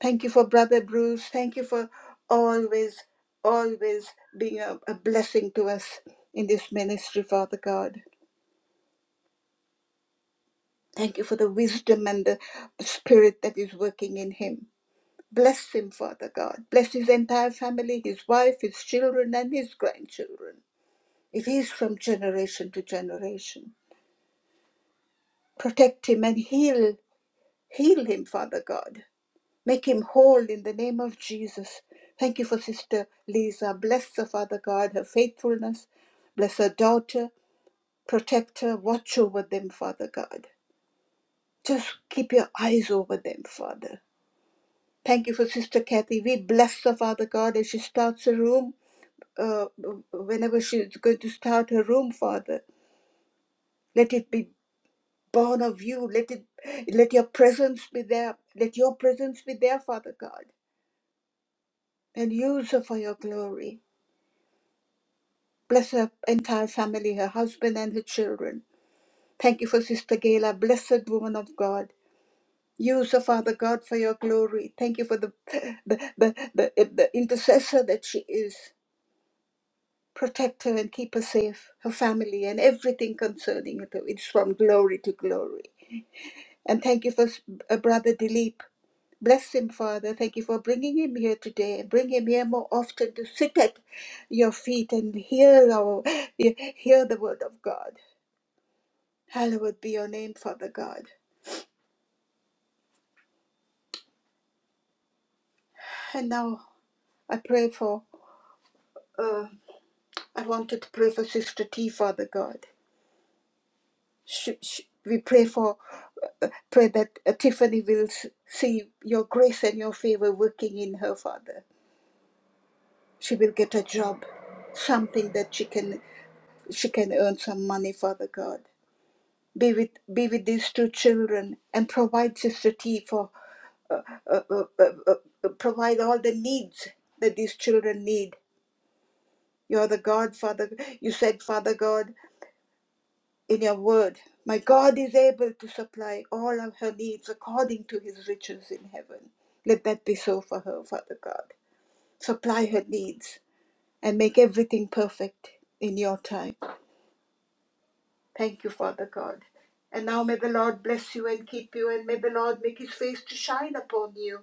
C: Thank you for Brother Bruce. Thank you for always, always being a, a blessing to us in this ministry, Father God. Thank you for the wisdom and the spirit that is working in him. Bless him, Father God. Bless his entire family, his wife, his children, and his grandchildren. It is from generation to generation. Protect him and heal, heal him, Father God. Make him whole in the name of Jesus. Thank you for Sister Lisa. Bless her, Father God, her faithfulness. Bless her daughter. Protect her. Watch over them, Father God. Just keep your eyes over them, Father. Thank you for Sister Kathy. We bless her, Father God, as she starts her room. Uh, whenever she's going to start her room, Father, let it be born of you. Let it, let your presence be there. Let your presence be there, Father God, and use her for your glory. Bless her entire family, her husband and her children. Thank you for Sister Gayla, blessed woman of God. Use her, Father God, for your glory. Thank you for the, the, the, the, the intercessor that she is. Protect her and keep her safe, her family, and everything concerning her. It's from glory to glory. And thank you for s- uh, Brother Dilip. Bless him, Father. Thank you for bringing him here today. Bring him here more often to sit at your feet and hear our hear the word of God. Hallowed be your name, Father God. And now I pray for, uh, I wanted to pray for Sister T, Father God. She, she, we pray for, uh, pray that uh, Tiffany will s- see your grace and your favor working in her, Father. She will get a job, something that she can, she can earn some money, Father God. Be with, be with these two children and provide Sister T for, uh, uh, uh, uh, provide all the needs that these children need You're the God, Father. You said, Father God, in your word, my God is able to supply all of her needs according to his riches in heaven. Let that be so for her, Father God. Supply her needs and make everything perfect in your time. Thank you, Father God. And now may the Lord bless you and keep you, and may the Lord make his face to shine upon you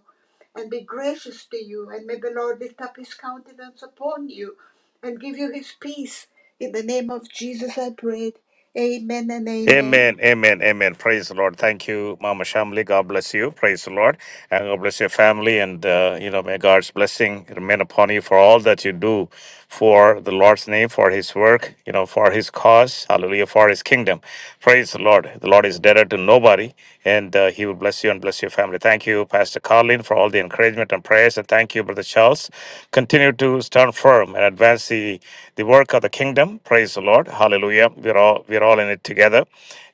C: and be gracious to you, and may the Lord lift up his countenance upon you and give you his peace. In the name of Jesus, I prayed. Amen and amen.
A: Amen, amen, amen. Praise the Lord. Thank you, Mama Shamli. God bless you. Praise the Lord. And God bless your family. And, uh, you know, may God's blessing remain upon you for all that you do for the Lord's name, for his work, you know, for his cause. Hallelujah, for his kingdom. Praise the Lord. The Lord is deader to nobody and uh, He will bless you and bless your family. Thank you, Pastor Carlin, for all the encouragement and prayers, and thank you, Brother Charles. Continue to stand firm and advance the, the work of the kingdom. Praise the Lord. Hallelujah. We're all we're all in it together,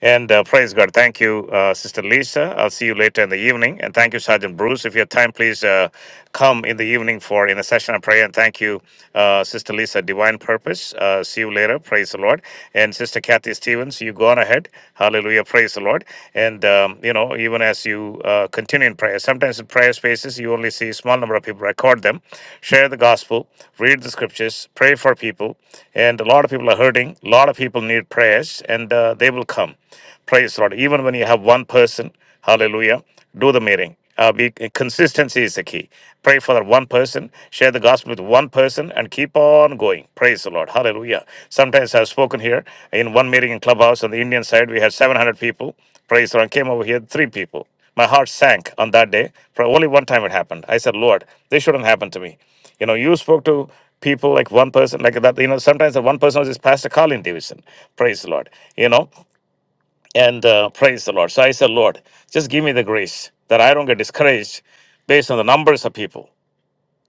A: and uh, praise God. Thank you, uh, Sister Lisa. I'll see you later in the evening, and thank you, Sergeant Bruce. If you have time, please uh, come in the evening for in a session of prayer. And thank Thank you, uh, Sister Lisa. Divine purpose. Uh, see you later. Praise the Lord. And Sister Kathy Stevens, you go on ahead. Hallelujah. Praise the Lord. And um, you know, even as you uh, continue in prayer, sometimes in prayer spaces you only see a small number of people. Record them, share the gospel, read the scriptures, pray for people. And a lot of people are hurting. A lot of people need prayers, and uh, they will come. Praise the Lord. Even when you have one person, hallelujah, do the meeting. Uh, be, consistency is the key. Pray for that one person, share the gospel with one person, and keep on going. Praise the Lord. Hallelujah. Sometimes I've spoken here in one meeting in Clubhouse on the Indian side, we had 700 people. Praise the Lord. Came over here, three people. My heart sank on that day. For only one time it happened. I said, Lord, this shouldn't happen to me. You know, you spoke to people like one person like that you know sometimes the one person was just pastor colin davidson praise the lord you know and uh, praise the Lord. So I said, Lord, just give me the grace that I don't get discouraged based on the numbers of people.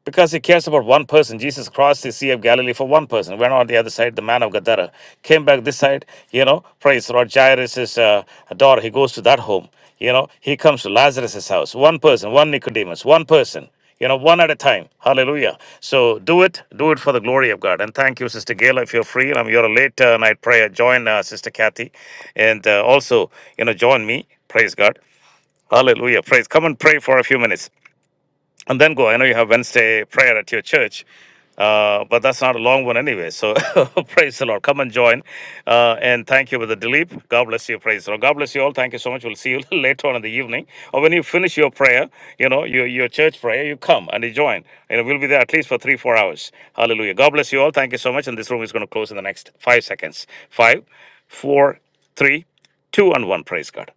A: Because he cares about one person. Jesus crossed the Sea of Galilee for one person, went on the other side, the man of Gadara, came back this side, you know, praise the Lord. Jairus' uh, daughter, he goes to that home, you know, he comes to Lazarus' house. One person, one Nicodemus, one person, you know, one at a time. Hallelujah. So do it, do it for the glory of God. And thank you, Sister Gail, if you're free. I'm your late uh, night prayer. Join uh, Sister Kathy and uh, also, you know, join me. Praise God. Hallelujah. Praise. Come and pray for a few minutes and then go. I know you have Wednesday prayer at your church, uh, but that's not a long one anyway. So praise the Lord. Come and join. Uh, and thank you, Brother Dilip. God bless you. Praise the Lord. God bless you all. Thank you so much. We'll see you later on in the evening. Or when you finish your prayer, you know, your, your church prayer, you come and you join. And we'll be there at least for three, four hours. Hallelujah. God bless you all. Thank you so much. And this room is going to close in the next five seconds. Five, four, three, two, and one. Praise God.